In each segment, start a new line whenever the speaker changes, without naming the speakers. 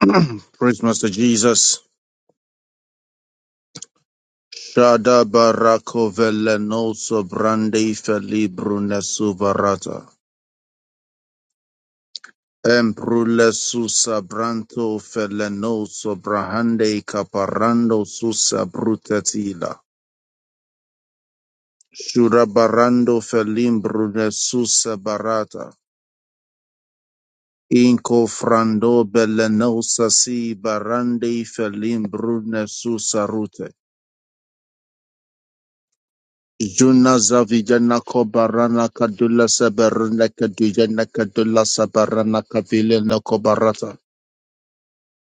Praise Master Jesus. Shada barako veleno sobrande felibrune subarata. Emprule susa branto feleno sobrahande caparando susa brutatila. Shurabarando felimbrune susa barata. Inco frando beleno sasi barande felimbrune susa rute. Juna Zavijana Kobarana Kadula Sabarana Kadujana Kadula Sabarana Kavilena Kobarata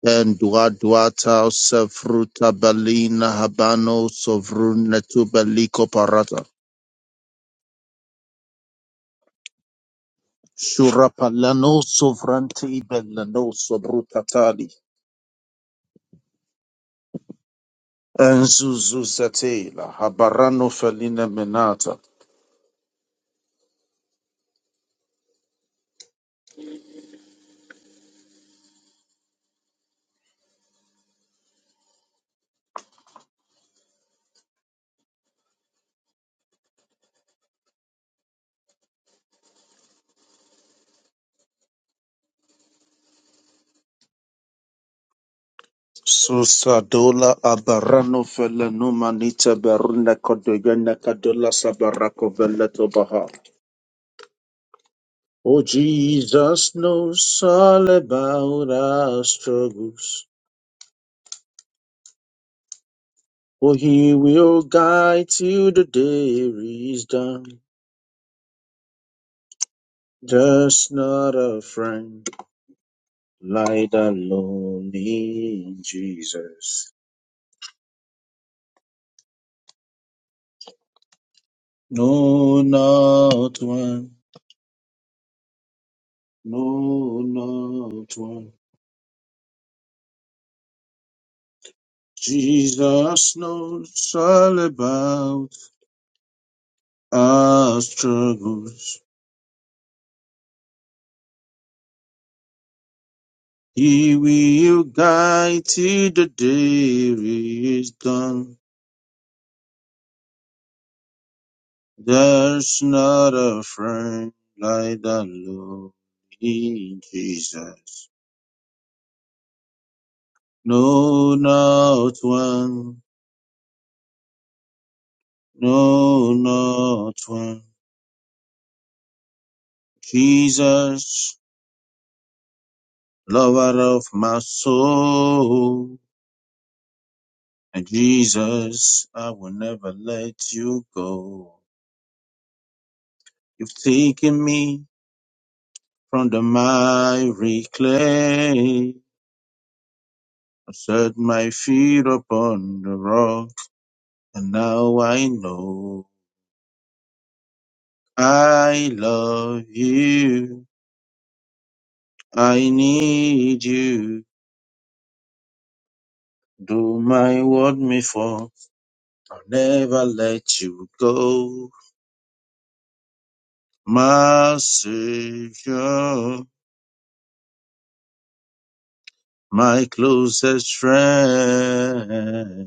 and Duaduata Sefruta Balina Habano Sovruna Tubaliko Parata Shurapalano Sovranti Belano Sobrutali and Zuzuzatela Habarano Felina Menata Susadola abarano fele numanita beruna kodogena kadola sabarako veleto baha. Oh, Jesus knows all about our struggles. For he will guide till the day is done. There's not a friend like the lonely Jesus. No, not one. No, not one. Jesus knows all about our struggles. He will guide till the day is done. There's not a friend like the Lord in Jesus. No, not one. No, not one. Jesus, lover of my soul. And Jesus, I will never let you go. You've taken me from the miry clay. I set my feet upon the rock, and now I know I love you. I need you. Do my word me for. I'll never let you go. My Savior, my closest friend.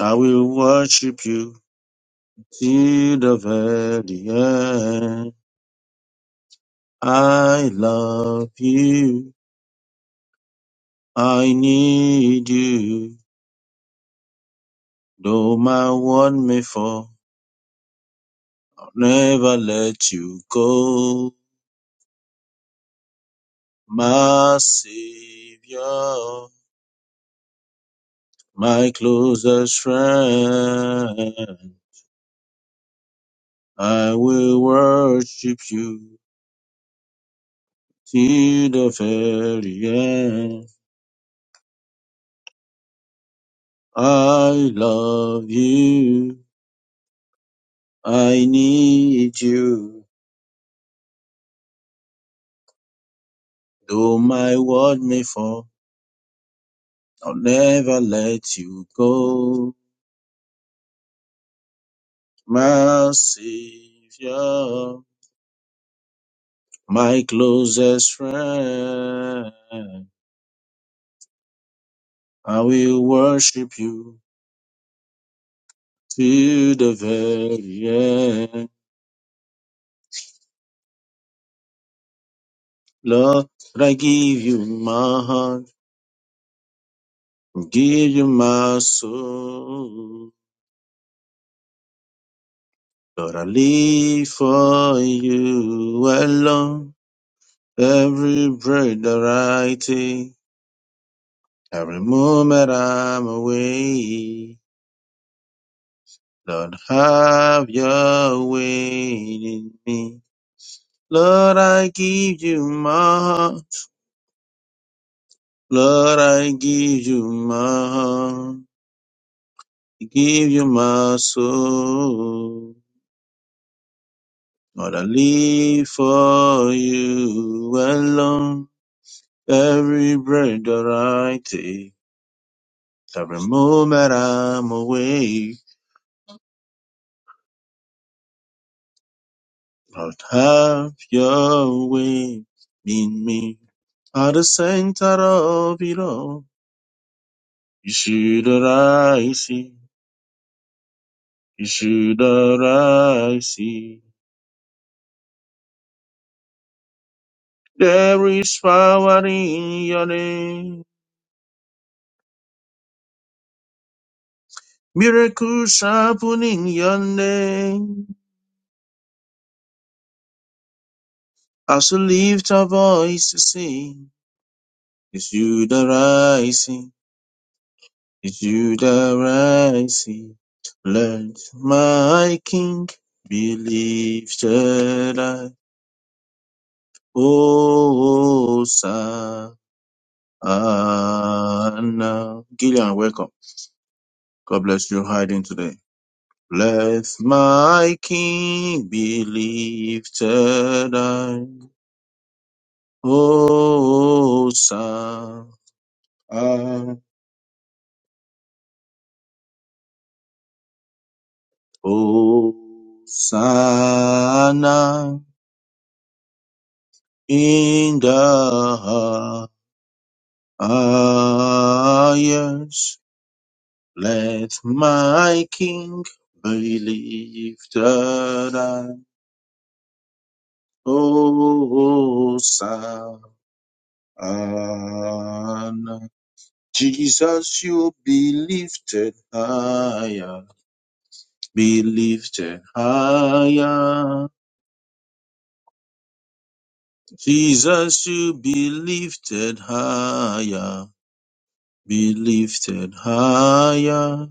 I will worship you till the very end. I love you. I need you. Though my one may fall, I'll never let you go. My savior, my closest friend. I will worship you till the very end. I love you. I need you, though my world may fall, I'll never let you go. My Savior, my closest friend, I will worship you till the very end. Lord, I give you my heart, give you my soul. Lord, I live for you alone. Every breath that I take, every moment I'm away. Lord, have your way in me. Lord, I give you my heart. Lord, I give you my heart. I give you my soul. Lord, I live for you alone. Every breath that I take, every moment I'm away. Lord, have your way in me. At the center of it all, you should arise, you should arise. There is power in your name. Miracles happen in your name. As we lift our voice to sing, you should arise, Judah rising, Lord my King, be lifted high, Hosanna. Gillian, welcome. God bless you hiding today. Let my King be lifted high, Hosanna, Hosanna in the Ah, yes, let my King be lifted and Hosanna. Jesus, you be lifted higher, be lifted higher. Jesus, you be lifted higher, be lifted higher.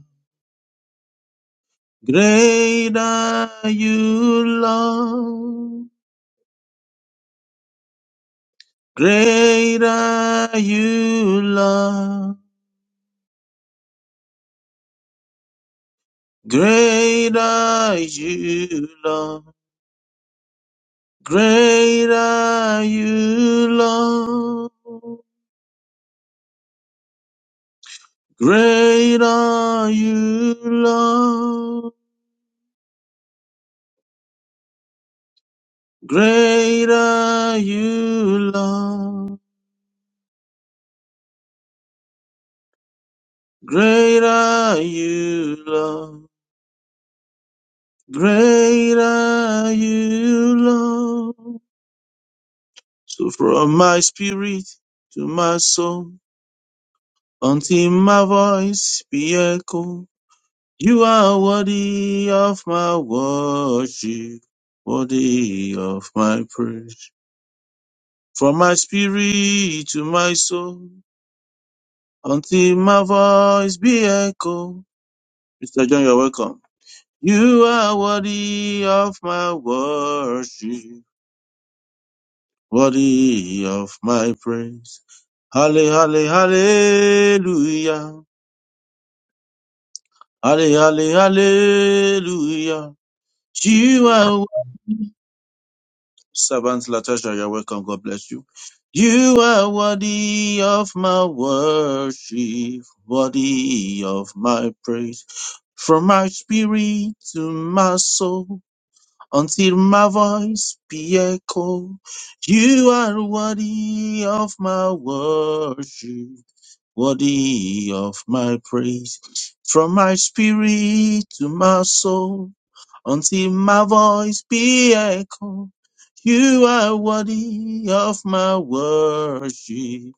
Great are you, Lord. Great are you, Lord. Great are you, Lord. Great are you, Lord. Great are you, Lord. Great are you, Lord. Great are you, Lord. Great are you, Lord. So from my spirit to my soul, until my voice be echoed, you are worthy of my worship, worthy of my praise. From my spirit to my soul, until my voice be echoed. Mr. John, you're welcome. You are worthy of my worship, worthy of my praise. Halle, halle, hallelujah. Alle- alle- Hallelujah. You are worthy. Servant Latasha, you're welcome. God bless you. You are worthy of my worship, worthy of my praise. From my spirit to my soul, until my voice be echo. You are worthy of my worship worthy of my praise. From my spirit to my soul, until my voice be echoed, you are worthy of my worship,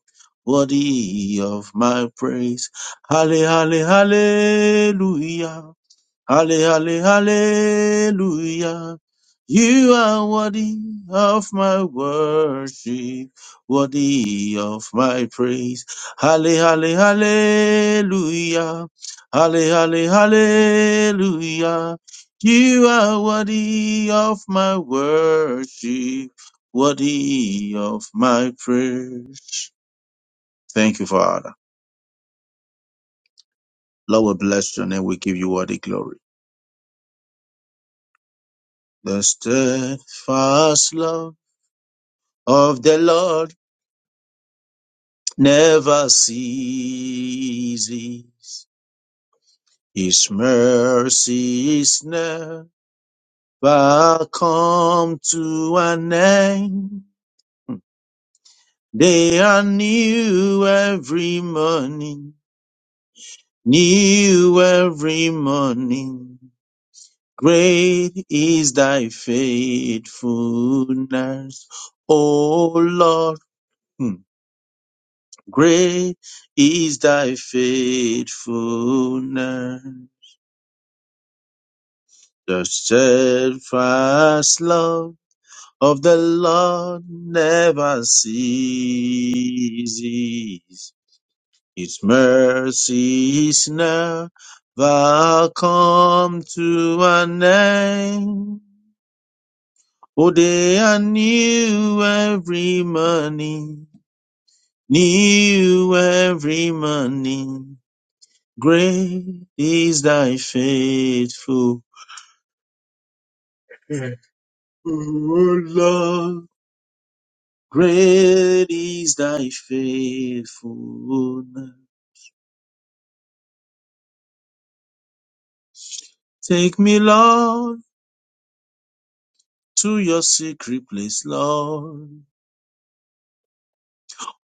worthy of my praise. Halle, halle, hallelujah. Halle, halle, hallelujah. You are worthy of my worship, worthy of my praise. Halle, halle, hallelujah. Halle, halle, hallelujah. You are worthy of my worship, worthy of my praise. Thank you, Father. Lord, we bless your name. We give you all the glory. The steadfast love. of the Lord never ceases. His mercy is never come to an end. They are new every morning, new every morning. Great is thy faithfulness, O Lord. Hmm. Great is thy faithfulness, the steadfast love of the Lord never ceases. His mercy is never come to an end. Oh, they are new every morning, new every morning. Great is thy faithful, O Lord. Great is thy faithfulness. Take me, Lord, to your secret place, Lord.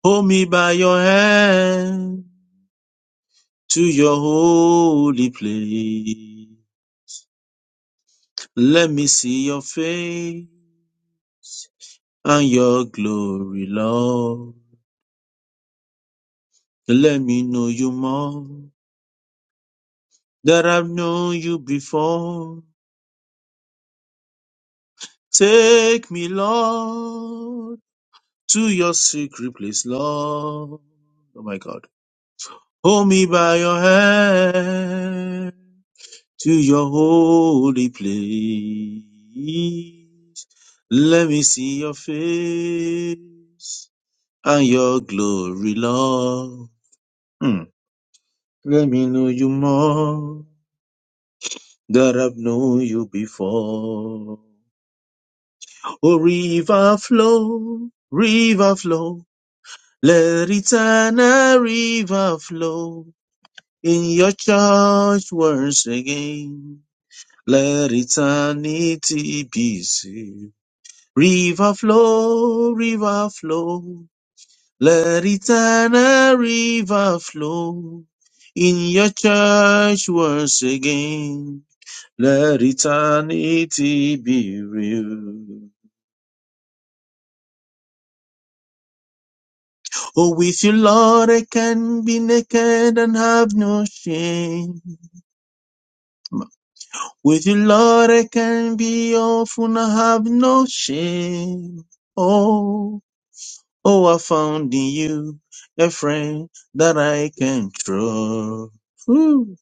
Hold me by your hand to your holy place. Let me see your face and your glory, Lord. Let me know you more. that I've known you before. Take me, Lord, to your secret place, Lord. Oh my God. Hold me by your hand to your holy place. Let me see your face and your glory, Lord. Hmm. Let me know you more that I've known you before. Oh, river flow, river flow, let eternal river flow in your church once again. Let eternity be saved. River flow, river flow, let eternal river flow in your church once again. Let eternity be real. For with you, Lord, I can be naked and have no shame. With you, Lord, I can be awful and have no shame. Oh, oh, I found in you a friend that I can trust. Whew.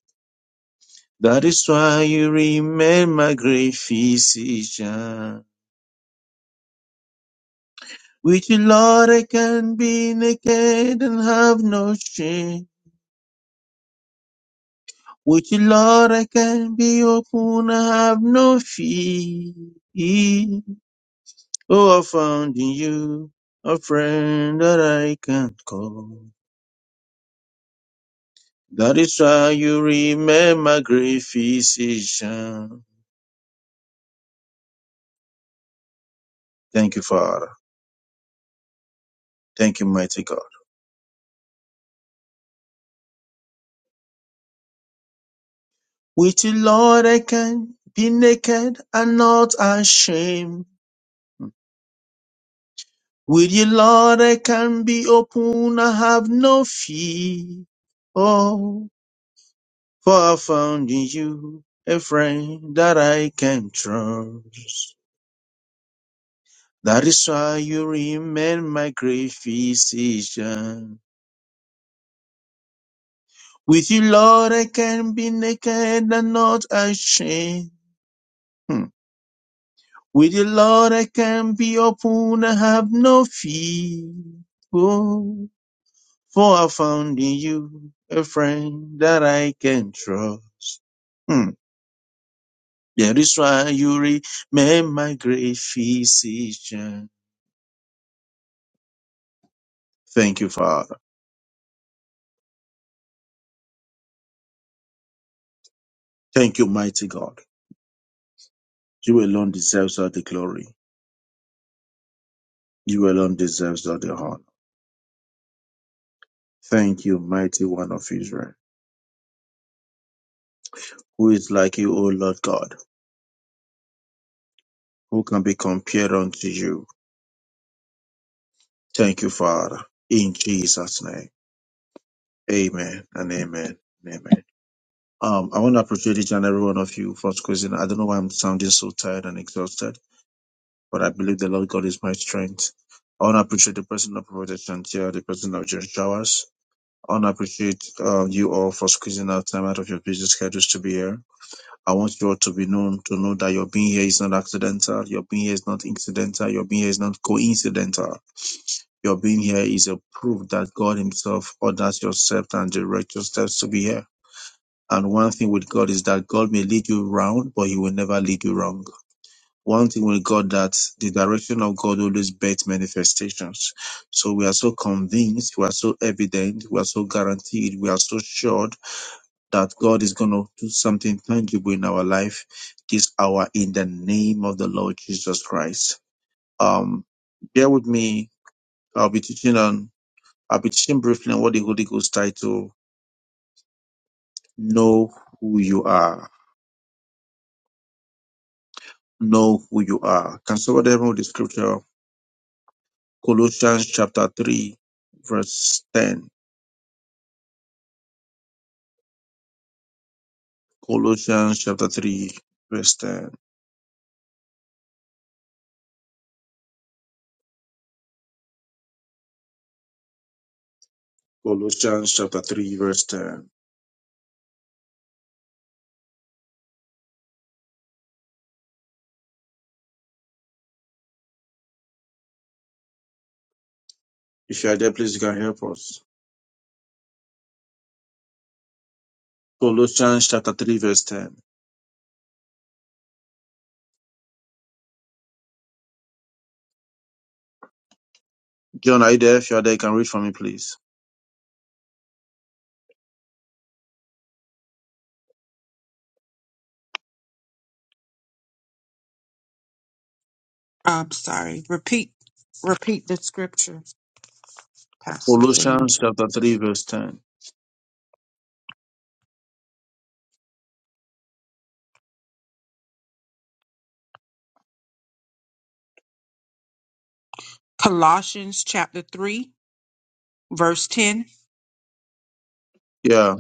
That is why you remain my great physician. With you, Lord, I can be naked and have no shame. With you, Lord, I can be open. I have no fear. Oh, I found in you a friend that I can call. That is why you remain my great physician. Thank you, Father. Thank you, mighty God. With you, Lord, I can be naked and not ashamed. With you, Lord, I can be open. I have no fear. Oh. For I found in you a friend that I can trust. That is why you remain my great physician. With you, Lord, I can be naked and not ashamed. Hmm. With you, Lord, I can be open and have no fear. Oh, for I found in you a friend that I can trust. Hmm. That is why you remain my great physician. Thank you, Father. Thank you, mighty God. You alone deserves all the glory. You alone deserves all the honor. Thank you, mighty one of Israel. Who is like you, O Lord God? Who can be compared unto you? Thank you, Father. In Jesus' name. Amen and amen and amen. Um, I want to appreciate each and every one of you for squeezing. I don't know why I'm sounding so tired and exhausted, but I believe the Lord God is my strength. I want to appreciate the person of Prophet Chantia, the person of Josh Showers, I want to appreciate uh, you all for squeezing out time out of your busy schedules to be here. I want you all to be known to know that your being here is not accidental, your being here is not incidental, your being here is not coincidental. Your being here is a proof that God Himself orders your steps and directs your steps to be here. And one thing with God is that God may lead you round, but He will never lead you wrong. One thing with God that the direction of God always birth manifestations. So we are so convinced, we are so evident, we are so guaranteed, we are so sure that God is going to do something tangible in our life this hour in the name of the Lord Jesus Christ. Um, bear with me. I'll be teaching on, I'll be teaching briefly on what the Holy Ghost title, Know Who You Are. Know Who You Are. Can somebody help me with the scripture? Colossians chapter 3, verse 10. Colossians chapter 3, verse 10. Colossians chapter 3, verse 10. If you are there, please you can help us. Colossians chapter 3, verse 10. John, are you there? If you are there, you can read for me, please.
I'm sorry. Repeat, repeat the scripture, Pastor James.
Colossians chapter 3, verse 10.
Colossians chapter three, verse ten,
Yeah,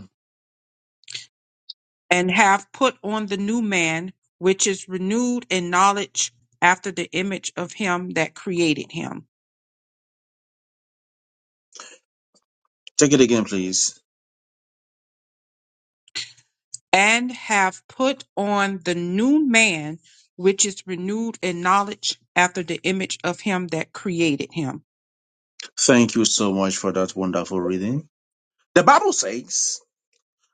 and have put on the new man, which is renewed in knowledge after the image of him that created him,
take it again, please.
and have put on the new man, which is renewed in knowledge after the image of him that created him.
Thank you so much for that wonderful reading. The Bible says,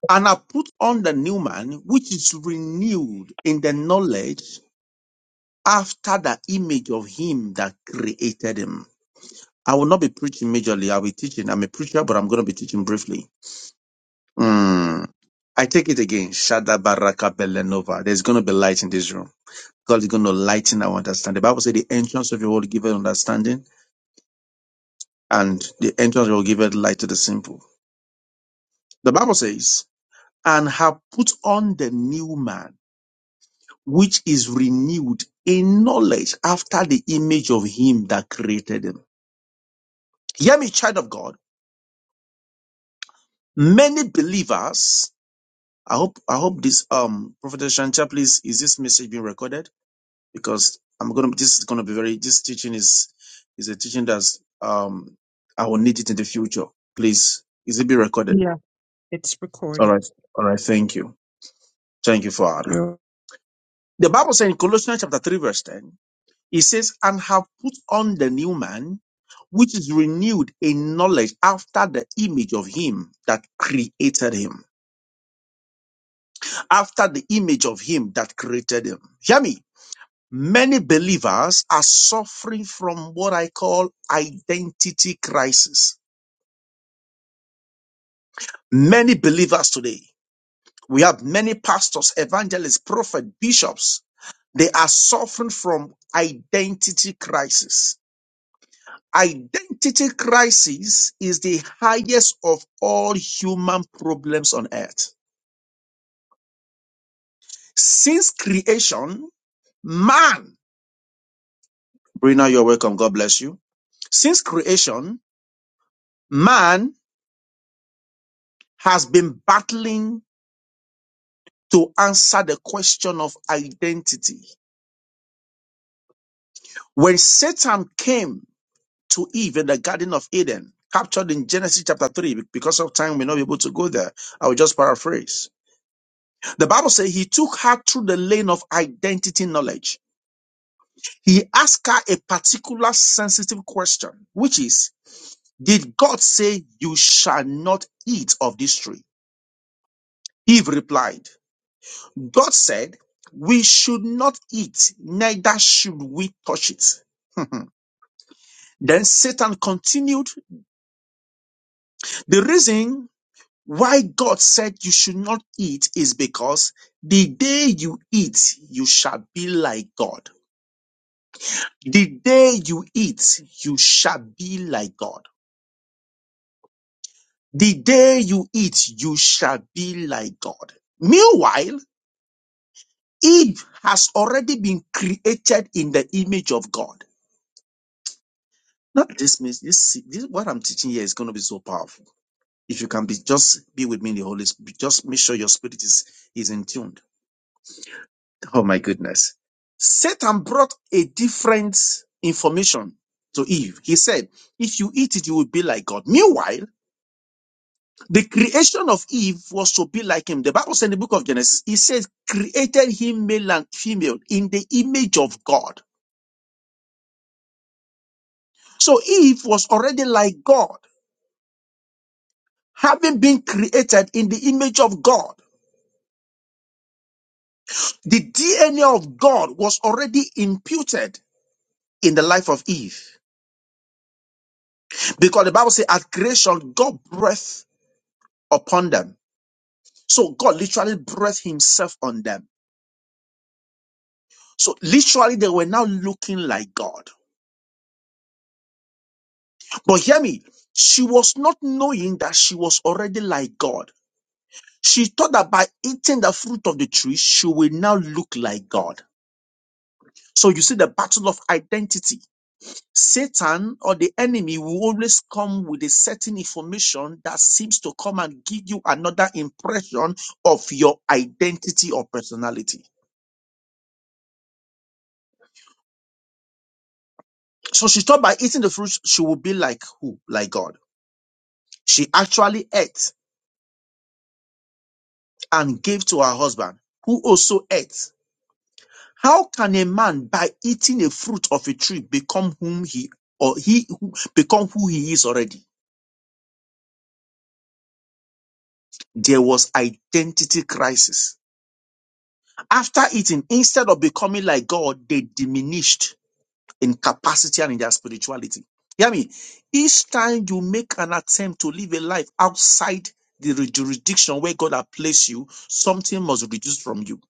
And I put on the new man, which is renewed in the knowledge after the image of him that created him. I will not be preaching majorly. I'll be teaching. I'm a preacher, but I'm going to be teaching briefly. Hmm. I take it again. Shada baraka belenova. There's going to be light in this room. God is going to lighten our understanding. The Bible says the entrance of your word giveth understanding and the entrance of your word giveth light to the simple. The Bible says, and have put on the new man, which is renewed in knowledge after the image of him that created him. Hear me, child of God. Many believers, I hope, I hope this, um, Prophet Shantia, please, is this message being recorded? because I'm gonna this is gonna be very this teaching is is a teaching that's um I will need it in the future. Please, is it be recorded?
Yeah, it's
All
recorded.
right, all right. Thank you, thank you, Father.
You're
The Bible says in Colossians chapter three verse ten, it says, "And have put on the new man, which is renewed in knowledge after the image of him that created him, after the image of him that created him." Hear me Many believers are suffering from what I call identity crisis. Many believers today, we have many pastors, evangelists, prophets, bishops, they are suffering from identity crisis. Identity crisis is the highest of all human problems on earth. Since creation, man, Brina, you're welcome. God bless you. Since creation, man has been battling to answer the question of identity. When Satan came to Eve in the Garden of Eden, captured in Genesis chapter 3, because of time, we're not able to go there. I will just paraphrase. The Bible says he took her through the lane of identity knowledge. He asked her a particular sensitive question, which is, Did God say you shall not eat of this tree? Eve replied, God said, We should not eat, neither should we touch it. Then Satan continued. The reason why God said you should not eat is because the day you eat, you shall be like God. The day you eat, you shall be like God. The day you eat, you shall be like God. Meanwhile, Eve has already been created in the image of God. Not this means this, this what I'm teaching here is going to be so powerful. If you can be just be with me in the Holy Spirit, just make sure your spirit is is in tune. Oh my goodness. Satan brought a different information to Eve. He said, if you eat it, you will be like God. Meanwhile, the creation of Eve was to be like him. The Bible says in the book of Genesis, it says, created him male and female in the image of God. So Eve was already like God, having been created in the image of God. The DNA of God was already imputed in the life of Eve. Because the Bible says at creation, God breathed upon them. So God literally breathed himself on them. So literally they were now looking like God. But hear me, she was not knowing that she was already like God. She thought that by eating the fruit of the tree, she will now look like God. So you see the battle of identity. Satan or the enemy will always come with a certain information that seems to come and give you another impression of your identity or personality. So she thought by eating the fruit, she would be like who? Like God. She actually ate and gave to her husband, who also ate. How can a man by eating a fruit of a tree become whom he or he who- become who he is already? There was identity crisis. After eating, instead of becoming like God, they diminished in capacity and in their spirituality. Hear me. Each time you make an attempt to live a life outside the jurisdiction where God has placed you, something must reduce from you.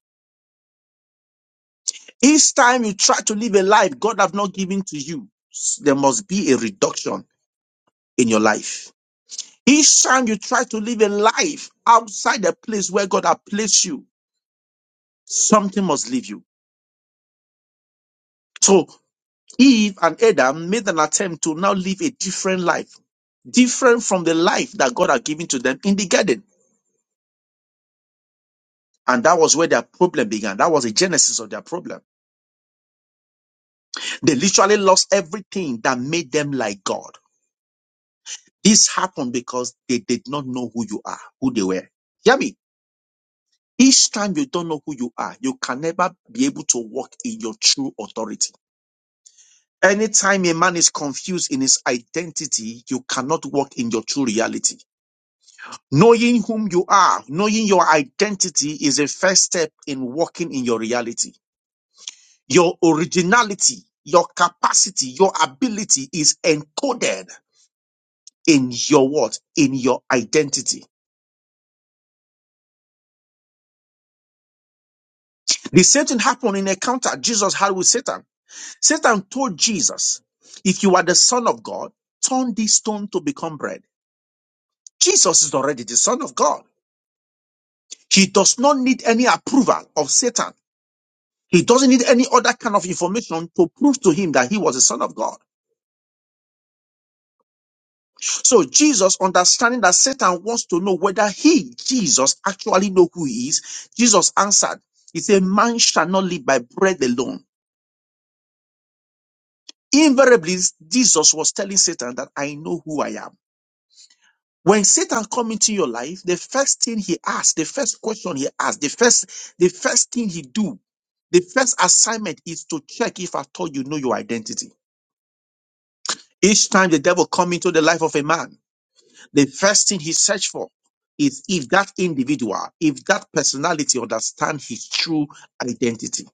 Each time you try to live a life God has not given to you, there must be a reduction in your life. Each time you try to live a life outside the place where God has placed you, something must leave you. So. Eve and Adam made an attempt to now live a different life, different from the life that God had given to them in the garden. And that was where their problem began. That was the genesis of their problem. They literally lost everything that made them like God. This happened because they did not know who you are, who they were. Hear me. Each time you don't know who you are, you can never be able to walk in your true authority. Anytime a man is confused in his identity, you cannot walk in your true reality. Knowing whom you are, knowing your identity is a first step in walking in your reality. Your originality, your capacity, your ability is encoded in your what? In your identity. The same thing happened in a encounter Jesus had with Satan. Satan told Jesus, if you are the son of God, turn this stone to become bread. Jesus is already the son of God. He does not need any approval of Satan He doesn't need any other kind of information to prove to him that he was the son of God. So Jesus, understanding that Satan wants to know whether he, Jesus, actually know who he is, Jesus answered, he said, man shall not live by bread alone. Invariably, Jesus was telling Satan that I know who I am. When Satan come into your life, the first thing he asks, the first question he asks, the first, the first thing he do, the first assignment is to check if at all you know your identity. Each time the devil come into the life of a man, The first thing he searched for is if that individual, if that personality understand his true identity.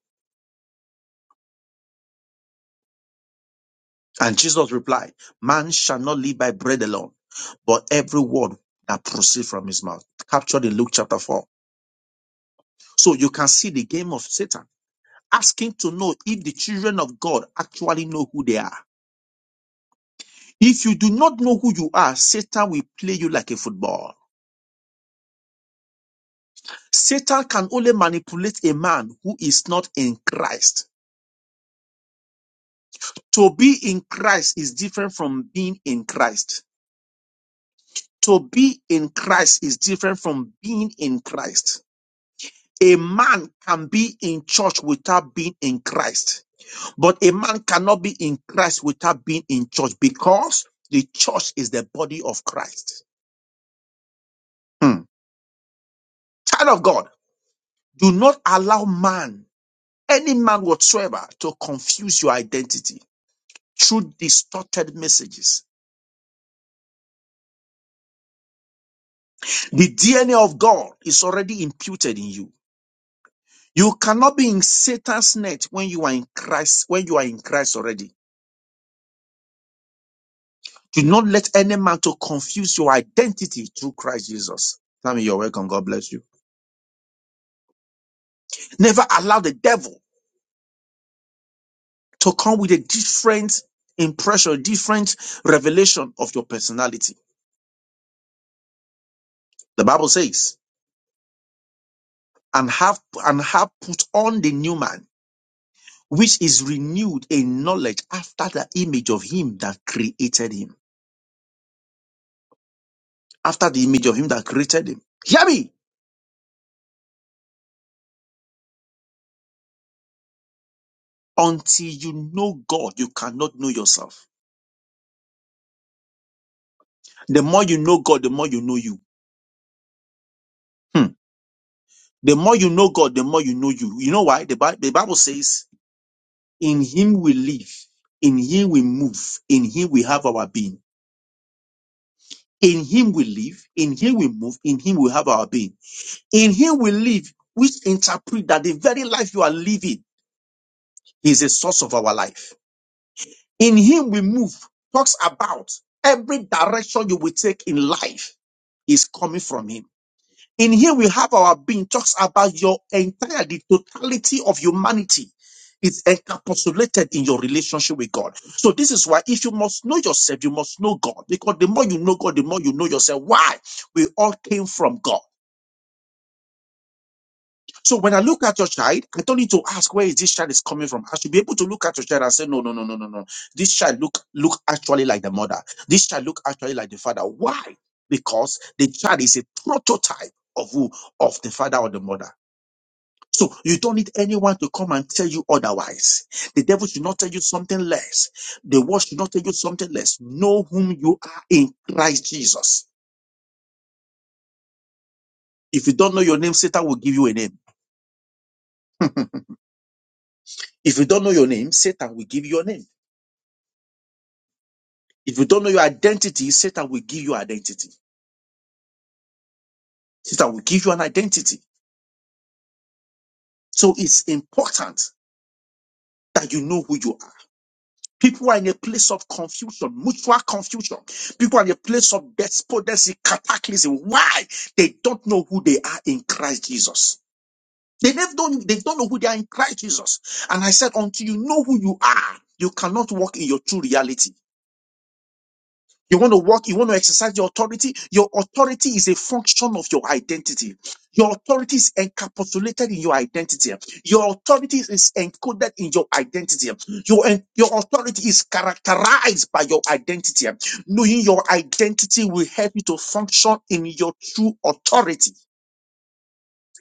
And Jesus replied, man shall not live by bread alone, but every word that proceeds from his mouth. Captured in Luke chapter 4. So you can see the game of Satan asking to know if the children of God actually know who they are. If you do not know who you are, Satan will play you like a football. Satan can only manipulate a man who is not in Christ. To be in Christ is different from being in Christ. To be in Christ is different from being in Christ. A man can be in church without being in Christ, but a man cannot be in Christ without being in church because the church is the body of Christ. Hmm. Child of God, do not allow man, any man whatsoever, to confuse your identity through distorted messages. The DNA of God is already imputed in you. You cannot be in Satan's net when you are in Christ, when you are in Christ already. Do not let any man to confuse your identity through Christ Jesus. Tammy, you're welcome. God bless you. Never allow the devil to come with a different impression, different revelation of your personality. The Bible says, and have and have put on the new man, which is renewed in knowledge after the image of him that created him. After the image of him that created him. Hear me Until you know God, you cannot know yourself. The more you know God, the more you know you. Hmm. The more you know God, the more you know you. You know why? The, Bi- the Bible says, In Him we live, in Him we move, in Him we have our being. In Him we live, in Him we move, in Him we have our being. In Him we live, which interpret that the very life you are living is a source of our life. In Him we move, talks about every direction you will take in life is coming from Him. In here we have our being talks about your entire the totality of humanity is encapsulated in your relationship with God. So this is why if you must know yourself, you must know God. Because the more you know God, the more you know yourself. Why? We all came from God. So when I look at your child, I don't need to ask where is this child is coming from. I should be able to look at your child and say, no, no, no, no, no, no. This child look look actually like the mother. This child look actually like the father. Why? Because the child is a prototype of who? Of the father or the mother. So you don't need anyone to come and tell you otherwise. The devil should not tell you something less. The world should not tell you something less. Know whom you are in Christ Jesus. If you don't know your name, Satan will give you a name. If you don't know your name, Satan will give you your name. If you don't know your identity, Satan will give you identity. Satan will give you an identity. So it's important that you know who you are. People are in a place of confusion, mutual confusion. People are in a place of despondency, cataclysm. Why? They don't know who they are in Christ Jesus. They never don't, they don't know who they are in Christ Jesus. And I said, until you know who you are, you cannot walk in your true reality. You want to walk, you want to exercise your authority. Your authority is a function of your identity. Your authority is encapsulated in your identity. Your authority is encoded in your identity. Your, en- your authority is characterized by your identity. Knowing your identity will help you to function in your true authority.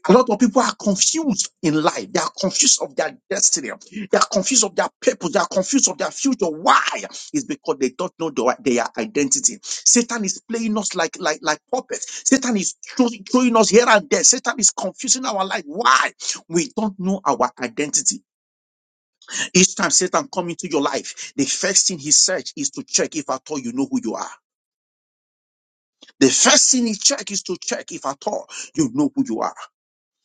A lot of people are confused in life. They are confused of their destiny. They are confused of their purpose. They are confused of their future. Why? It's because they don't know their, their identity. Satan is playing us like like like puppets. Satan is throw- throwing us here and there. Satan is confusing our life. Why? We don't know our identity. Each time Satan come into your life, the first thing he search is to check if at all you know who you are. The first thing he check is to check if at all you know who you are.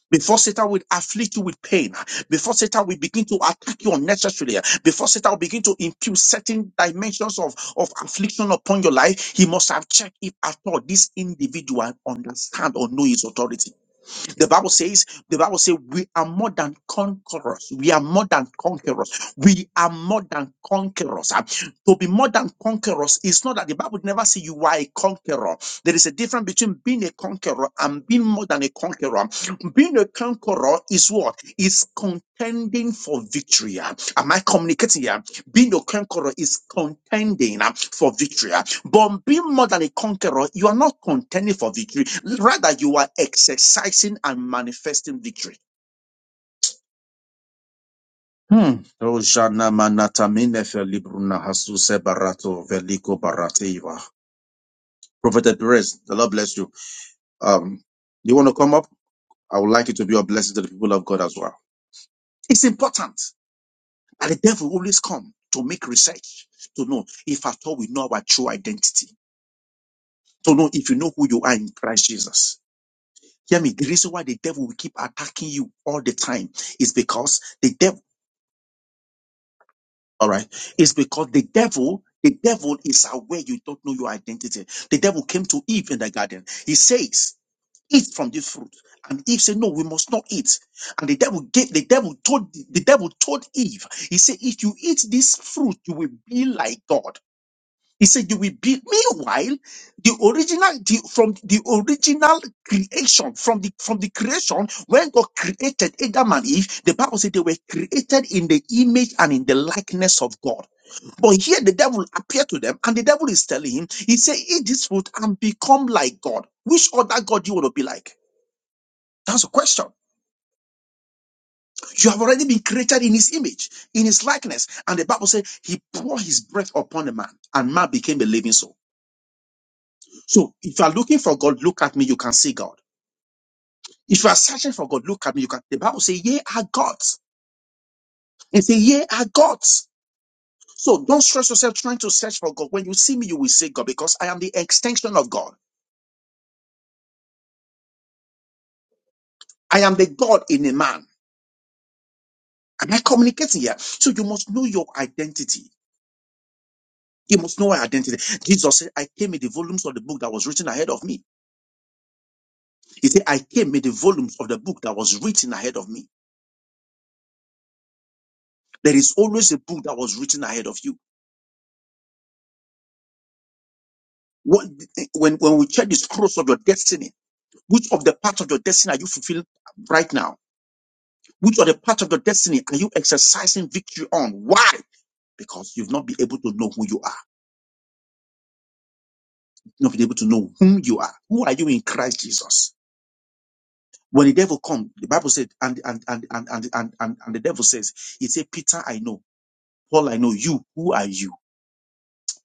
Before Satan will afflict you with pain, before Satan will begin to attack you unnecessarily, before Satan will begin to impute certain dimensions of, of affliction upon your life, he must have checked if at all this individual understand or know his authority. The Bible says, the Bible says, we are more than conquerors. We are more than conquerors. We are more than conquerors. Ah, To be more than conquerors is not that the Bible never say you are a conqueror. There is a difference between being a conqueror and being more than a conqueror. Being a conqueror is what? Is contending for victory. Ah, Am I communicating here? Being a conqueror is contending uh, for victory. uh, But being more than a conqueror, you are not contending for victory. Rather, you are exercising and manifesting victory. Hmm. Oh, Manata Mine Felibruna Hasuse Barato Veliko Barateva. Prophet Perez, the Lord bless you. Um, you want to come up? I would like you to be a blessing to the people of God as well. It's important that the devil will always come to make research to know if at all we know our true identity to know if you know who you are in Christ Jesus. Hear me. The reason why the devil will keep attacking you all the time is because the devil, all right, is because the devil, the devil is aware you don't know your identity. The devil came to Eve in the garden. He says, eat from this fruit. And Eve said, no, we must not eat. And the devil gave, the devil told, the devil told Eve, he said, if you eat this fruit, you will be like God. He said, "You will be." Meanwhile, the original, the, from the original creation, from the from the creation when God created Adam and Eve, the Bible said they were created in the image and in the likeness of God. But here the devil appeared to them, and the devil is telling him, he said, "Eat this fruit and become like God." Which other God do you want to be like? That's a question. You have already been created in His image, in His likeness, and the Bible said He poured His breath upon the man, and man became a living soul. So if you are looking for God, look at me, you can see God. If you are searching for God, look at me, you can. The Bible says, Ye are gods. And say, Ye are gods. So don't stress yourself trying to search for God. When you see me, you will see God because I am the extension of God. I am the God in a man. Am I communicating here? So you must know your identity. You must know our identity. Jesus said, I came in the volumes of the book that was written ahead of me. He said, I came in the volumes of the book that was written ahead of me. There is always a book that was written ahead of you. What, when, when we check the scrolls of your destiny, which of the part of your destiny are you fulfilling right now? Which of the part of your destiny are you exercising victory on? Why? Because you've not been able to know who you are. You've not been able to know whom you are. Who are you in Christ Jesus? When the devil come, the Bible said, and and and and and and, and, and the devil says, he said, Peter, I know. Paul, I know. You, who are you?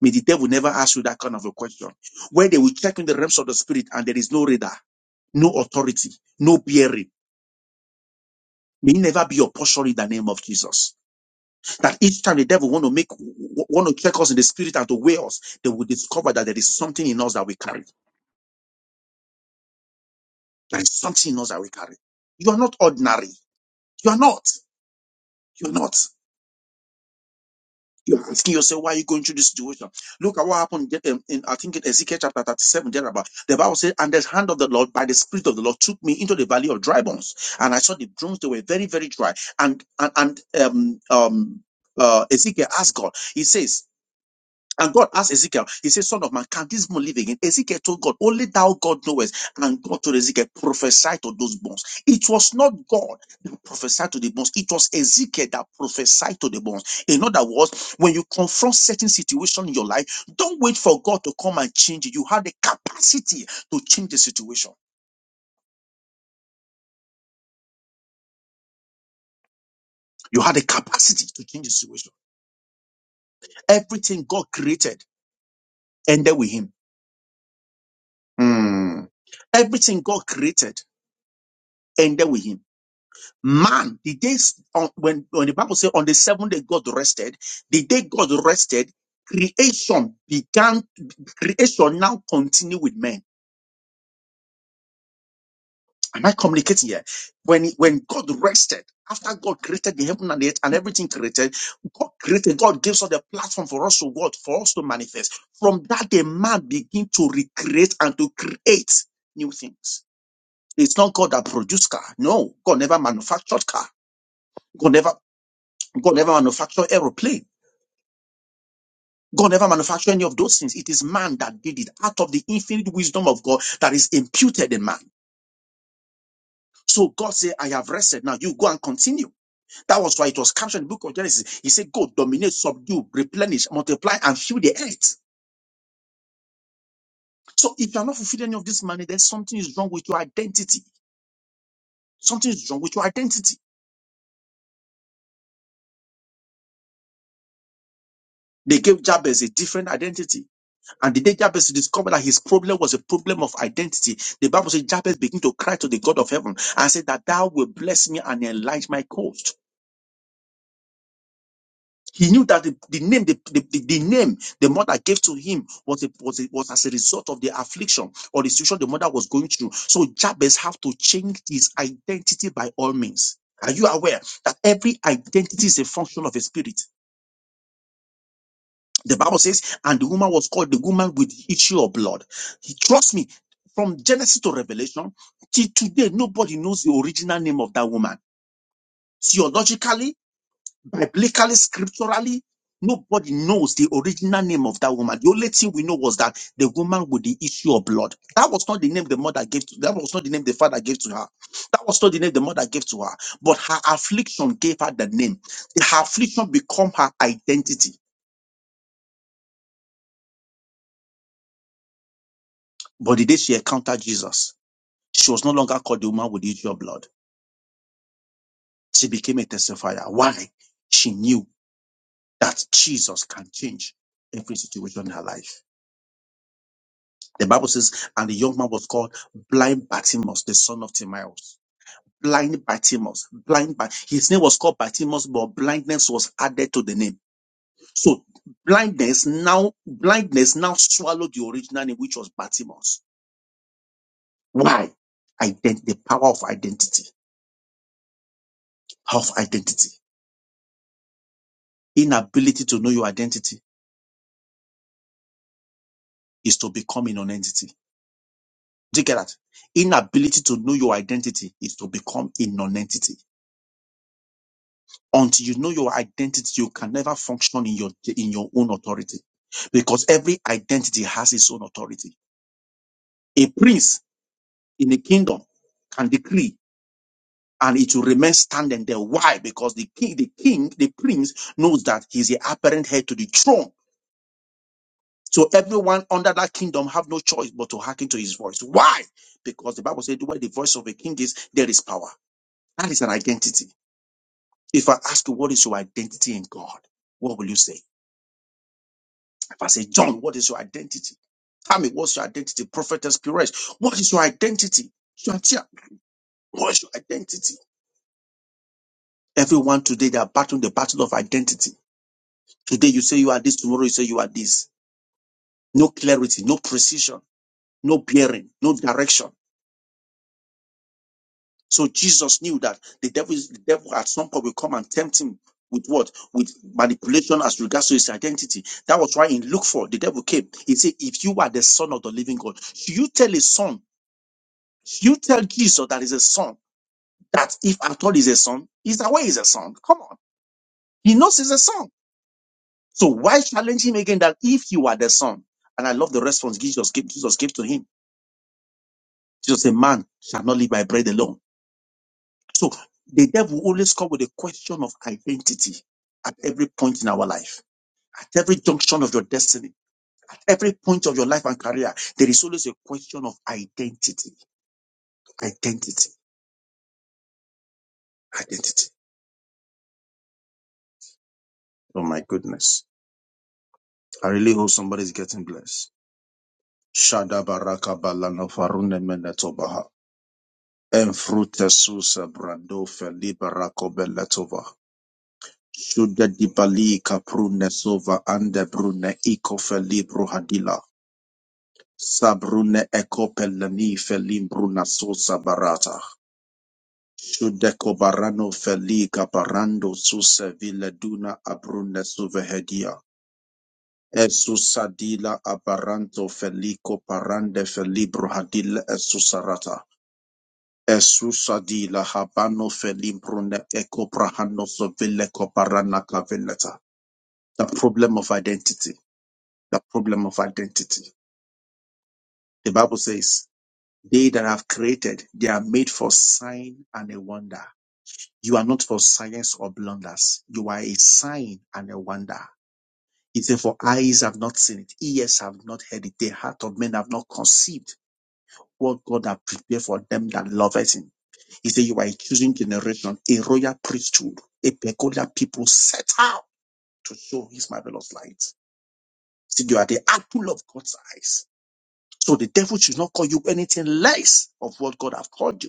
May the devil never ask you that kind of a question. Where they will check in the realms of the spirit and there is no radar, no authority, no bearing May it never be your portion in the name of Jesus. That each time the devil want to make, want to check us in the spirit and to weigh us, they will discover that there is something in us that we carry. There is something in us that we carry. You are not ordinary. You are not. You are not. You're asking yourself, why are you going through this situation? Look at what happened in, in I think in Ezekiel chapter 37, there about. The Bible says, and the hand of the Lord, by the spirit of the Lord, took me into the valley of dry bones. And I saw the bones, they were very, very dry. And, and, and, um, um, uh, Ezekiel asked God, he says, And God asked Ezekiel, He said, Son of man, can this bone live again? Ezekiel told God, Only thou God knowest. And God told Ezekiel, Prophesy to those bones. It was not God that prophesied to the bones, it was Ezekiel that prophesied to the bones. In other words, when you confront certain situation in your life, don't wait for God to come and change it. You have the capacity to change the situation. You have the capacity to change the situation. Everything God created ended with Him. Hmm. Everything God created ended with Him man the days on, when when the bible says on the seventh day god rested the day god rested creation began creation now continue with men am i communicating here when when god rested after god created the heaven and the earth and everything created god created god gives us the platform for us to what for us to manifest from that day man begin to recreate and to create new things it's not god that produced car no god never manufactured car god never God never manufactured aeroplane. God never manufactured any of those things. It is man that did it out of the infinite wisdom of God that is imputed in man. So God said, I have rested. Now you go and continue. That was why it was captured in the book of Genesis. He said, Go, dominate, subdue, replenish, multiply, and fill the earth. So if you're not fulfilling any of this money, then something is wrong with your identity. Something is wrong with your identity. They gave Jabez a different identity. And the day Jabez discovered that his problem was a problem of identity, the Bible says Jabez began to cry to the God of heaven and said that thou will bless me and enlarge my coast. He knew that the, the name, the, the, the- the name the mother gave to him was, a, was, a, was as a result of the affliction or the situation the mother was going through. So Jabez have to change his identity by all means. Are you aware that every identity is a function of a spirit? The Bible says, and the woman was called the woman with the issue of blood. He- Trust me, from Genesis to Revelation, till today, nobody knows the original name of that woman. Theologically, biblically, scripturally, nobody knows the original name of that woman. The only thing we know was that the woman with the issue of blood. That was not the name the mother gave to, that was not the name the father gave to her. That was not the name the mother gave to her. But her affliction gave her the name. Her affliction became her identity. But the day she encountered Jesus She was no longer called the woman with the issue of blood. She became a testifier. Why? She knew that Jesus can change every situation in her life. The Bible says, and the young man was called blind Bartimaeus, the son of Timaeus. Blind Bartimaeus, blind by his name was called Bartimaeus, but blindness was added to the name. So blindness now, blindness now swallowed the original name, which was Bartimaeus. Why? Ident- the power of identity, power of identity, inability to know your identity is to become a non-entity. Do you get that? Inability to know your identity is to become a non-entity. Until you know your identity, you can never function in your in your own authority, because every identity has its own authority. A prince in a kingdom can decree, and it will remain standing there. Why? Because the king, the king, the prince knows that he's the apparent head to the throne. So everyone under that kingdom have no choice but to hearken to his voice. Why? Because the Bible said, where the voice of a king is, there is power. That is an identity. If I ask you, what is your identity in God? What will you say? If I say, John, what is your identity? Tell me, what's your identity? Prophetess Pires, what is your identity? Shantia, what is your identity? Everyone today, they are battling the battle of identity. Today you say you are this, tomorrow you say you are this. No clarity, no precision, no bearing, no direction. So Jesus knew that the devil, is, the devil at some point will come and tempt him with what? With manipulation as regards to his identity. That was why in Luke 4, the devil came. He said, If you are the son of the living God, should you tell his son, should you tell Jesus that he's a son, that if at all he's a son, he's away he's a son. Come on. He knows he's a son. So why challenge him again that if you are the son? And I love the response Jesus gave, Jesus gave to him. Jesus said, Man shall not live by bread alone So the devil always come with a question of identity at every point in our life, at every junction of your destiny, at every point of your life and career. There is always a question of identity, identity, identity. Oh my goodness. I really hope somebody's getting blessed. Shada baraka balano farune menetobaha. Enfrute susa brando feliba rako Shuda dibali kaprune sova ande brune iko felibro hadila. Sabrune ekopelani felimbruna sosa barata. Shudeko barano feliga barando suse vileduna abrune suvehedia. Esusadila abaranto felico parande felibro hadil esusarata. Esusadila habano felimbrune eco brahano sovileco barana cavileta. The problem of identity. The problem of identity. The Bible says They that have created, they are made for sign and a wonder. You are not for science or blunders. You are a sign and a wonder. He said, For eyes have not seen it, ears have not heard it, the heart of men have not conceived what God has prepared for them that loveth him. He said, You are a choosing generation, a royal priesthood, a peculiar people set out to show his marvelous light. He said, You are the apple of God's eyes. So the devil should not call you anything less of what God has called you.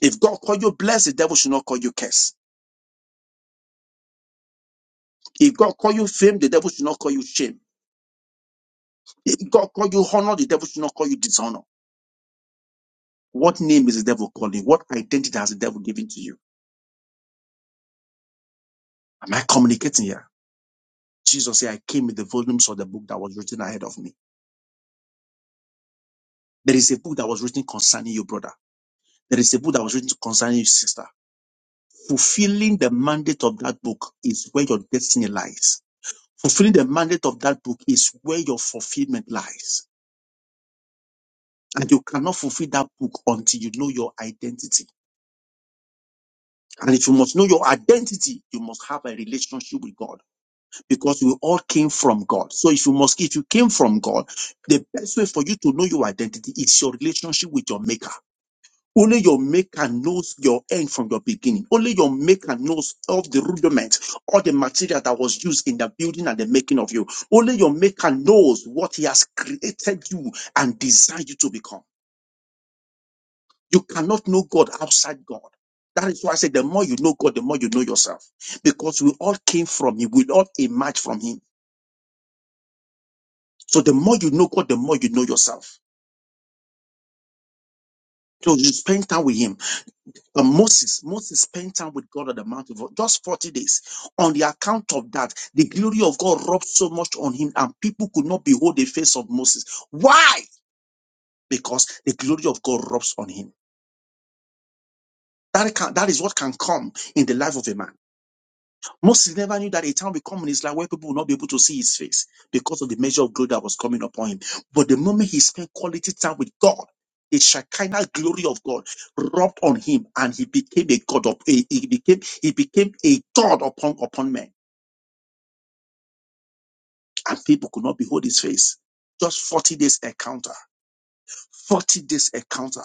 If God call you blessed, the devil should not call you curse. If God call you fame, the devil should not call you shame. If God call you honor, the devil should not call you dishonor. What name is the devil calling? What identity has the devil given to you? Am I communicating here? Jesus said, I came with the volumes of the book that was written ahead of me. There is a book that was written concerning you, brother. There is a book that was written concerning you, sister. Fulfilling the mandate of that book is where your destiny lies. Fulfilling the mandate of that book is where your fulfillment lies. And you cannot fulfill that book until you know your identity. And if you must know your identity, you must have a relationship with God because we all came from God. So if you must, if you came from God, the best way for you to know your identity is your relationship with your maker. Only your maker knows your end from your beginning. Only your maker knows of the rudiment all the material that was used in the building and the making of you. Only your maker knows what he has created you and designed you to become. You cannot know God outside God. That is why I say the more you know God, the more you know yourself. Because we all came from Him, we all emerged from Him. So the more you know God, the more you know yourself. So you spend time with Him. But Moses, Moses spent time with God on the mountain for just 40 days. On the account of that, the glory of God rubbed so much on him, and people could not behold the face of Moses. Why? Because the glory of God rubs on him. That, can, that is what can come in the life of a man. Moses never knew that a time will come in his life where people will not be able to see his face because of the measure of glory that was coming upon him. But the moment he spent quality time with God, the Shekinah glory of God rubbed on him, and he became a god of a, he became he became a god upon upon men, and people could not behold his face. Just forty days encounter, forty days encounter.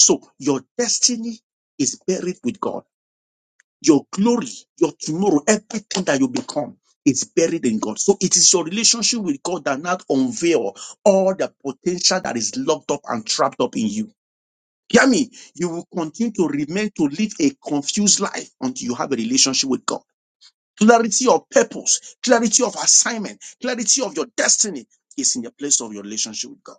So your destiny is buried with God. Your glory, your tomorrow, everything that you become is buried in God. So it is your relationship with God that now unveil all the potential that is locked up and trapped up in you. Hear me. You will continue to remain to live a confused life until you have a relationship with God. Clarity of purpose, clarity of assignment, clarity of your destiny is in the place of your relationship with God.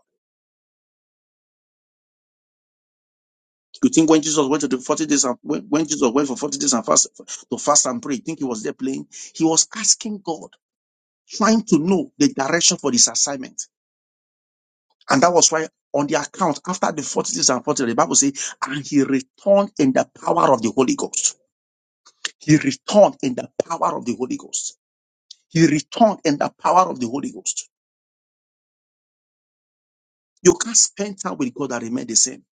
You think when Jesus went to the 40 days and when, when Jesus went for 40 days and fast to fast and pray, you think he was there playing? He was asking God trying to know the direction for this assignment. And that was why on the account, after the 40 days and 40 days, the Bible says, and he returned in the power of the Holy Ghost. He returned in the power of the Holy Ghost. He returned in the power of the Holy Ghost. You can't spend time with God and remain the same.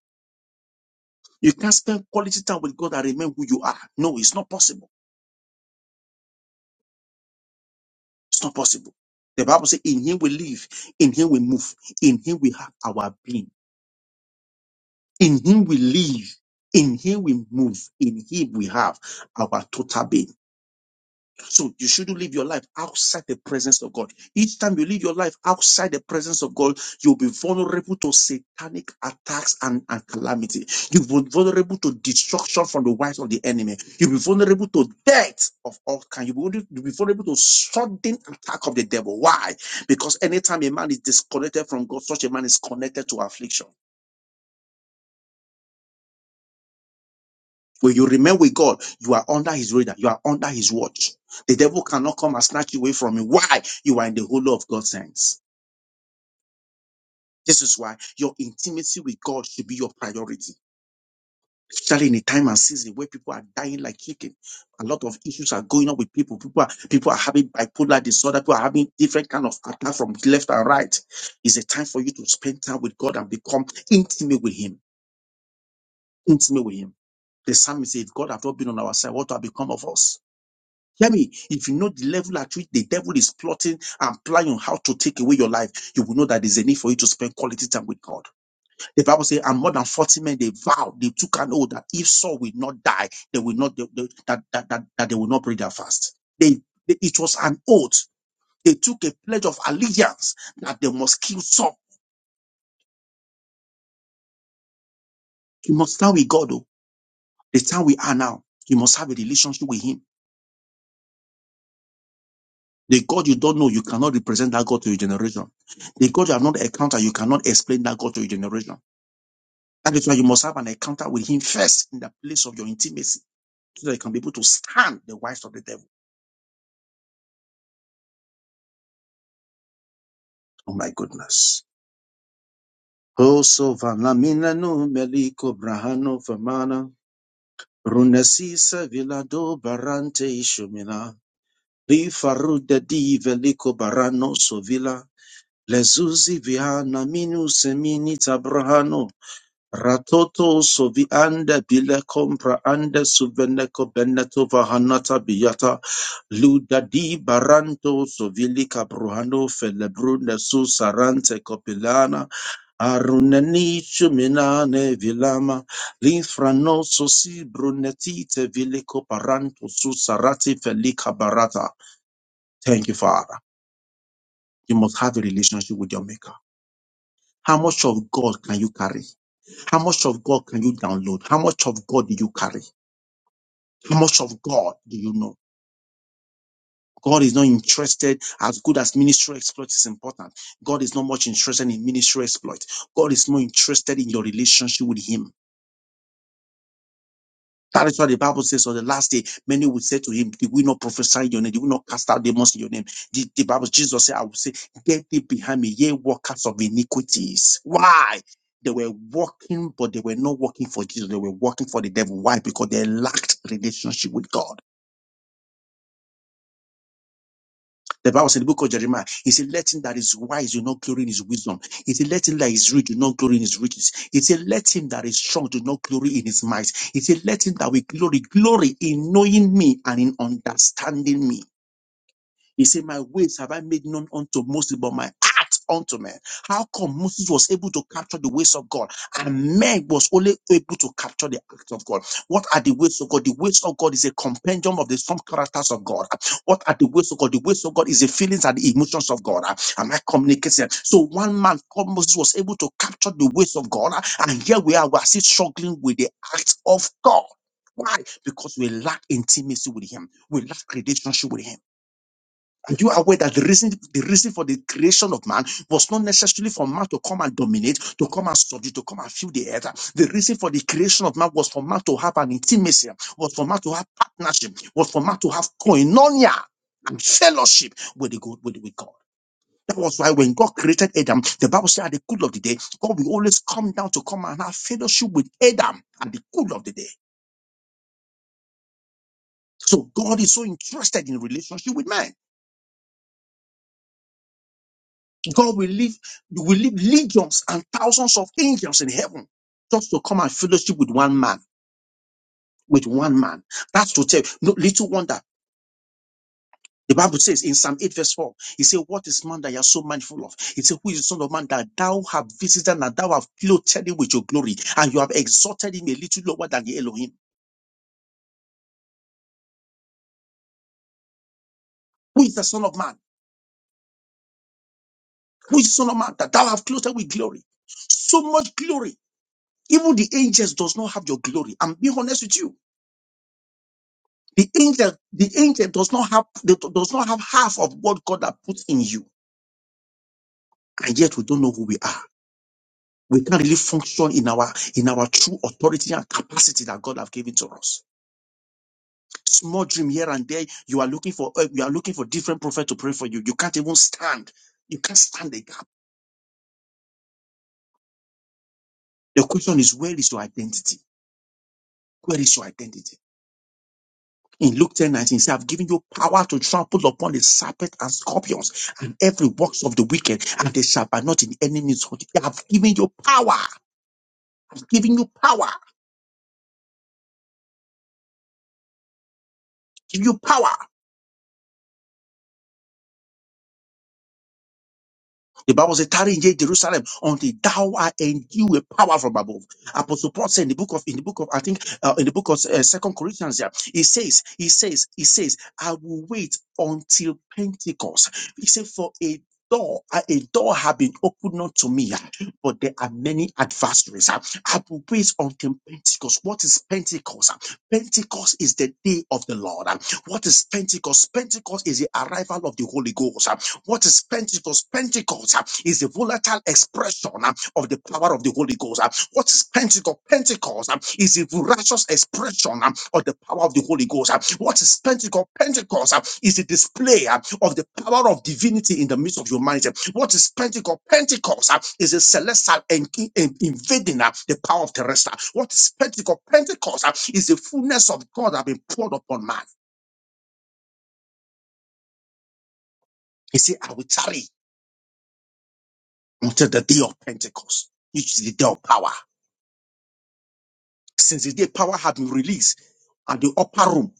You can't spend quality time with God and remain who you are. No, it's not possible. It's not possible. The Bible says, in him we live, in him we move, in him we have our being. In him we live. In him we move. In him we have our total being. So you shouldn't live your life outside the presence of God. Each time you live your life outside the presence of God, you'll be vulnerable to satanic attacks and, and calamity. You'll be vulnerable to destruction from the wives of the enemy. You'll be vulnerable to death of all kinds. You'll be, you'll be vulnerable to sudden attack of the devil. Why? Because anytime a man is disconnected from God, such a man is connected to affliction. When you remain with God, you are under his radar, you are under his watch. The devil cannot come and snatch you away from him. Why? You are in the hollow of God's hands. This is why your intimacy with God should be your priority. Especially in a time and season where people are dying like chicken. A lot of issues are going on with people. People are people are having bipolar disorder, people are having different kind of attack from left and right. It's a time for you to spend time with God and become intimate with Him. Intimate with Him. The psalmist said, if God have not been on our side, what will become of us? Hear me. If you know the level at which the devil is plotting and planning on how to take away your life, you will know that there's a need for you to spend quality time with God. The Bible says, and more than 40 men, they vowed, they took an oath that if Saul will not die, they will not, they- they- that, that, that, that they will not break their fast. They, they, it was an oath. They took a pledge of allegiance that they must kill Saul. You must stand with God, though. The time we are now, you must have a relationship with Him. The God you don't know, you cannot represent that God to your generation. The God you have not encountered, you cannot explain that God to your generation. That is why you must have an encounter with Him first in the place of your intimacy so that you can be able to stand the wiles of the devil. Oh my goodness. Oh, so vanamina no meliko brahano famana. Runesisa vilado barante ishumina. Rifarude di veliko barano sovila. Lezuzi vihana minu semini tabrahano Ratoto sovianda bile compra ande suveneco beneto vahanata biata ludadi baranto sovili cabruhano felebrune su sarante copilana aruneni shuminane vilama linfrano sosi brunetite vilico paranto su sarati felica barata. Thank you, Father. You must have a relationship with your maker. How much of God can you carry? How much of God can you download? How much of God do you carry? How much of God do you know? God is not interested as good as ministry exploit is important. God is not much interested in ministry exploit. God is more interested in your relationship with Him. That is what the Bible says on the last day. Many will say to him, Did we not prophesy in your name? Did we not cast out demons in your name? The, the Bible, Jesus said, I will say, Get thee behind me, ye workers of iniquities. Why? They were working, but they were not working for Jesus. They were working for the devil. Why? Because they lacked relationship with God. The Bible said in the book of Jeremiah, he said, Let him that is wise do not glory in his wisdom. He said, Let him that is rich do not glory in his riches. He said, Let him that is strong do not glory in his might. He said, Let him that will glory, glory in knowing me and in understanding me. He said, My ways have I made known unto Moses, but my heart unto men. How come Moses was able to capture the ways of God and men was only able to capture the acts of God? What are the ways of God? The ways of God is a compendium of the some characters of God. What are the ways of God? The ways of God is the feelings and the emotions of God. Am I communicating? So one man called Moses was able to capture the ways of God, and here we are, we are still struggling with the acts of God. Why? Because we lack intimacy with Him. We lack relationship with Him. Are you aware that the reason, the reason for the creation of man was not necessarily for man to come and dominate, to come and subdue, to come and fill the earth? The reason for the creation of man was for man to have an intimacy, was for man to have partnership, was for man to have koinonia and fellowship with the God, with, with God. That was why when God created Adam, the Bible said at the cool of the day, God will always come down to come and have fellowship with Adam at the cool of the day. So God is so interested in relationship with man. God will leave, will leave legions and thousands of angels in heaven just to come and fellowship with one man, with one man. That's to tell. No little wonder. The Bible says in Psalm 8, verse 4, He said, What is man that you are so mindful of? He said, Who is the son of man that thou have visited and thou have clothed him with your glory, and you have exalted him a little lower than the Elohim? Who is the son of man? Who is the son of man that thou have clothed with glory? So much glory. Even the angels does not have your glory. I'm being honest with you. The angel, the angel does not have they do- does not have half of what God has put in you, and yet we don't know who we are. We can't really function in our in our true authority and capacity that God has given to us. Small dream here and there. You are looking for uh, you are looking for different prophet to pray for you. You can't even stand. You can't stand the gap. The question is, where is your identity? Where is your identity? In Luke ten nineteen, 19, says, I've given you power to trample upon the serpent and scorpions and every works of the wicked, and they shall by not in any means hurt you. I've given you power. I've given you power. Give you power. The Bible says, tarry in Jerusalem until thou art endued with power from above. Apostle Paul said in the book of, in the book of, I think, uh, in the book of uh, Second Corinthians, yeah, he says, he says, he says, I will wait until Pentecost. He said, for a door, a a door have been opened unto me, uh, but there are many adversaries. uh, I will wait until Pentecost. What is Pentecost? uh? Pentecost is the day of the Lord. uh. What is Pentecost? Pentecost is the arrival of the Holy Ghost. uh. What is Pentecost? Pentecost uh, is a volatile expression uh, of the power of the Holy Ghost. uh. What is Pentecost? Pentecost uh, is a voracious expression uh, of the power of the Holy Ghost. uh. What is Pentecost? Pentecost uh, is a display uh, of the power of divinity in the midst of humanity. What is Pentecost? Pentecost uh, is a celestial en- en- invading uh, the power of terrestrial. What is Pentecost? Pentecost uh, is the fullness of God that been poured upon man. He said, I will tarry. until the day of Pentecost, which is the day of power. Since the day power had been released at the upper room,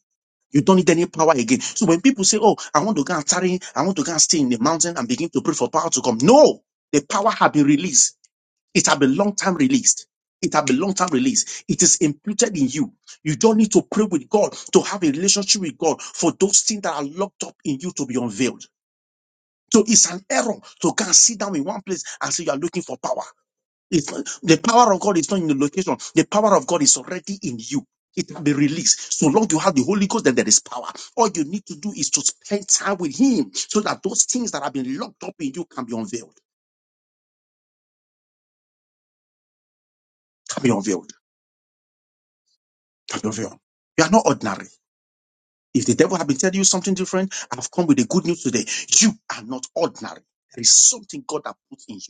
you don't need any power again. So when people say, Oh, I want to go and tarry, I want to go and stay in the mountain and begin to pray for power to come. No, the power had been released. It had been long time released. It had been long time released. It is imputed in you. You don't need to pray with God to have a relationship with God for those things that are locked up in you to be unveiled. So it's an error to go and sit down in one place and say you are looking for power. It's not, the power of God is not in the location. The power of God is already in you. It can be released. So long you have the Holy Ghost, then there is power. All you need to do is to spend time with Him so that those things that have been locked up in you can be unveiled. Can be unveiled. Can be unveiled. You are not ordinary. If the devil had been telling you something different, I've come with the good news today. You are not ordinary. There is something God has put in you.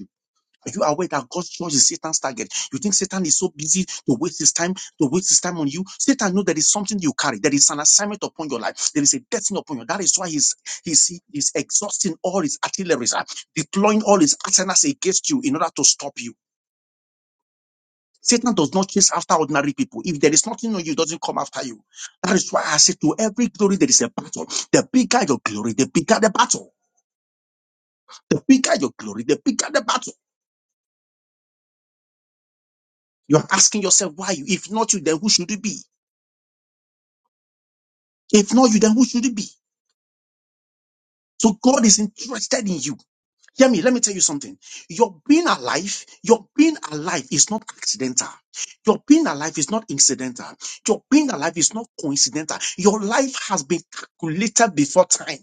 Are you aware that God's church is Satan's target? You think Satan is so busy to waste his time, to waste his time on you? Satan knows there is something you carry. There is an assignment upon your life. There is a destiny upon you. That is why he's he's he's exhausting all his artillery, uh, deploying all his arsenals against you in order to stop you. Satan does not chase after ordinary people. If there is nothing on you, it doesn't come after you. That is why I say to every glory there is a battle. The bigger your glory, the bigger the battle. The bigger your glory, the bigger the battle. You're asking yourself why you, if not you, then who should it be? If not you, then who should it be? So God is interested in you. Hear me, let me tell you something. Your being alive, your being alive is not accidental. Your being alive is not incidental. Your being alive is not coincidental. Your life has been calculated before time.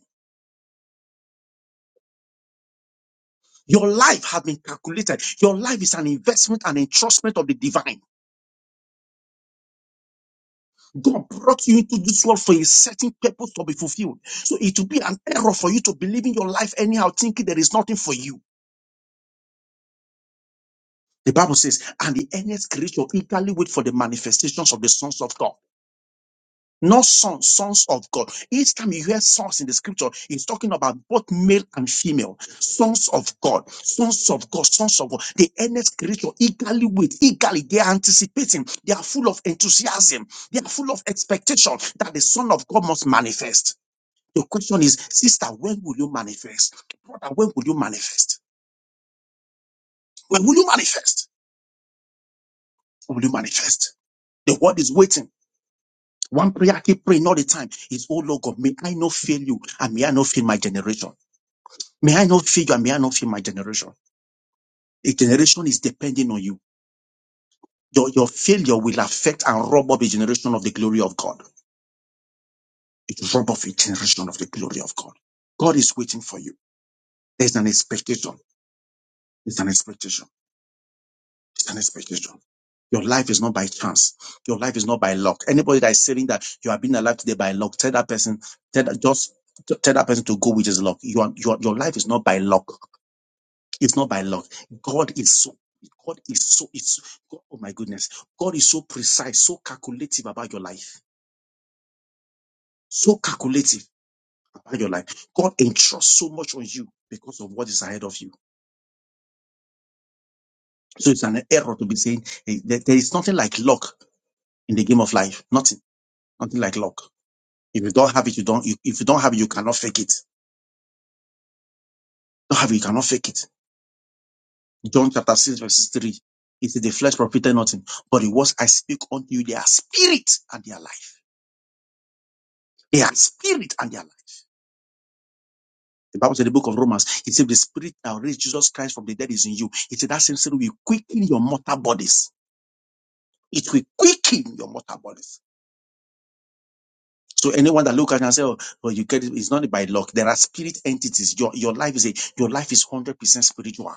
Your life has been calculated. Your life is an investment and entrustment of the divine. God brought you into this world for a certain purpose to be fulfilled. So it will be an error for you to believe in your life anyhow, thinking there is nothing for you. The Bible says, and the earnest creature eagerly wait for the manifestations of the sons of God. Not sons, sons of God. Each time you hear sons in the scripture, it's talking about both male and female. Sons of God, sons of God, sons of God. The earnest creature eagerly wait, eagerly. They are anticipating. They are full of enthusiasm. They are full of expectation that the son of God must manifest. The question is, sister, when will you manifest? Brother, when will you manifest? When will you manifest? When will you manifest? The world is waiting. One prayer I keep praying all the time is, Oh Lord God, may I not fail you and may I not fail my generation. May I not fail you and may I not fail my generation. A generation is depending on you. Your, your failure will affect and rob up a generation of the glory of God. It will rob off a generation of the glory of God. God is waiting for you. There's an expectation. It's an expectation. It's an expectation. Your life is not by chance. Your life is not by luck. Anybody that is saying that you have been alive today by luck, tell that person, tell that, just tell that person to go with his luck. Your, your, your life is not by luck. It's not by luck. God is so, God is so, it's, God, oh my goodness. God is so precise, so calculative about your life. So calculative about your life. God entrusts so much on you because of what is ahead of you. So it's an error to be saying hey, there there is nothing like luck in the game of life. Nothing, nothing like luck. If you don't have it, you don't. If if you don't have it, you cannot fake it. Don't have it, you cannot fake it. John chapter six verse three. It says, "The flesh profited nothing, but the words I speak unto you, they are spirit and they are life. They are spirit and they are life." The Bible said, in "The book of Romans." It said, "The spirit that raised Jesus Christ from the dead is in you." It said, "That same spirit will quicken your mortal bodies. It will quicken your mortal bodies." So anyone that look at it and say, "Oh, well, you get it," it's not by luck. There are spirit entities. Your your life is a your life is one hundred percent spiritual.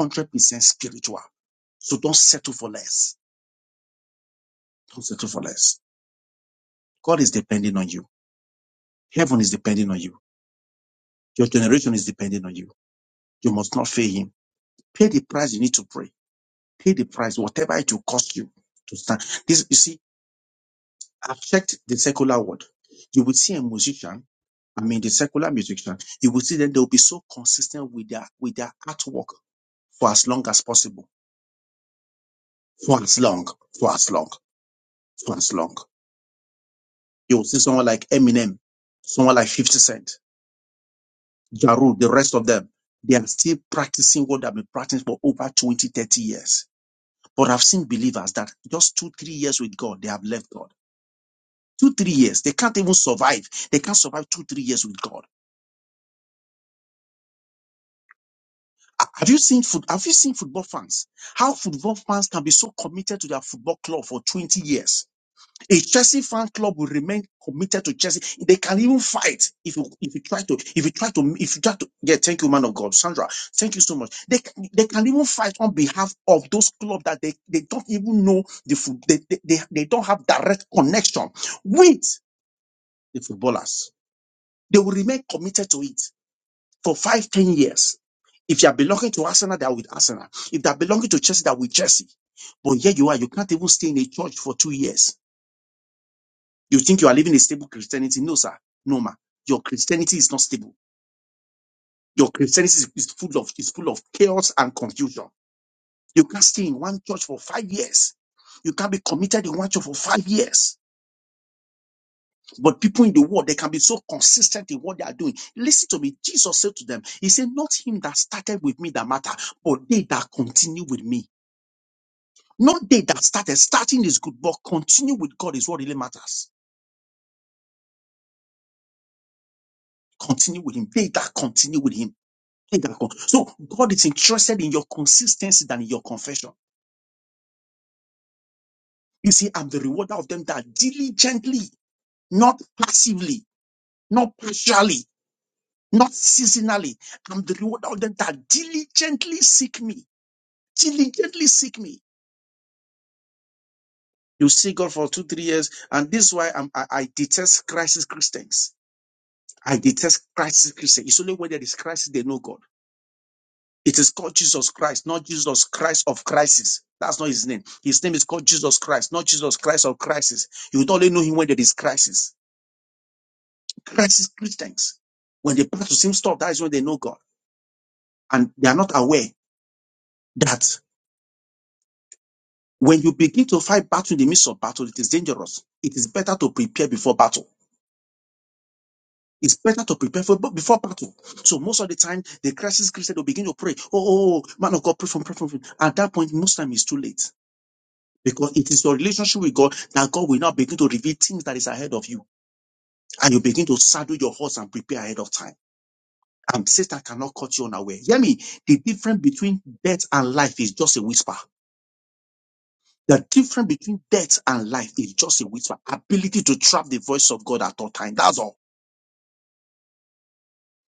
100% spiritual. So don't settle for less. Don't settle for less. God is depending on you. Heaven is depending on you. Your generation is depending on you. You must not fail him. Pay the price you need to pray. Pay the price, whatever it will cost you to stand. This, you see, I've checked the secular world. You will see a musician I mean, the secular musician, you will see that they'll be so consistent with their with their artwork for as long as possible, for as long, for as long, for as long. You'll see someone like Eminem, someone like 50 Cent, Ja Rule, the rest of them. They are still practicing what they've been practicing for over 20, 30 years. But I've seen believers that just two, three years with God, they have left God. Two, three years. They can't even survive. They can't survive two, three years with God. Ha- Have you seen foot, have you seen football fans? How football fans can be so committed to their football club for 20 years? A Chelsea fan club will remain committed to Chelsea. They can even fight if you if you try to if you try to if you try to yeah. Thank you, man of God, Sandra. Thank you so much. They can, they can even fight on behalf of those clubs that they, they don't even know the food. They, they they they don't have direct connection with the footballers. They will remain committed to it for five ten years. If you are belonging to Arsenal, they are with Arsenal. If they are belonging to Chelsea, they are with Chelsea. But here you are, you can't even stay in a church for two years You think you are living a stable Christianity? No, sir. No, ma. Your Christianity is not stable. Your Christianity is, is full of is full of chaos and confusion. You can't stay in one church for five years. You can't be committed in one church for five years. But people in the world, they can be so consistent in what they are doing. Listen to me. Jesus said to them, He said, Not him that started with me that matter, but they that continue with me. Not they that started. Starting is good, but continue with God is what really matters. Continue with Him. They that continue with Him. So God is interested in your consistency than in your confession. You see, I'm the rewarder of them that diligently, not passively, not partially, not seasonally. I'm the rewarder of them that diligently seek me. Diligently seek me. You see God for two, three years, and this is why I'm, I, I detest crisis Christians. I detest crisis Christians. It's only when there is crisis they know God. It is called Jesus Christ, not Jesus Christ of crisis. That's not his name. His name is called Jesus Christ, not Jesus Christ of crisis. You would only know him when there is crisis. Crisis Christians, when they pass the same stuff, that is when they know God. And they are not aware that when you begin to fight battle in the midst of battle, it is dangerous. It is better to prepare before battle. It's better to prepare for before battle. So most of the time, the crisis Christian will begin to pray. Oh, oh, oh, man of God, pray for, pray for. pray At that point, most time it's too late Because it is your relationship with God that God will now begin to reveal things that is ahead of you. And you begin to saddle your horse and prepare ahead of time. And Satan cannot cut you unaware. Hear me. The difference between death and life is just a whisper. The difference between death and life is just a whisper. Ability to trap the voice of God at all time. That's all.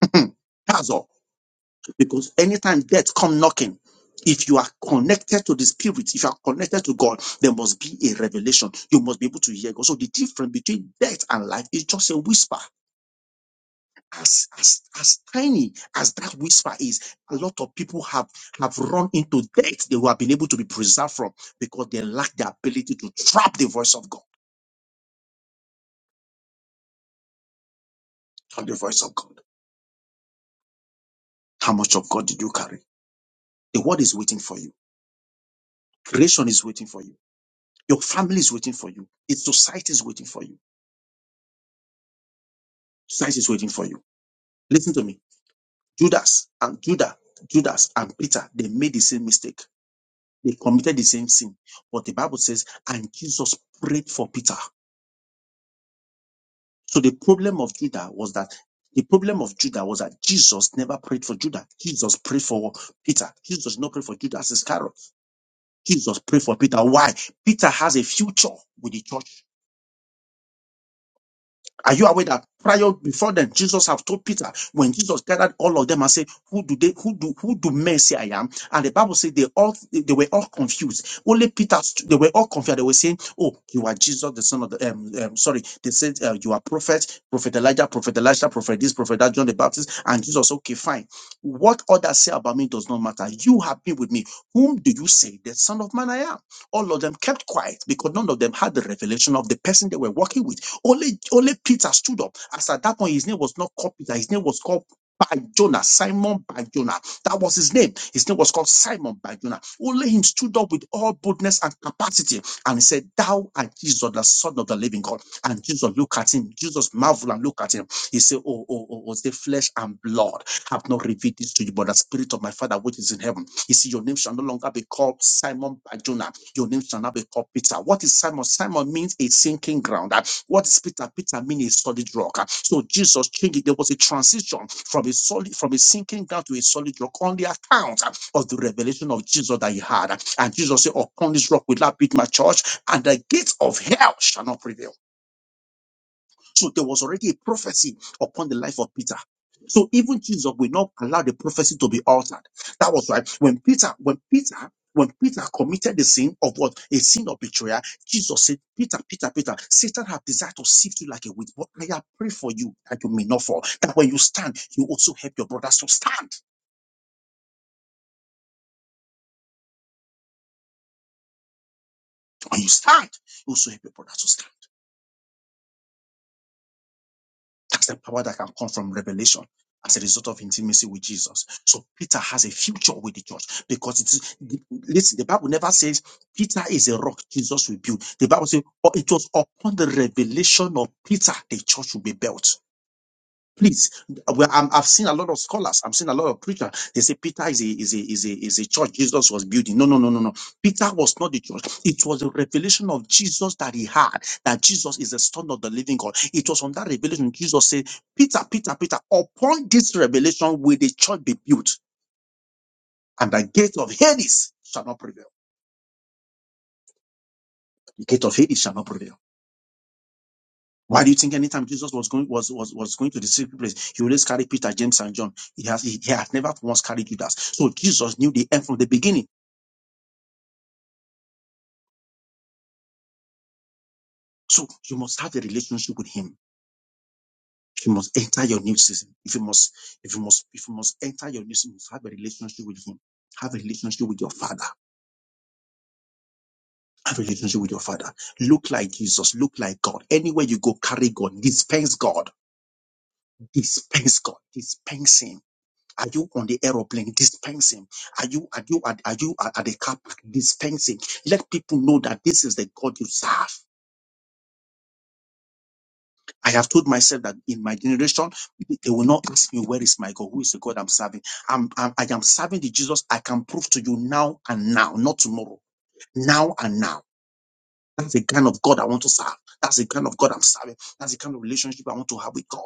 That's all. Because anytime death come knocking, if you are connected to the spirit, if you are connected to God, there must be a revelation. You must be able to hear God. So the difference between death and life is just a whisper. as as as tiny as that whisper is, a lot of people have have run into death they have been able to be preserved from because they lack the ability to trap the voice of God. Trap the voice of God. How much of God did you carry? The world is waiting for you. Creation is waiting for you. Your family is waiting for you. Its society is waiting for you. Society is waiting for you. Listen to me. Judas and Judah, Judas and Peter, they made the same mistake. They committed the same sin. But the Bible says, and Jesus prayed for Peter. So the problem of Judah was that the problem of Judah was that Jesus never prayed for Judah. Jesus prayed for Peter. Jesus did not pray for Judas Iscariot. Jesus prayed for Peter. Why? Peter has a future with the church Are you aware that prior before then, Jesus have told Peter when Jesus gathered all of them and said, "Who do they? Who do who do men say I am?" And the Bible said they all they were all confused. Only Peter st- they were all confused. They were saying, "Oh, you are Jesus, the son of the um, um sorry." They said uh, you are prophet, prophet Elijah, prophet Elijah, prophet this, prophet that, John the Baptist, and Jesus. Okay, fine. What others say about me does not matter. You have been with me. Whom do you say the Son of Man I am? All of them kept quiet because none of them had the revelation of the person they were working with. Only, only Peter stood up. As at that point, his name was not called Peter, his name was called by Jonah, Simon by Jonah. That was his name. His name was called Simon by Jonah. Only him stood up with all boldness and capacity and he said, Thou art Jesus, the Son of the living God. And Jesus looked at him. Jesus marveled and looked at him. He said, Oh, oh, oh, was the flesh and blood have not revealed this to you, but the spirit of my Father which is in heaven. He said, Your name shall no longer be called Simon by Jonah.'" Your name shall not be called Peter. What is Simon? Simon means a sinking ground. Uh, What is Peter? Peter means a solid rock. Uh, So Jesus changed it. There was a transition from a solid, from a sinking ground to a solid rock on the account uh, of the revelation of Jesus that he had. Uh, And Jesus said, Upon this rock will I build my church, and the gates of hell shall not prevail. So there was already a prophecy upon the life of Peter. So even Jesus will not allow the prophecy to be altered. That was right. When Peter, when Peter, when Peter committed the sin of what? A sin of betrayal, Jesus said, Peter, Peter, Peter, Satan have desired to sift you like a wheat, but I have prayed for you that you may not fall. That when you stand, you also help your brothers to stand. When you stand, you also help your brothers to stand. That's the power that can come from revelation as a result of intimacy with Jesus. So Peter has a future with the church because it's the- listen, the Bible never says Peter is a rock, Jesus will build. The Bible says "Oh, it was upon the revelation of Peter the church will be built. Please, well, I'm, I've seen a lot of scholars. I've seen a lot of preachers. They say Peter is a is a is a is a church Jesus was building. No, no, no, no, no. Peter was not the church. It was a revelation of Jesus that he had that Jesus is the Son of the Living God. It was on that revelation Jesus said, Peter, Peter, Peter. Upon this revelation will the church be built, and the gate of Hades shall not prevail. The gate of Hades shall not prevail. Why do you think anytime Jesus was going was was, was going to the secret place, he always carried Peter, James, and John? He has he, he has never once carried Judas. So Jesus knew the end from the beginning. So you must have a relationship with him. If you must enter your new season, if you must, if you must, if you must enter your new season, you must have a relationship with him. Have a relationship with your father. Have a relationship with your father. Look like Jesus. Look like God. Anywhere you go, carry God. Dispense God. Dispense God. Dispense Him Are you on the aeroplane dispensing? Are you are you at are you at at the car park dispensing? Let people know that this is the God you serve. I have told myself that in my generation, they will not ask me where is my God, who is the God I'm serving. I'm, I'm I am serving the Jesus. I can prove to you now and now, not tomorrow, now and now. That's the kind of God I want to serve. That's the kind of God I'm serving. That's the kind of relationship I want to have with God.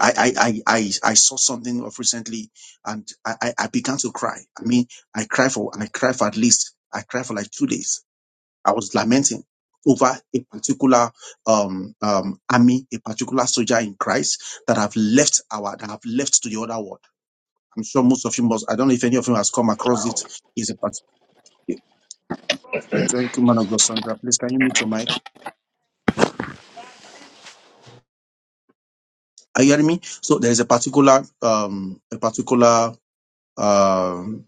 I, I, I, I, I saw something of recently and I, I, I began to cry. I mean, I cried for, I cried for at least, I cried for like two days. I was lamenting over a particular, um, um, army, a particular soldier in Christ that have left our, that have left to the other world. I'm sure most of you must, I don't know if any of you has come across it. Is a particular, thank you, man of God, Sandra. Please, can you meet your mic? Are you hearing me? So there is a particular, um, a particular, um,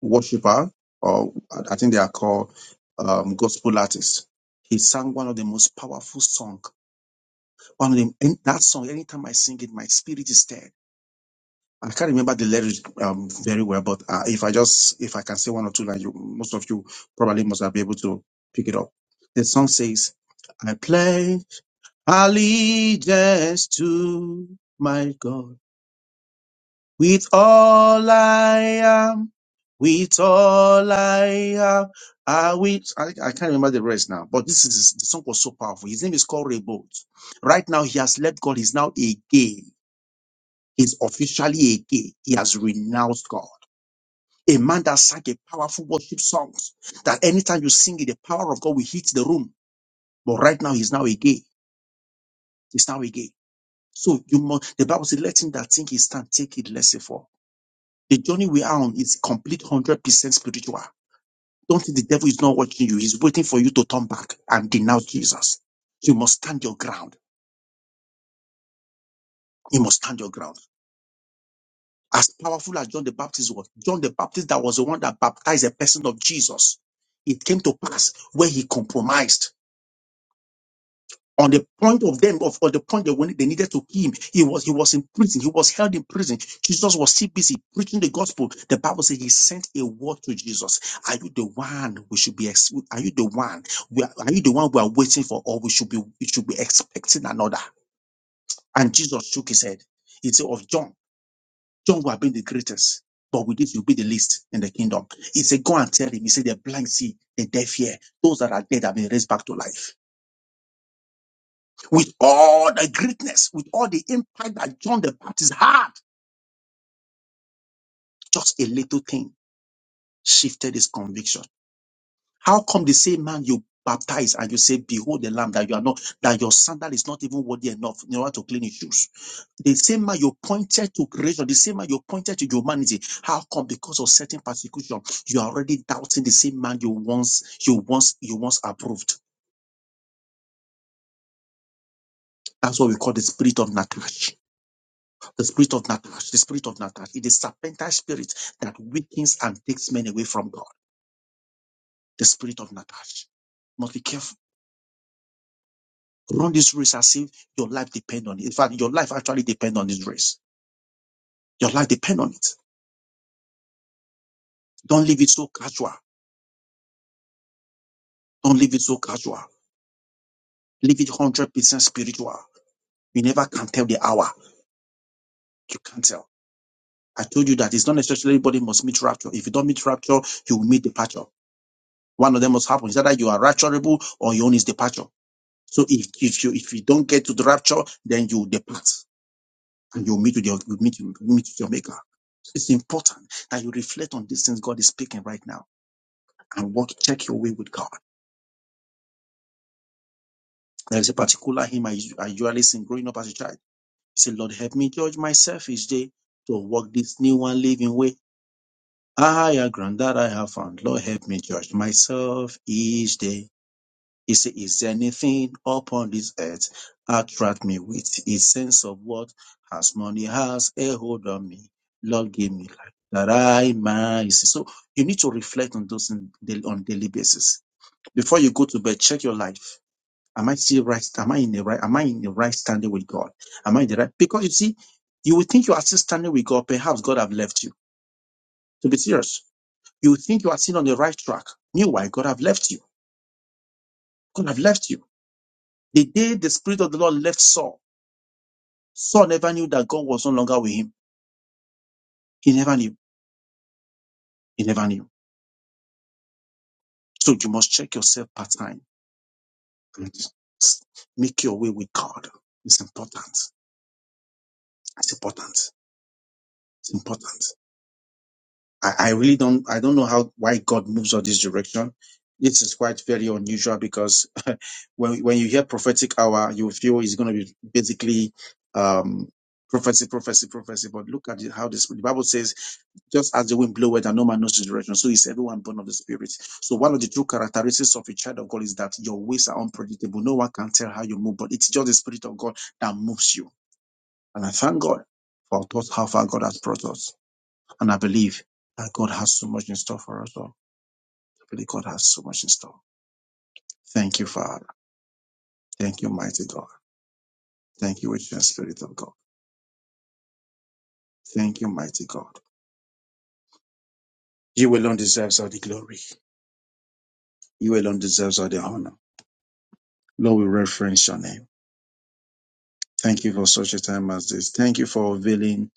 worshiper, or I think they are called um, gospel artists. He sang one of the most powerful song. One of them, in that song, anytime I sing it, my spirit is stirred. I can't remember the lyrics um, very well, but uh, if I just if I can say one or two, lines, you, most of you probably must have been able to pick it up. The song says, "I pledge allegiance to my God." With all I am, with all I am, I will. I, I can't remember the rest now, but this is the song was so powerful. His name is called Reboot. Right now, he has left God. He's now a gay. He's officially a gay. He has renounced God. A man that sang a powerful worship songs that anytime you sing it, the power of God will hit the room. But right now, he's now a gay. He's now a gay. So you must. The Bible says, "Let him that think he stand take it less for." The journey we are on is complete 100% spiritual. Don't think the devil is not watching you. He's waiting for you to turn back and denounce Jesus. You must stand your ground. You must stand your ground. As powerful as John the Baptist was, John the Baptist that was the one that baptized the person of Jesus. It came to pass where he compromised on the point of them of, of the point that when they needed to kill him he was he was in prison he was held in prison jesus was still busy preaching the gospel the bible says he sent a word to jesus are you the one we should be ex- are you the one we are, are you the one we are waiting for or we should be we should be expecting another and jesus shook his head he said of john john will have been the greatest but with this you'll be the least in the kingdom he said go and tell him he said the blind see the deaf hear those that are dead have been raised back to life with all the greatness, with all the impact that John the Baptist had, just a little thing shifted his conviction. How come the same man you baptize and you say, Behold the lamb that you are not, that your sandal is not even worthy enough in order to clean his shoes? The same man you pointed to creation, the same man you pointed to humanity. How come because of certain persecution, you are already doubting the same man you once, you once, you once approved? That's what we call the spirit of Natasha. The spirit of Natasha, the spirit of Natasha, it is serpentine spirit that weakens and takes men away from God. The spirit of Natasha. Must be careful. Run this race as if your life depends on it. In fact, your life actually depends on this race. Your life depends on it. Don't leave it so casual. Don't leave it so casual. Leave it 100% spiritual. You never can tell the hour. You can't tell. I told you that it's not necessarily everybody must meet rapture. If you don't meet rapture, you will meet departure. One of them must happen. It's either you are rapturable or your own is departure. So if, if you if you don't get to the rapture, then you depart and you meet with your you meet you meet with your maker. It's important that you reflect on these things God is speaking right now and walk check your way with God. There is a particular hymn I, us- I usually sing growing up as a child. He said, Lord, help me judge myself each day to walk this new and living way. A Higher ground that I have found. Lord, help me judge myself each day He said, Is there anything upon this earth attract me with its sense of what has money has a hold on me? Lord, give me life that I might. see." So you need to reflect on those in, daily- on daily basis before you go to bed. Check your life. Am I still right? Am I in the right? Am I in the right standing with God? Am I in the right? Because you see, you will think you are still standing with God. Perhaps God have left you. To be serious, you think you are still on the right track. Meanwhile, God have left you. God have left you. The day the spirit of the Lord left Saul. Saul never knew that God was no longer with him. He never knew. He never knew. So you must check yourself part time make your way with God. It's important. It's important. It's important. I, I really don't I don't know how why God moves on this direction. This is quite very unusual because when when you hear prophetic hour, you feel it's going to be basically um, prophecy, prophecy, prophecy. But look at it, how this the Bible says just as the wind bloweth and no man knows the direction, so is everyone born of the Spirit. So one of the true characteristics of a child of God is that your ways are unpredictable. No one can tell how you move, but it's just the Spirit of God that moves you. And I thank God for thought how far God has brought us. And I believe that God has so much in store for us all. I believe God has so much in store. Thank you, Father. Thank you, mighty God. Thank you, ancient Spirit of God. Thank you, mighty God. You alone deserves all the glory. You alone deserves all the honor. Lord, we reference your name. Thank you for such a time as this. Thank you for revealing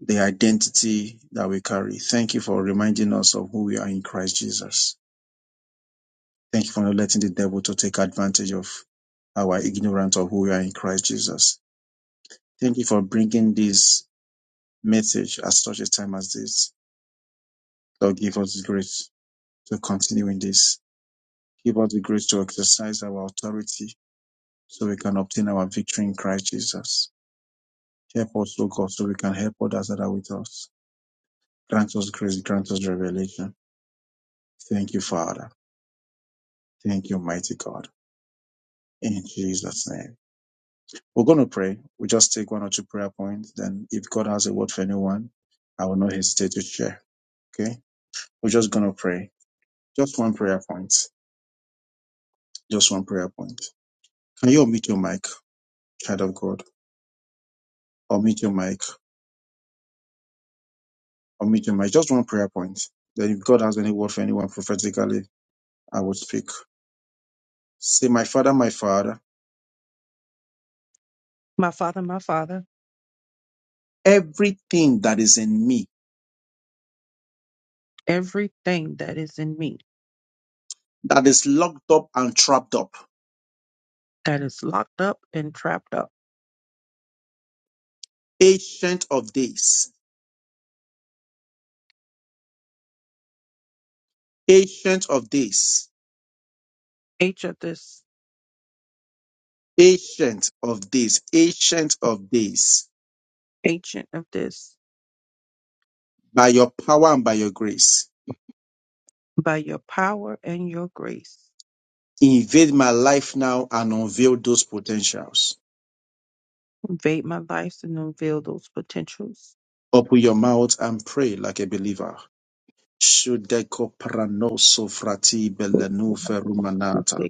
the identity that we carry. Thank you for reminding us of who we are in Christ Jesus. Thank you for not letting the devil to take advantage of our ignorance of who we are in Christ Jesus. Thank you for bringing this message at such a time as this. Lord, give us the grace to continue in this. Give us the grace to exercise our authority so we can obtain our victory in Christ Jesus. Help us, O God, so we can help others that are with us. Grant us grace, grant us revelation. Thank you, Father. Thank you, mighty God. In Jesus' name. We're going to pray. We just take one or two prayer points. Then, if God has a word for anyone, I will not hesitate to share. Okay? We're just going to pray. Just one prayer point. Just one prayer point. Can you unmute your mic, child of God? Unmute your mic. Unmute your mic. Just one prayer point. Then, if God has any word for anyone prophetically, I will speak. Say, My Father, my Father,
my father, my father.
everything that is in me
Everything that is in me.
that is locked up and trapped up.
that is locked up and trapped up.
Ancient of days, ancient of days,
H of this,
ancient of days, ancient of days,
agent of this,
by your power and by your grace,
by your power and your grace,
invade my life now and unveil those potentials.
invade my life and unveil those potentials.
Open your mouth and pray like a believer. Shudeko prano sofrati belenu ferumanata.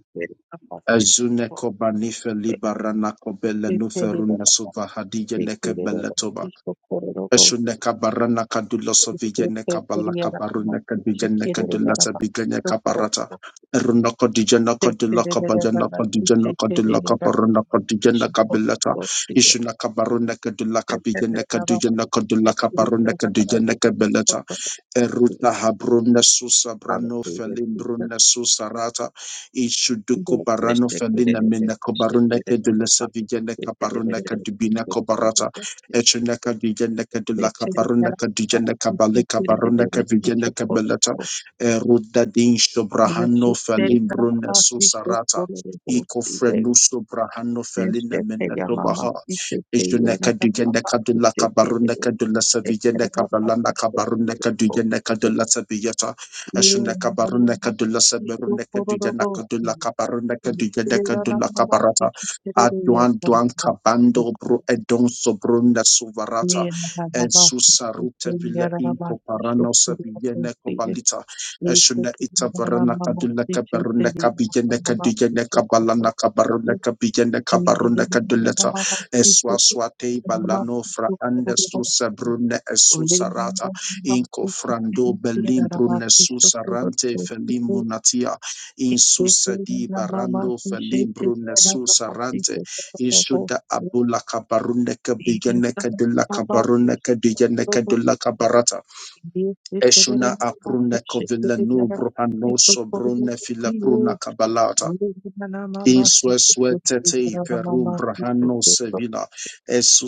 Azuneko banife libarana kobelenu feruna suvahadija neke Ashuneka barana kadula sovigene kabala kabaruna kadijene kadula sabigene kabarata. Eruna kadijene kadula kabajana kadijene kadula kabaruna kadijene kabilata. Ishuna kabaruna kadula kabijene kadijene kadula kabaruna kadijene kabilata. Eruta habrunda susa brano
Hallelujah,
felimbrunda susa rata ishuduku
Jesus.
barano felina mena kobarunda ke de la sevigene kabarunda ke dubina kobarata echuna ke digene ke de la kabarunda ke digene kabale kabarunda ke vigene kabelata eruda din shobrahano
Thank
felimbrunda susa rata iko
you.
frenuso brahano felina
Neshete
mena
ya mama
kobaha
ikete yena
Ishuneka
na
dujende
mama
kadula
ikete
kabarunda
lele
kadula
ikete
savijende
na mama
kabalanda
ikete
kabarunda kadujende kadula savijeta.
yena
Ishuneka
na
barunda
mama
kadula
ikete
sabarunda
kororo
kadujende
bosi
kadula kabarunda kadujende
ikete na
kadula
mama
kabarata.
ikete lele yena
Aduan
na
duan
mama ikete
kabando bro edon sobrunda suvarata.
yena na mama ikete yena na
En
mama ikete
susarute villa
kororo
inko
bosi
parano savijene
ikete
kobalita. Ishune
na
itavarana
mama
kadula
ikete lele
kabarunda
yena
kabijende
na mama
kadujende
ikete
kabalana
kororo
kabarunda kabijende
Mama,
kabarunda kaduleta. Eswaswate balano fra anda susa brune esusarata inco frando belim brune susarante felim munatia insusa di barando felim brune susarante insuda abula kabarune kabigene kadula kabarune kadigene kadula kabarata eshuna aprune kovila nubru anoso brune pruna kabalata in sua sua tete suetete ferum brahano sevila. Esu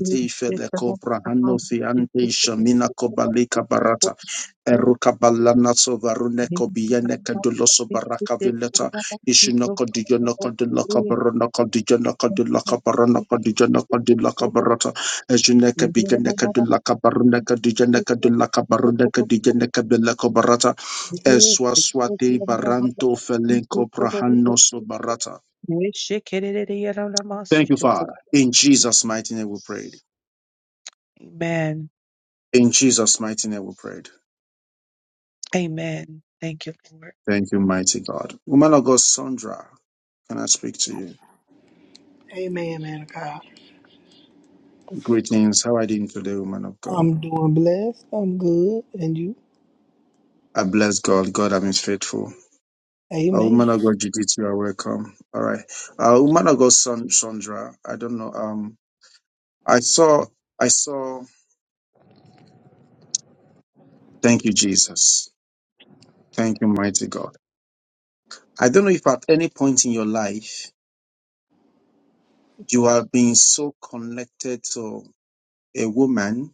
Amen.
fele cobrahano fiante shamina kobalika barata. Eruka balana sovarune kobiene kaduloso baraka vileta. Ishinoko dijonoko diloka baronoko dijonoko diloka baronoko dijonoko diloka barata. Ejuneke bijeneke diloka baruneke dijeneke diloka baruneke dijeneke bileko barata. Esua swati baranto felenko brahano sobarata. Thank you, Father. In Jesus' mighty name we prayed. In Jesus' mighty name we prayed.
Amen. Thank you,
Thank you, mighty God. Woman of God, Sandra, can I speak to you?
Amen, man of God.
Greetings. How are you doing today, woman of God?
I'm doing blessed. I'm good. And you?
I bless God. God have been faithful. Uh,
Amen.
woman of God, Judith, you are welcome. All right. Uh, woman of God, Son- Sandra, I don't know. Um, I saw, I saw, thank you, Jesus. Thank you, mighty God. I don't know if at any point in your life you have been so connected to a woman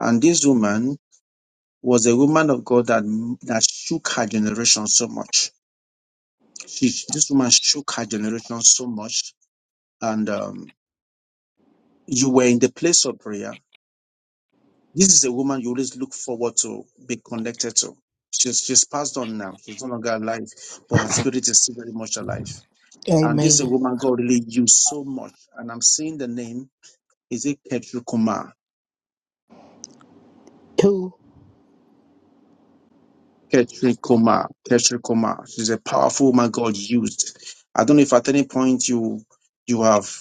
And this woman was a woman of God that, that shook her generation so much. She, this woman shook her generation so much. And um, you were in the place of prayer. This is a woman you always look forward to be connected to. She's, she's passed on now. She's no longer alive, but her spirit is still very much alive. And this is a
Amen.
woman God really used so much. And I'm seeing the name. Is it Ketru Kumar?
Two.
Ketri Kumar. Ketri Kumar. She's a powerful woman God used. I don't know if at any point you you have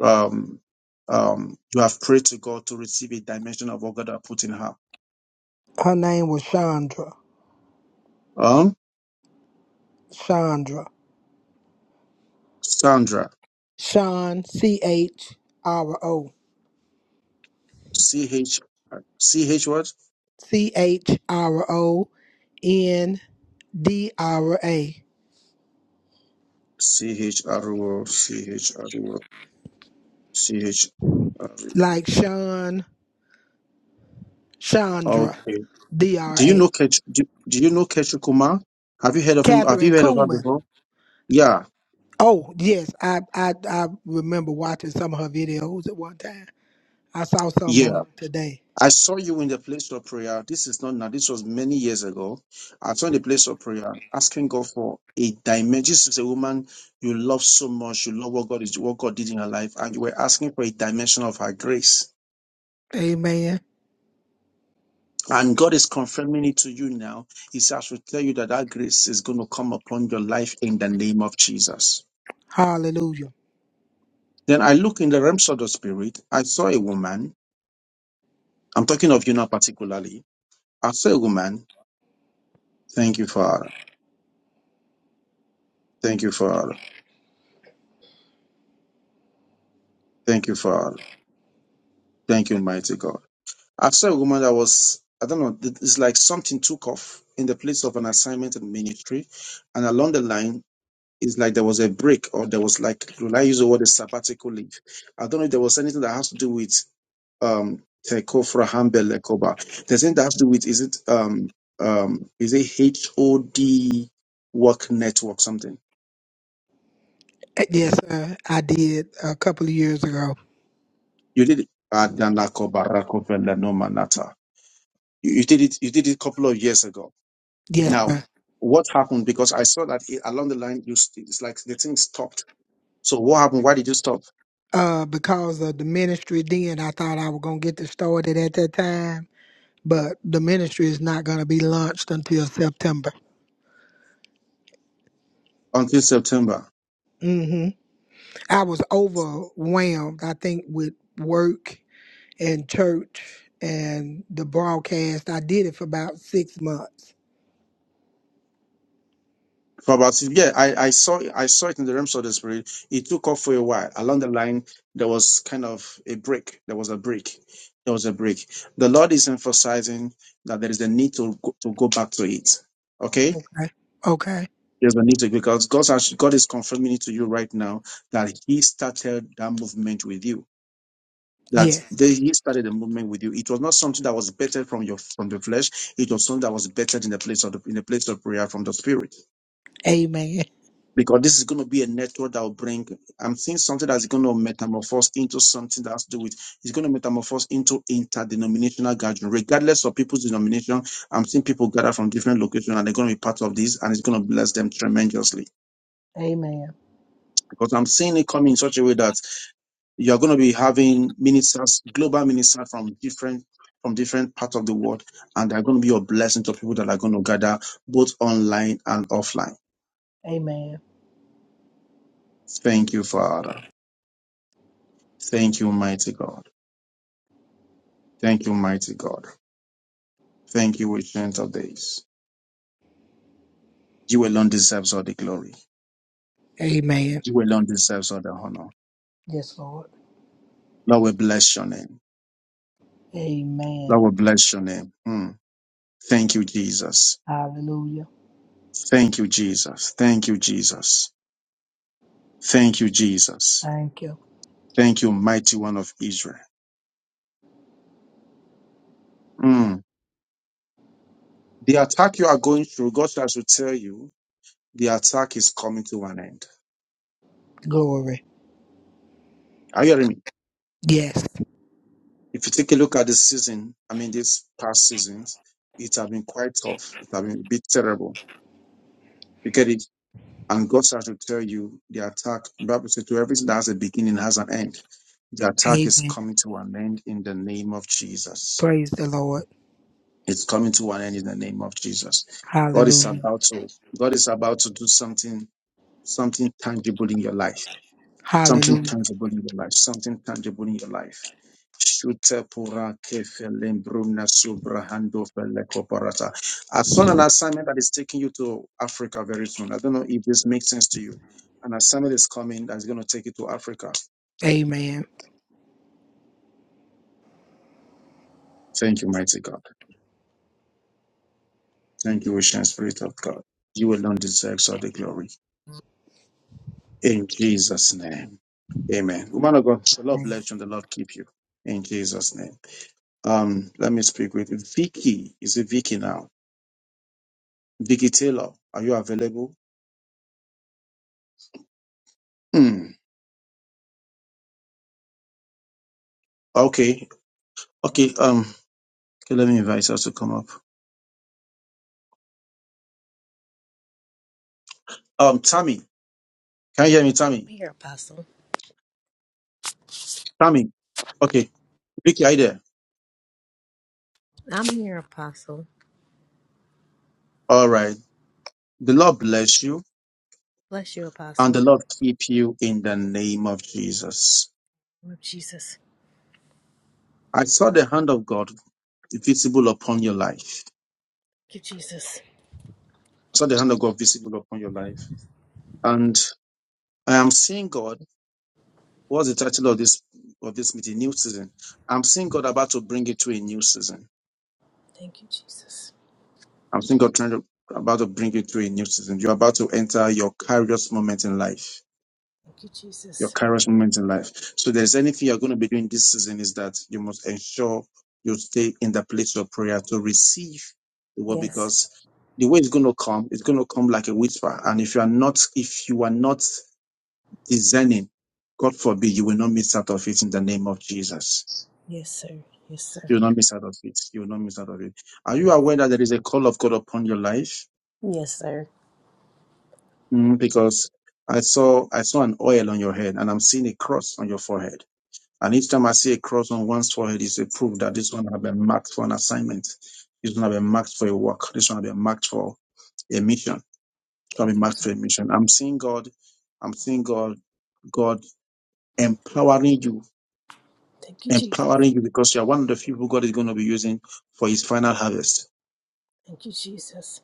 um um you have prayed to God to receive a dimension of what God has put in her.
Her name was Chandra.
Um
Chandra.
Sandra.
Sean, C H R O.
C H C H what?
C H R O N D R A.
C H R O C H R O C H R
Like Sean,
O.
Chandra,
Okay.
D R
Do you know
A.
Ketri do, do you know Ketri Kumar? Have you heard of him? Have you
Catherine
heard of her
Kuhlman.
before? Yeah.
Oh, yes. I, I, I remember watching some of her videos at one time. I saw some
Yeah.
on her today.
I saw you in the place of prayer. This is not now. This was many years ago. I saw in the place of prayer, asking God for a dimension. This is a woman you love so much. You love what God is, what God did in her life, and you were asking for a dimension of her grace.
Amen.
And God is confirming it to you now. He says, I should tell you that that grace is going to come upon your life in the name of Jesus.
Hallelujah. Uh,
Then I look in the realms of the spirit. I saw a woman. I'm talking of you now particularly. I saw a woman. Thank you, Father. Thank you, Father. Thank you, Father. Thank you, mighty God. I saw a woman that was, I don't know, it- it's like something took off in the place of an assignment in ministry. And along the line, it's like there was a break or there was like, will I use the word a sabbatical leave? I don't know if there was anything that has to do with um Tekofra Hambel Lekoba. There's anything that has to do with, is it um um is it H O D work network something?
Yes, sir. I did a couple of years ago.
You did it. Adanako Barako Vela no Manata. You you did it you did it a couple of years ago
Yes,
Now,
sir.
what happened? Because I saw that it, along the line, you st- it's like the thing stopped. So what happened? Why did you stop
Uh, because of the ministry then, I thought I was going to get this started at that time, but the ministry is not going to be launched until September.
until September?
hmm I was overwhelmed, I think, with work and church and the broadcast. I did it for about six months.
For about yeah, I, I saw I saw it in the realms of the spirit. It took off for a while. Along the line, there was kind of a break. There was a break. There was a break. The Lord is emphasizing that there is a need to go, to go back to it. Okay,
Okay. Okay.
there's a need to because God's actually, God is confirming it to you right now that He started that movement with you that
Yes.
they, he started the movement with you. It was not something that was bettered from your from the flesh. It was something that was bettered in the place of the, in the place of prayer from the spirit.
Amen.
Because this is going to be a network that will bring. I'm seeing something that's going to metamorphose into something that has to do with. It's going to metamorphose into interdenominational gathering, regardless of people's denomination. I'm seeing people gather from different locations, and they're going to be part of this, and it's going to bless them tremendously.
Amen.
Because I'm seeing it coming in such a way that You're going to be having ministers, global ministers from different from different parts of the world, and they're going to be a blessing to people that are going to gather both online and offline.
Amen.
Thank you, Father. Thank you, mighty God. Thank you, mighty God. Thank you, ancient of days. You alone deserves all the glory.
Amen.
You alone deserves all the honor.
Yes, Lord.
Lord, we bless your name.
Amen.
Lord, we bless your name. Mm. Thank you, Jesus.
Hallelujah.
Thank you, Jesus. Thank you, Jesus. Thank you, Jesus.
Thank you.
Thank you, mighty one of Israel. Mm. The attack you are going through, God shall to tell you, the attack is coming to an end.
Glory.
Are you hearing me?
Yes.
If you take a look at the season, I mean, these past seasons, it have been quite tough. It have been a bit terrible. You get it? And God shall to tell you, the attack, Bible says, to everything that has a beginning has an end. The attack is
Amen.
coming to an end in the name of Jesus.
Praise the Lord.
It's coming to an end in the name of Jesus. God is
Hallelujah.
about to, God is about to do something something tangible in your life, something
Hallelujah.
tangible in your life, something tangible in your life. Shute pura kefe lembruna subrahando fele koparata. I found an assignment that is taking you to Africa very soon. I don't know if this makes sense to you. An assignment is coming that's going to take you to Africa.
Amen.
Thank you, mighty God. Thank you, ocean spirit of God. You alone deserves all the glory. In Jesus' name. Amen. Woman of God, the Lord bless you and the Lord keep you. In Jesus' name. Um, let me speak with Vicky. Is it Vicky now? Vicky Taylor, are you available? Hmm. Okay. Okay. Um. Okay. Let me invite her to come up. Um. Tammy, can you hear me? Tammy.
I'm here, Apostle.
Tammy. Okay. Vicky, are you there?
I'm here, Apostle.
All right. The Lord bless you
Bless you,
and the
Apostle.
Lord keep you in the name of Jesus.
Lord Jesus.
I saw the hand of God visible upon your life.
Thank you, Jesus.
I saw the hand of God visible upon your life, and I am seeing God. What's the title of this of this meeting? New season. I'm seeing God about to bring it to a new season.
Thank you, Jesus.
I'm seeing God trying to about to bring it to a new season. You're about to enter your Kairos moment in life.
Thank you,
Your
Jesus.
Kairos moment in life. So if there's anything you're going to be doing this season is that you must ensure you stay in the place of prayer to receive the word
Yes.
because the way it's going to come, it's going to come like a whisper. And if you are not, if you are not discerning, God forbid, you will not miss out of it in the name of Jesus.
Yes, sir. Yes, sir.
You will not miss out of it. You will not miss out of it. Are you aware that there is a call of God upon your life?
Yes, sir.
Mm, because I saw I saw an oil on your head, and I'm seeing a cross on your forehead. And each time I see a cross on one's forehead, it's a proof that this one has been marked for an assignment. This one has been marked for a work. This one has been marked for a mission. This one have been
Thank you.
marked
Je-
for a mission. I'm seeing God. I'm seeing God. God empowering you,
Thank you, Jesus.
empowering you, because you are one of the few people God is going to be using for His final harvest.
Thank you, Jesus.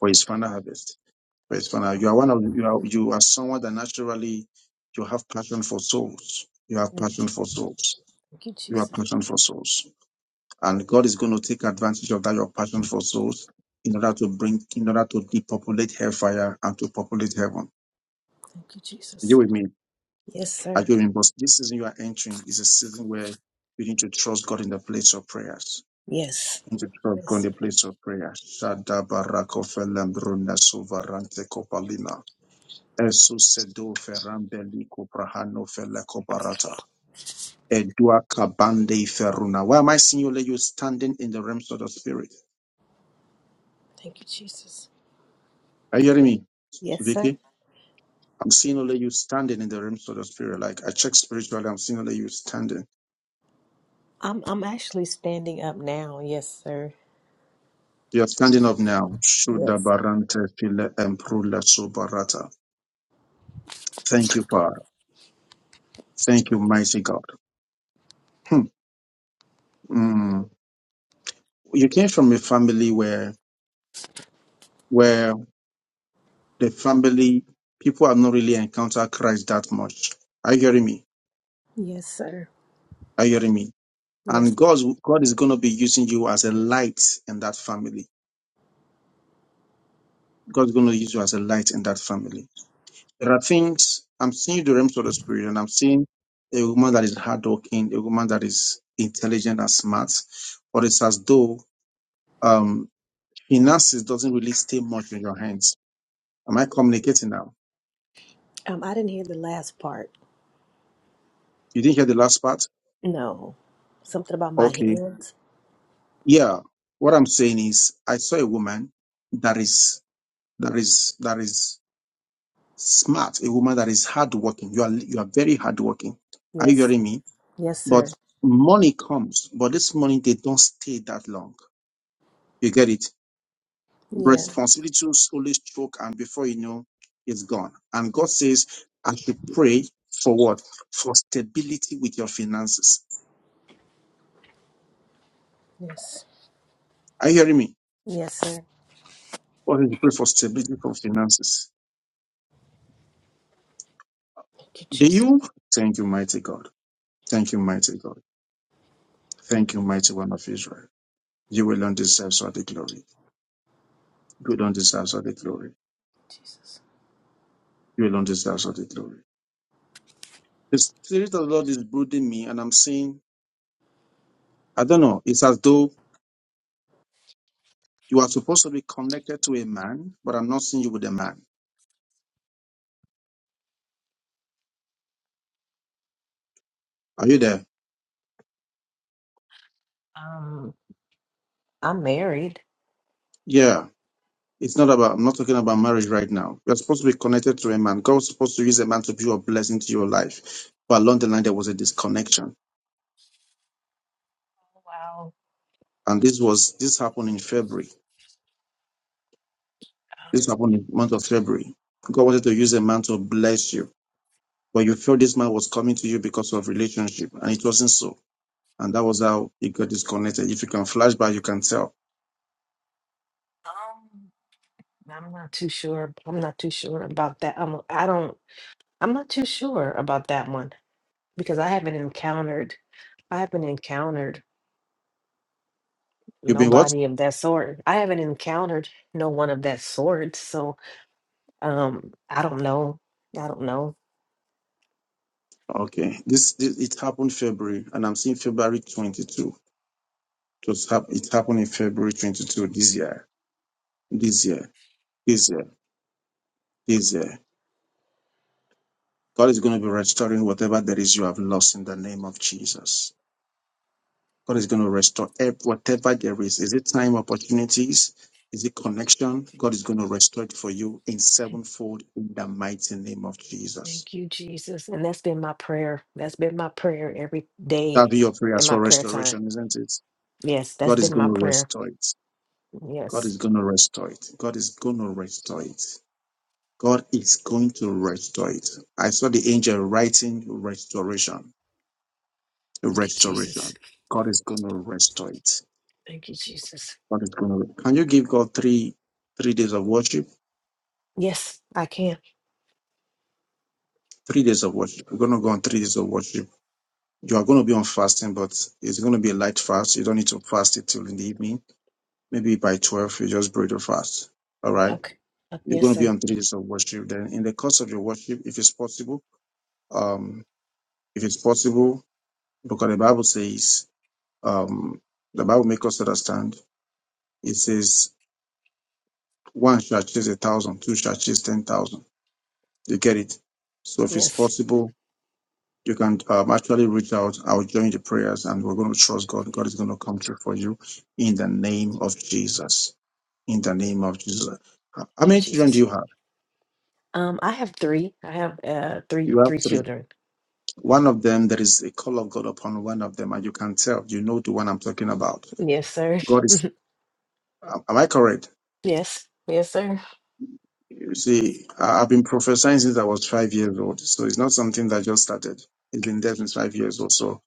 For His final harvest Praise
Thank you.
for now. You are one of you are you are someone that naturally you have passion for souls. You have
Lord.
passion for souls.
Thank you,
You have
Jesus.
passion for souls. And God is going to take advantage of that your passion for souls in order to bring in order to depopulate hellfire and to populate heaven.
Thank you,
Are you
Jesus.
with me?
Yes,
Are
sir.
you with me? But this season you are entering is a season where you need to trust God in the place of prayers.
Yes.
You need to trust God in
Yes.
the
sir.
place of prayer. Shada barako felem bruna suvarante kopalina. Esusedo ferambelico prahano feleco barata. Edua kabande feruna. Why am I seeing you you standing in the realms of the spirit?
Thank you, Jesus.
Are you hearing me,
Yes, sir.
Vicky? I'm seeing only you standing in the realms of the spirit. Like I check spiritually, I'm seeing only you standing.
I'm I'm actually standing up now. Yes, sir.
You are standing up now. Shuda
Yes.
barante file emprula sobarata. Thank you, Father. Thank you, mighty God. Hmm. Mm. You came from a family where where the family, people have not really encountered Christ that much. Are you hearing me?
Yes, sir.
Are you hearing me?
Yes.
And God's, God is going to be using you as a light in that family. God's going to use you as a light in that family. There are things, I'm seeing the realms of the spirit and I'm seeing a woman that is hardworking, a woman that is intelligent and smart, but it's as though, um, finances doesn't really stay much in your hands. Am I communicating now?
Um, I didn't hear the last part.
You didn't hear the last part?
No. Something about my
Okay.
hands.
Yeah, what I'm saying is, I saw a woman that is that is that is smart, a woman that is hardworking. You are you are very hardworking. Are you
Yes.
hearing me?
Yes,
But
sir.
money comes, but this money they don't stay that long. You get it?
Yeah.
Responsibility will slowly stroke, and before you know, it's gone. And God
Yep.
says, I should pray for what? For stability with your finances.
Yes.
Are you hearing me?
Yes, sir.
What is the pray for stability for finances?
Thank you,
Do
Jesus.
you? Thank you, mighty God. Thank you, mighty God. Thank you, mighty one of Israel. You alone deserve all the glory. You alone deserve all the glory.
Jesus.
You alone deserve all the glory. The Spirit of the Lord is brooding me, and I'm saying, I don't know. It's as though you are supposed to be connected to a man, but I'm not seeing you with a man. Are you there?
Um, I'm married.
Yeah. It's not about, I'm not talking about marriage right now. You're supposed to be connected to a man. God was supposed to use a man to be a blessing to your life. But along the line, there was a disconnection.
Wow.
And this was, this happened in February. This
Um,
happened in the month of February. God wanted to use a man to bless you, but you felt this man was coming to you because of relationship, and it wasn't so. And that was how you got disconnected. If you can flash back, you can tell.
um, I'm not too sure. I'm not too sure about that. I'm, I don't. I'm not too sure about that one because I haven't encountered. I haven't encountered
You've been what?
nobody of that sort. I haven't encountered no one of that sort. So, um, I don't know. I don't know.
Okay. This, this it happened February, and I'm seeing February 22. It, was hap- it happened in February 22 this year. This year. This year. This year. God is going to be restoring whatever there is you have lost in the name of Jesus. God is going to restore ev- whatever there is. Is it time, opportunities? Is it connection? God is going to restore it for you in sevenfold in the mighty name of Jesus.
Thank you, Jesus. And that's been my prayer. That's been my prayer every day
That'll be your
in
prayers
my
for
prayer time.
restoration, isn't it?
Yes, that's
God is
been
going
my
to
prayer.
restore it. God
Yes.
is going to restore it. God is going to restore it. God is going to restore it. I saw the angel writing restoration,
Thank you, Jesus.
restoration. God is going to restore it.
Thank you, Jesus.
God is going to. Can you give God three three days of worship?
Yes, I can.
Three days of worship. We're going to go on three days of worship. You are going to be on fasting, but it's going to be a light fast. You don't need to fast it till in the evening. Maybe by 12, you just break your fast. All right.
Okay. Uh,
You're
Yes,
going to be
sir.
on three days of worship. Then in the course of your worship, if it's possible, um, if it's possible, because the Bible says, um, the Bible makes us understand. It says one shall chase a thousand, two shall chase ten thousand. You get it? So if it's
Yes.
possible, You can um, actually reach out. I'll join the prayers and we're going to trust God. God is going to come through for you in the name of Jesus. In the name of Jesus. How how
Thank you,
many children do
Jesus.
you have?
Um, I have three. I have uh
You
three
have
three
three.
children.
One of them, there is a call of God upon one of them, and you can tell. You know the one I'm talking about.
Yes, sir.
God is, am am I correct?
yes. Yes, sir.
You see, I- I've been prophesying since I was five years old. So it's not something that just started. It's been there since five years or so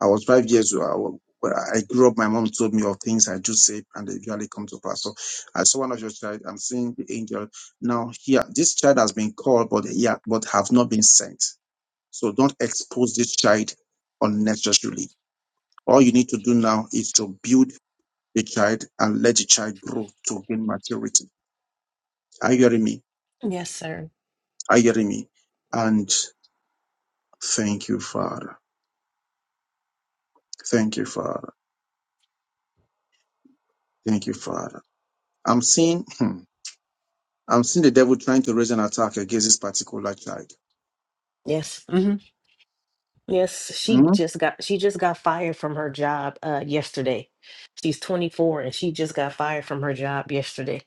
I was five years old. I, wa- when I grew up. My mom told me of things I do say, and they usually come to pass. So I saw one of your child. I'm seeing the angel now. Here, this child has been called, but yeah, but have not been sent. So don't expose this child unnecessarily. All you need to do now is to build the child and let the child grow to gain maturity. Are you hearing me?
Yes, sir.
Are you hearing me? And thank you, Father. Thank you, Father. Thank you, Father. I'm seeing. I'm seeing the devil trying to raise an attack against this particular child.
Yes. Yes, she
Mhm.
just got she just got fired from her job uh yesterday. She's 24 and she just got fired from her job yesterday.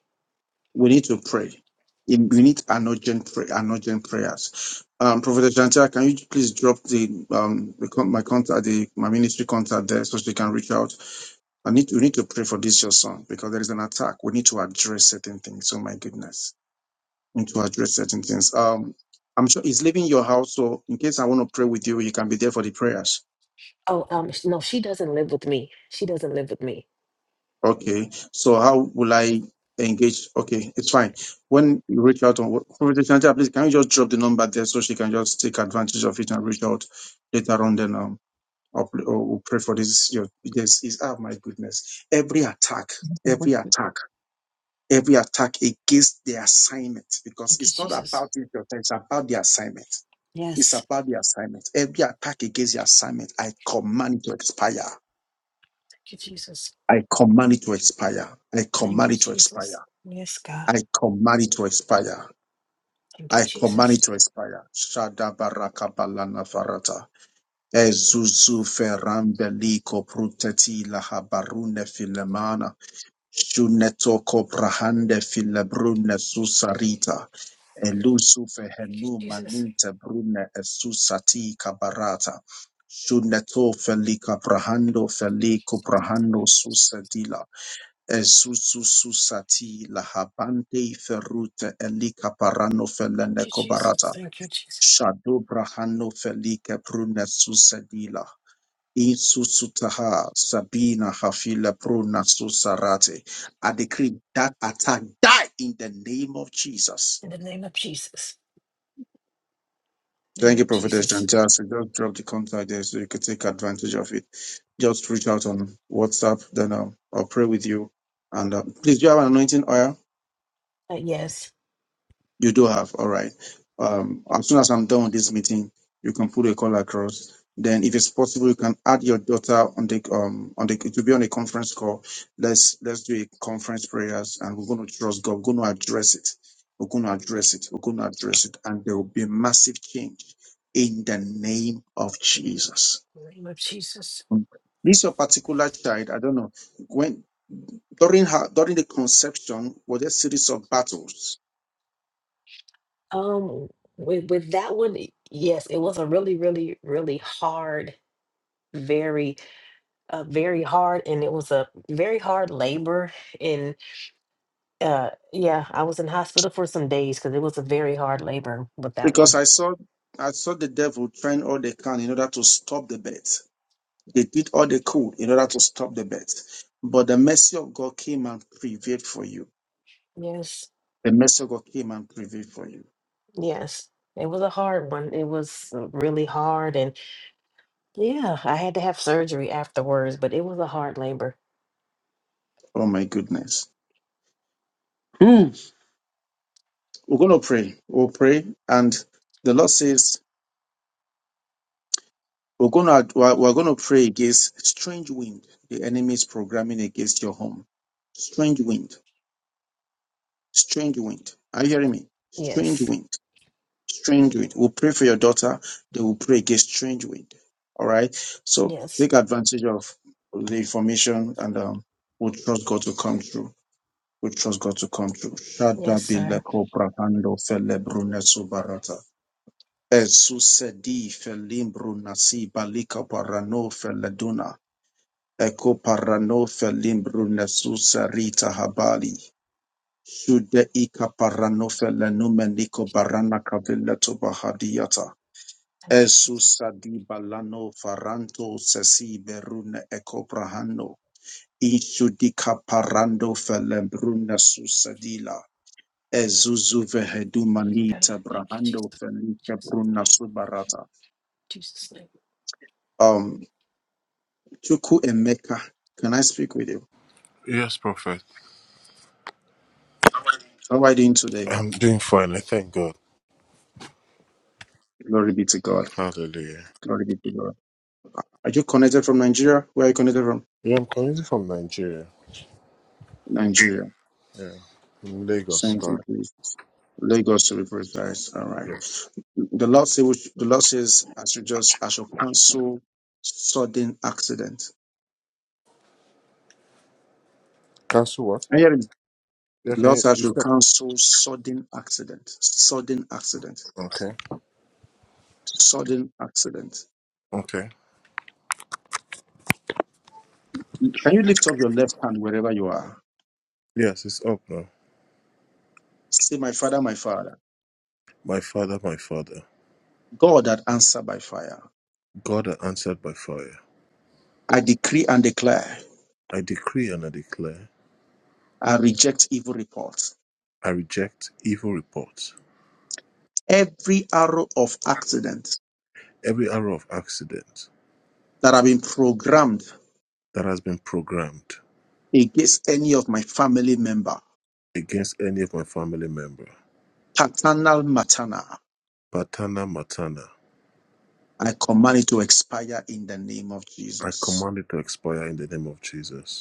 We need to pray. In- We need an urgent, pray, an urgent prayers. Um, Prophet Chantia, can you please drop the um the, con- my contact, the my ministry contact there, so she can reach out. I need we need to pray for this your son because there is an attack. We need to address certain things. Oh my goodness, we need to address certain things. Um, I'm sure he's leaving your house, so in case I want to pray with you, you can be there for the prayers.
Oh, um sh- no, she doesn't live with me. She doesn't live with me.
Okay, so how will I engage? Okay, it's fine. When you reach out on Prophet Shantia, please can you just drop the number there so she can just take advantage of it and reach out later on? Then um, I'll, pl- oh, we'll pray for this. Your this is oh my goodness, every attack, every attack, every attack against the assignment because
Thank you,
it's not
Jesus.
about it, your time, it's about the assignment. It's
Yes.
about the assignment. Every attack against the assignment, I command it to expire.
Thank you, Jesus.
I command it to expire. I
Thank
command
you,
it to expire.
Jesus. Yes, God.
I command it to expire.
Thank you,
I command
Jesus.
it to expire. Shada baraka balana farata. Ezuzu ferambeliko pruteti lahabarune filemana. Shuneto koprahande filebrune susarita. Elusu fehenu
Jesus.
manute brune esusati kabarata. Shuneto felika prahando feliko prahando susedila. Ezususu sati lahabante ferrute elika parano
Thank
felene
you, Jesus.
kobarata
Thank you, Jesus.
shado brahano felike prune susedila insusutaha sabina hafile pruna susarate. I decree that attack die in the name of Jesus.
In the name of Jesus.
Thank
Name
you,
of
Prophetess
Jesus.
Chantal. So Just drop the contact there so you can take advantage of it. Just reach out on WhatsApp, then um, I'll pray with you. And uh, please, do you have an anointing oil?
Uh, yes.
You do have, all right. Um, as soon as I'm done with this meeting, you can put a call across. Then, if it's possible, you can add your daughter on the um on the to be on a conference call. Let's let's do a conference prayers, and we're going to trust God. We're going to address it. We're going to address it. We're going to address it, and there will be a massive change in the name of Jesus.
In the Name of Jesus.
This your particular child, I don't know when during her during the conception were there series of battles
Um with with that one, yes, it was a really really really hard. very uh, very hard and it was a very hard labor and uh yeah i was in hospital for some days because it was a very hard labor with that
Because
one
I saw I saw the devil trying all they can in order to stop the birth. They did all they could in order to stop the birth. But the mercy of God came and prevailed for you.
yes
The mercy of God came and prevailed for you.
yes it was a hard one it was uh, really hard and yeah i had to have surgery afterwards but it was a hard labor
Oh my goodness. Hmm. We're gonna pray. We'll pray. And the Lord says we're gonna we're we're gonna pray against strange wind. The enemy is programming against your home. Strange wind. Strange wind. Are you hearing me? Strange
yes
wind strange wind. We'll pray for your daughter. They will pray against strange wind. All right. So
yes
take advantage of the information and um, we'll trust God to come through. We'll trust God to come through.
yes
Shada bile
sir
kopra fele brune subarata. Esu sedi felim bruna si balika parano fele duna. Eko parano felim brune su serita habali. Shude ika parano fele barana kavile
thank you jesus
Esusadiba lano faranto sesi beruna ekoprahano. Insudika parando felebruna susadila. Ezuzu
God,
vehedumanita
thank you
tabrahando
jesus
felike
jesus
bruna
name
subarata.
jesus name
Um, Chuku Emeka, can I speak with you?
Yes, Prophet.
How are you doing today?
I'm doing fine. I thank God.
Glory be to God.
Hallelujah.
Glory be to God. Are you connected from Nigeria? Where are you connected from?
Yeah, I'm coming from Nigeria.
Nigeria.
Yeah, from Lagos.
Thank you,
Sorry.
Jesus. Lagos to be precise. All right.
Yeah.
The Lord says, the Lord says, I should just, I shall cancel sudden accident.
Cancel what?
Can you hear me?
Yeah,
The
can
Lord
you?
says, I
Is
should
that,
cancel sudden accident, sudden accident,
okay.
sudden accident.
Okay.
Can you lift up your left hand wherever you are?
Yes, it's up now.
Say, my father, my father,
My father, my father,
God that answered by fire.
God I answered by fire.
I decree and declare,
I decree and I declare.
I reject evil reports.
I reject evil reports.
Every arrow of accident
Every arrow of accident
that have been programmed
that has been programmed
against any of my family member,
against any of my family member,
paternal, maternal.
Patana Matana,
I command it to expire in the name of
I
Jesus.
command it to expire in the name of Jesus.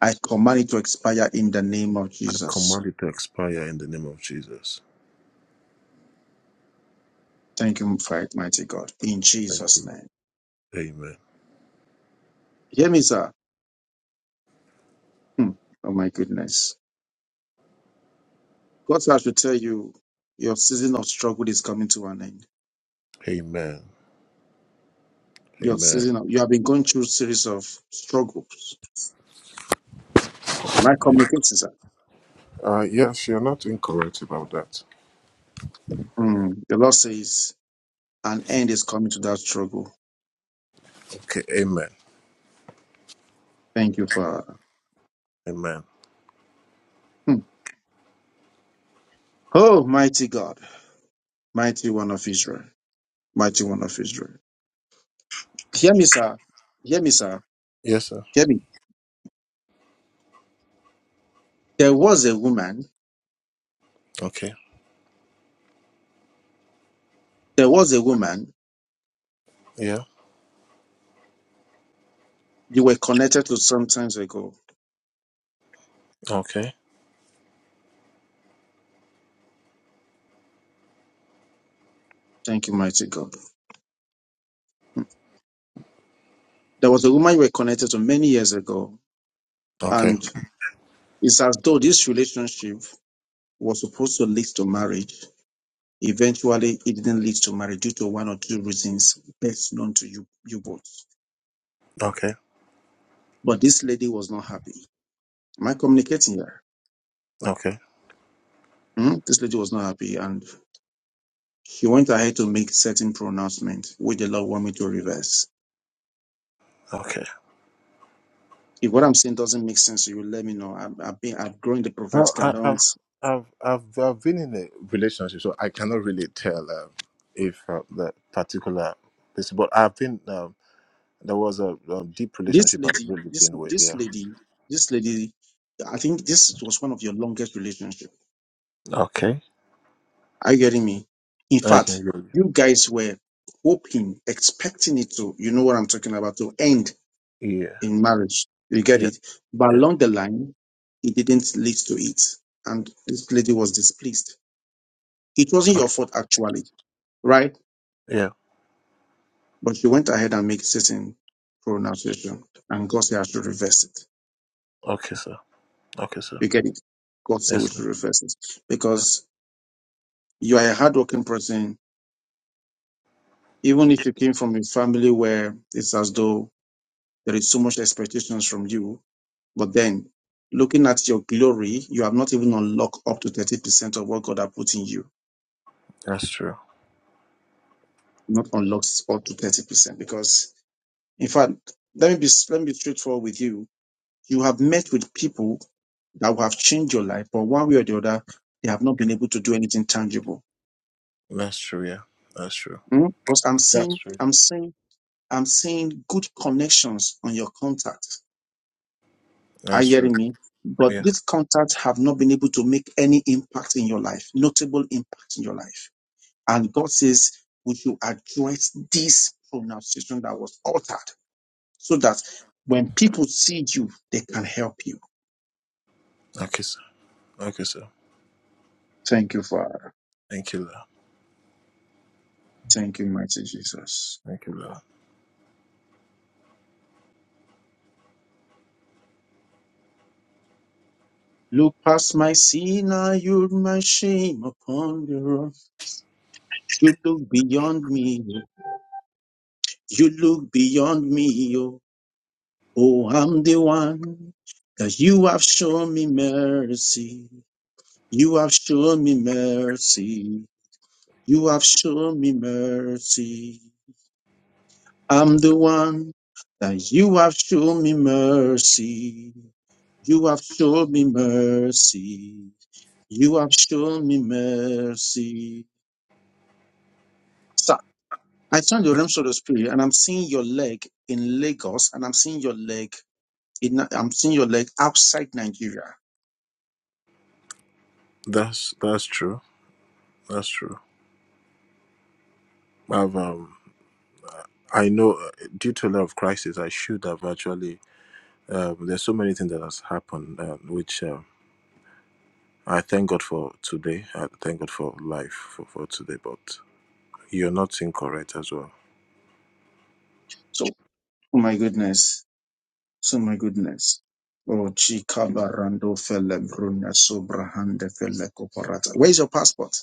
I command it to expire in the name of
I
Jesus.
command it to expire in the name of Jesus.
Thank you for it, mighty God. In
Thank
Jesus'
you. Lord.
name.
Amen.
Hear me, sir. Hmm. Oh my goodness. God I should tell you, your season of struggle is coming to an end.
Amen.
Your
Amen.
season of, you have been going through a series of struggles. My communication, sir.
Uh, yes, you're not incorrect about that.
Hmm. The Lord says an end is coming to that struggle.
Okay. Amen.
Thank you, Father.
Amen.
Hmm. Oh, mighty God, mighty one of Israel, mighty one of Israel. Hear me, sir. Hear me, sir.
Yes, sir.
Hear me. There was a woman.
Okay.
There was a woman
Yeah.
you were connected to some times ago.
Okay.
Thank you, mighty God. There was a woman you were connected to many years ago.
Okay.
And it's as though this relationship was supposed to lead to marriage. Eventually, it didn't lead to marriage due to one or two reasons best known to you, you both.
Okay.
But this lady was not happy. Am I communicating here?
Okay.
Hmm? This lady was not happy and she went ahead to make certain pronouncements which the Lord wanted me to reverse.
Okay.
If what I'm saying doesn't make sense to you, let me know. I've, I've been, I've grown the
Well,
prophetic. I
I, I've,
don't,
I've, I've, I've been in a relationship, so I cannot really tell um, if uh, that particular this, but I've been, um, there was a, um deep
this
relationship I've
lady,
really
this,
been with.
this
Yeah.
lady, this lady, I think this was one of your longest relationships.
Okay.
Are you getting me? In
I can
fact,
hear
you guys were hoping, expecting it to, you know what I'm talking about, to end
you. Yeah.
in marriage. You get
Yeah.
it? But
Yeah.
along the line, it didn't lead to it. And this lady was displeased. It wasn't your fault, actually, right?
Yeah.
But she went ahead and made certain pronunciation, and God said I should reverse it.
Okay, sir. Okay, sir.
You get it? God said
Yes,
we
sir.
should reverse it
That's,
because you are a hardworking person. Even if you came from a family where it's as though there is so much expectations from you, but then looking at your glory, you have not even unlocked up to 30% of what God has put in you.
that's true.
Not unlocked up to 30% because, in fact, let me be let me be straightforward with you You have met with people that will have changed your life, but one way or the other, they have not been able to do anything tangible.
That's true. Yeah. That's true.
Mm? Because I'm
That's
seeing,
true.
I'm seeing, I'm seeing good connections on your contact. Are
That's
you
true.
hearing me? But
Yeah.
these contacts have not been able to make any impact in your life, notable impact in your life. And God says, would you address this pronunciation that was altered so that when people see you, they can help you?
Okay, sir. Okay, sir.
Thank you, Father.
Thank you, Lord.
Thank you, mighty Jesus.
Thank you, Lord.
Look past my sin, I yield my shame upon the rock. You look beyond me, you look beyond me, oh, oh I'm the one that you have shown me mercy. You have shown me mercy. You have shown me mercy. I'm the one that you have shown me mercy. You have shown me mercy. You have shown me mercy. I turned the realms of the spirit and I'm seeing your leg in Lagos and I'm seeing your leg in I'm seeing your leg outside Nigeria.
That's that's true. That's true. I've um, I know uh, due to a lot of crisis, I should have actually. Um, there's so many things that has happened, uh, which um, I thank God for today. I thank God for life for, for today. But you're not incorrect as well.
So oh my goodness. So my goodness. Oh Chikabarando Fele Bruna Sobrahande Fele Koparata. Where's your passport?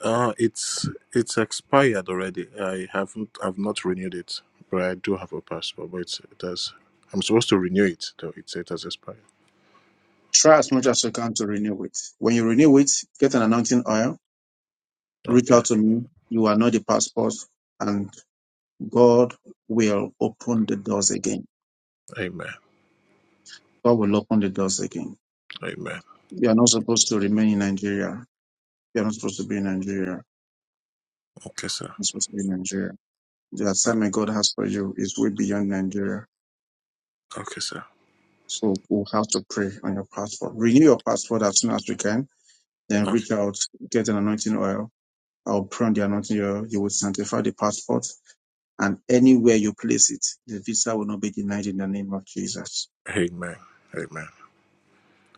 Uh, it's it's expired already. I haven't I've not renewed it, but I do have a passport. But it's, it has I'm supposed to renew it though. It's it has expired.
Try as much as you can to renew it. When you renew it, get an anointing oil, reach
Okay.
out to me. You are not the passport, and God will open the doors again.
Amen.
God will open the doors again.
Amen.
You are not supposed to remain in Nigeria You're not supposed to be in Nigeria.
Okay, sir.
You're supposed to be in Nigeria. The
O-
assignment God has for you is way beyond Nigeria.
Okay, sir.
So we'll have to pray on your passport. Renew your passport as soon as we can. Then
Okay.
reach out, get an anointing oil. I'll pray on the anointing oil. You will sanctify the passport. And anywhere you place it, the visa will not be denied in the name of Jesus.
Amen. Amen.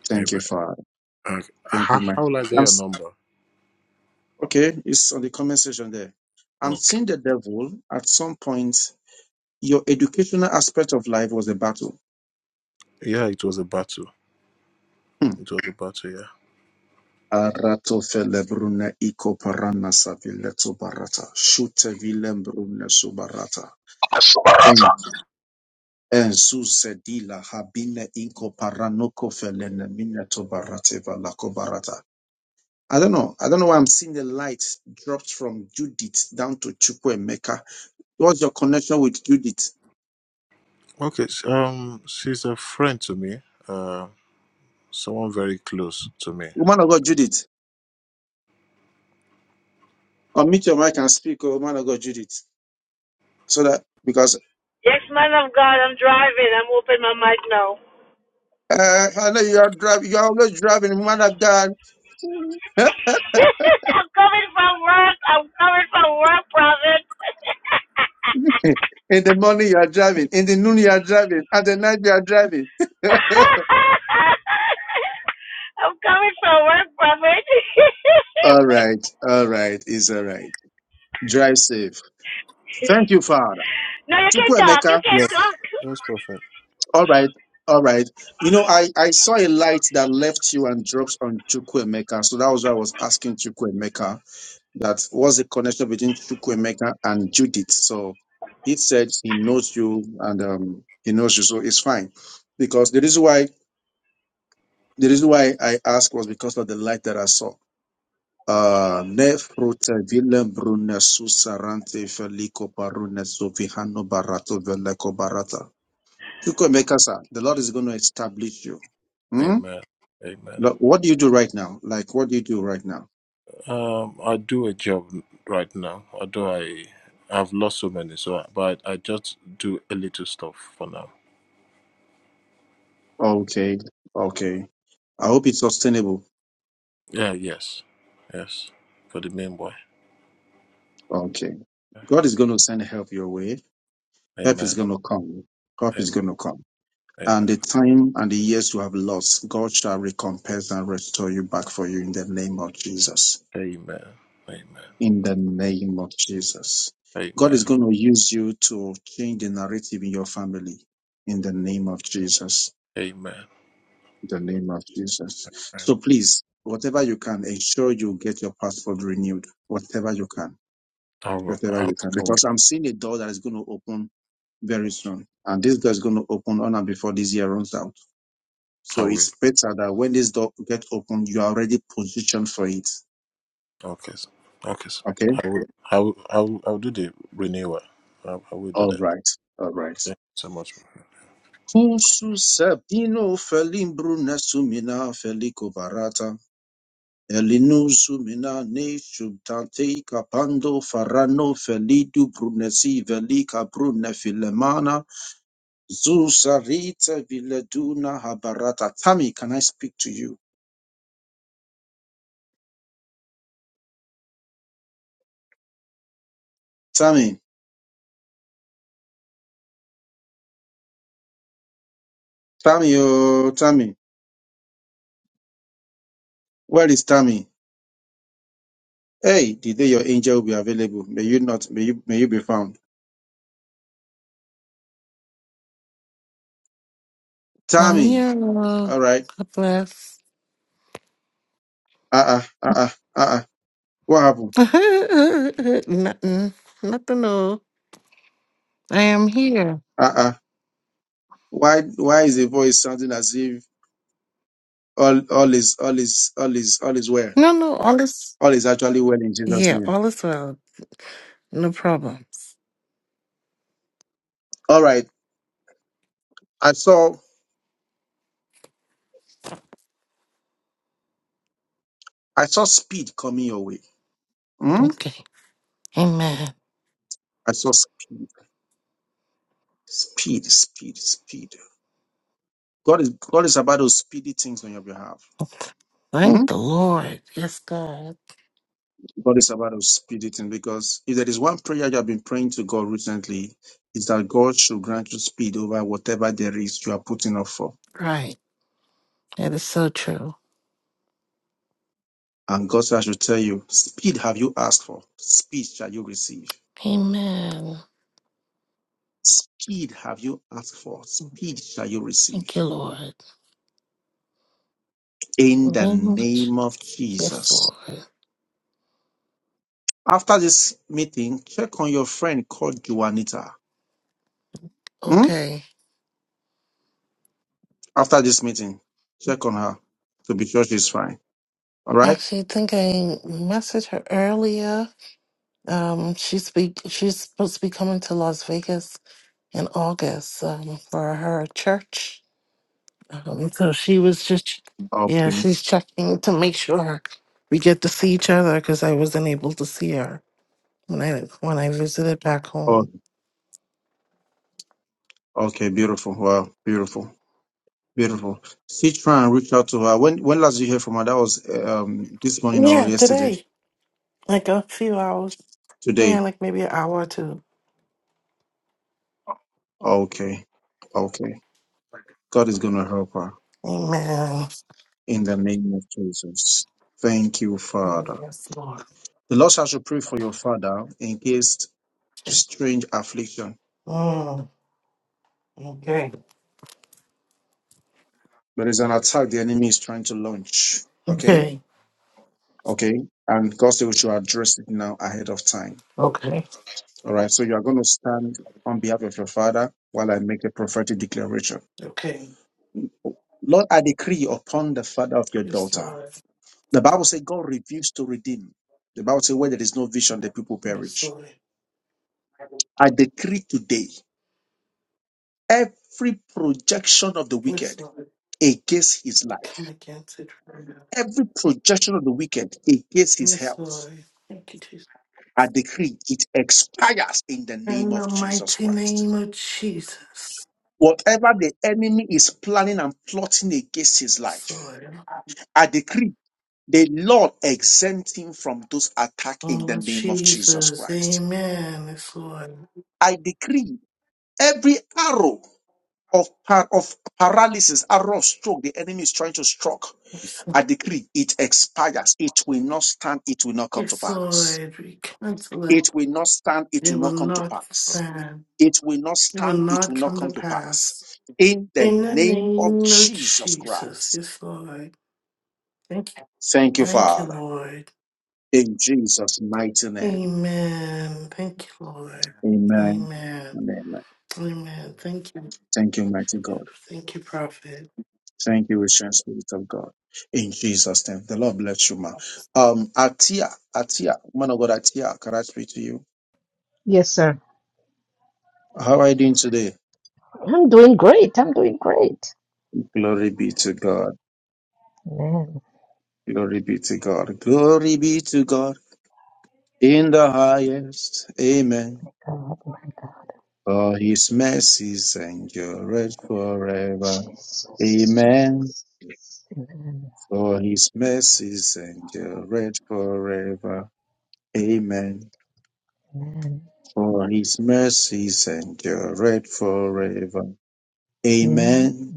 Thank you,
Amen.
Father.
Okay.
Thank you,
How
Mike.
how will I get
I'm,
your
s-
number?
okay, it's on the comment section there. I'm
Okay.
seeing the devil at some point. Your educational aspect of life was a battle.
Yeah, it was a battle.
Hmm.
It was a battle. Yeah.
Arato felebrune iko parana savile barata. Shute vilembrune subarata.
Yes,
En, en susedila habine inko paranoko felene mine tobarate valako barata. I don't know. I don't know why I'm seeing the light dropped from Judith down to Chukwemeka. What's your connection with Judith?
Okay. s- Um, she's a friend to me. Uh, someone very close to me.
Woman of God, Judith. Unmute your mic and speak, oh, woman of God, Judith. So that, because
Yes, man of God, I'm driving. I'm opening my mic now.
uh, I know you are driving, you are always driving, woman of God.
I'm coming from work. I'm coming from work, prophet.
In the morning you are driving. In the noon you are driving. At the night you are driving.
I'm coming from work, prophet.
all right. All right. It's all right. Drive safe. Thank you, Father.
no, you can talk. You
Chukwemeka.
can
Yes.
talk.
Yes, prophet.
All right. All right. You know, I, I saw a light that left you and drops on Chukwemeka. So that was why I was asking Chukwemeka that what's the connection between Chukwemeka and Judith. So he said he knows you and um, he knows you. So it's fine. Because the reason why the reason why I asked was because of the light that I saw Uh, ne frute vile brune susarante feliko parune sofihano barato veleko barata. Chukwemekasa, the Lord is going to establish you. Hmm?
Amen. Amen.
Lo- What do you do right now? Like, what do you do right now?
Um, I do a job right now, although I I've lost so many, so I, but I just do a little stuff for now.
Okay, okay. I hope it's sustainable.
Yeah, yes, yes, for the main boy.
Okay. God is going to send help your way. Help is
Amen.
going to come. Help is
Amen.
going to come.
Amen.
And the time and the years you have lost, God shall recompense and restore you back for you in the name of Jesus.
Amen. Amen.
in the name of Jesus. God is
Amen.
going to use you to change the narrative in your family in the name of Jesus.
Amen.
In the name of Jesus. So please, whatever you can, ensure you get your passport renewed. Whatever you can.
I will.
Whatever
I
you can.
I will.
Because I'm seeing a door that is going to open very soon. And this door is going to open on and before this year runs out. So
I will.
it's better that when this door gets open, you are already positioned for it.
Okay. sir. Okay. sir.
Okay?
I will. I will. I will, I will do the renewal. I, I will do
All
that.
right. All right.
Thank you so much.
Kusu Sabino felimbruna sumina felico barata. Elinu sumina ne shubtante capando farano felidu brunesi velica brune filemana. Zusarita vileduna habarata. Tammy, can I speak to you? Tammy, Tammy, oh, Tammy. Where is Tammy? Hey, the day your angel will be available. May you not, may you, may you be found.
I'm
Tammy.
here. uh,
All right.
God bless.
Uh-uh, uh-uh, uh-uh. What happened?
nothing, nothing new. I am here.
Uh-uh. Why why is the voice sounding as if all all is all is all is all is well?
No, no, all is
All is actually well in Jesus'
yeah,
name.
all is well. No problems.
All right. I saw I saw speed coming your way. Hmm?
Okay, Amen.
I saw speed. Speed, speed, speed. God is God is about those speedy things on your behalf. Hmm?
Thank the Lord. Yes, God.
God is about those speedy things because if there is one prayer you have been praying to God recently, is that God should grant you speed over whatever there is you are putting up for.
Right, that is so true.
And God said, I should tell you, speed have you asked for, speed shall you receive.
Amen.
Speed have you asked for, speed shall you receive.
Thank you, Lord.
In
In the
the
name of
name of
Jesus. Yes,
Jesus.
Lord.
After this meeting, check on your friend called Juanita. Hmm?
Okay.
After this meeting, check on her to be sure she's fine. All right?
Actually, I think I messaged her earlier. Um, she's be she's supposed to be coming to Las Vegas in August um, for her church. Um, so she was just, yeah,
Okay.
she's checking to make sure we get to see each other because I wasn't able to see her when I when I visited back
Oh,
home.
okay. Beautiful. Wow. Beautiful. Beautiful. See, try and reach out to her. When when last you hear from her? That was um this morning or
Yeah,
yesterday?
today, like a few hours. Yeah,
Today.
like maybe an hour or two.
Okay. Okay. God is gonna help her.
Amen.
in the name of Jesus. Thank you, Father.
Yes, Lord.
The Lord shall pray for your father in case strange affliction.
Mm, okay.
There is an attack the enemy is trying to launch. Okay?
Okay.
Okay. And God said we should address it now ahead of time.
Okay.
All right. So you are going to stand on behalf of your father while I make a prophetic declaration.
Okay.
Lord, I decree upon the father of your
Yes,
daughter.
Lord.
The Bible says God refused to redeem. The Bible says where there is no vision, the people
Yes,
perish.
Lord.
I decree today every projection of the
Yes,
wicked
Lord.
against his
We
life,
Come against it right now.
every projection of the wicked against his
Yes,
health,
Lord. Thank you, Jesus.
I decree it expires in the name
In
of
the
Jesus
mighty
Christ.
name of Jesus.
Whatever the enemy is planning and plotting against his
Yes,
life,
Lord.
I decree the Lord exempt him from those attack in the
Oh,
name of Jesus
Jesus.
Christ.
Amen. Yes, Lord.
I decree every arrow of, par- of paralysis, arrow of stroke the enemy is trying to stroke
Yes,
I decree it expires. It will not stand. It will not come to
yes,
pass.
Lord. We cancel it.
It will not stand. It
It
will
will
not come to
not
pass.
stand.
It will not
It will
stand. It
not
will not
come to
come to pass.
pass.
In the
In the
name of
name of
Jesus
Jesus.
Christ.
Yes, Lord. Thank you.
Thank you,
Thank you,
Father.
Lord.
In Jesus' mighty name.
Amen. Thank you, Lord.
Amen.
Amen.
and Amen.
Amen. Thank you.
Thank you, mighty God.
Thank you, Prophet.
Thank you, ancient spirit of God. In Jesus' name. The Lord bless you, man. Um, Atia, Atia, man of God, Atia, can I speak to you?
Yes, sir.
How are you doing today?
I'm doing great. I'm doing great.
Glory be to God.
Man,
Glory be to God. Glory be to God in the highest. Amen.
God, my God.
For his mercies endureth forever.
Jesus,
Amen.
Jesus. Amen.
For his mercies endureth forever. Amen.
Amen.
For his mercies endureth forever.
Amen.
Amen.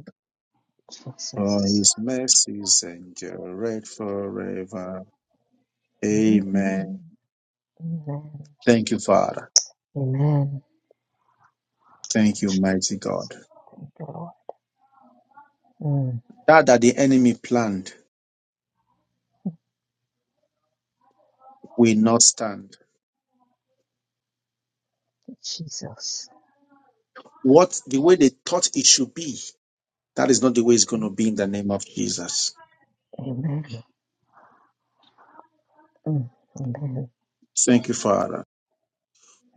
For
Jesus.
his mercies endureth forever.
Amen.
Amen.
Amen.
Thank you, Father.
Amen.
Thank you,
Jesus.
mighty God.
Thank you, Lord. Mm.
That that the enemy planned will not stand.
Jesus.
What the way they thought it should be, that is not the way it's going to
Mm.
be in the name of Jesus.
Amen. Mm. Amen.
Thank you, Father.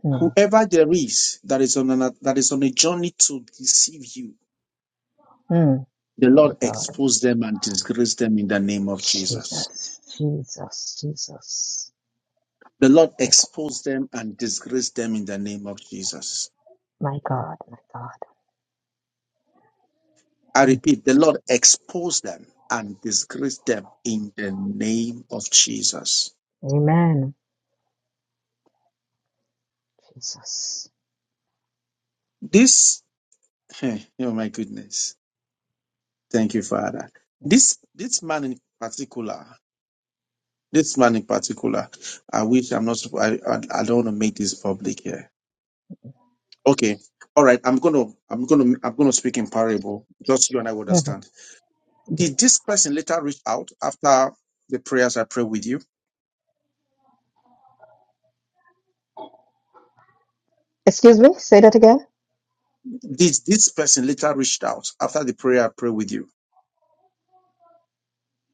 Mm.
Whoever there is that is on an, that is on a journey to deceive you,
Mm.
the
My
Lord
God.
expose them and disgrace them in the name of Jesus.
Jesus. Jesus. Jesus.
The Lord
My God.
expose them and disgrace them in the name of Jesus.
My God. My God.
I
Mm.
repeat, the Lord expose them and disgrace them in the name of Jesus.
Amen. Jesus.
This, oh my goodness Thank you, Father. This this man in particular, this man in particular, I wish I'm not. supp- I I, I don't want to make this public here. Okay, all right. I'm gonna I'm gonna I'm gonna speak in parable. Just so you and I will
Mhm.
understand. Did this person later reach out after the prayers I pray with you?
Excuse me. Say that again.
Did this person later reached out after the prayer I pray with you?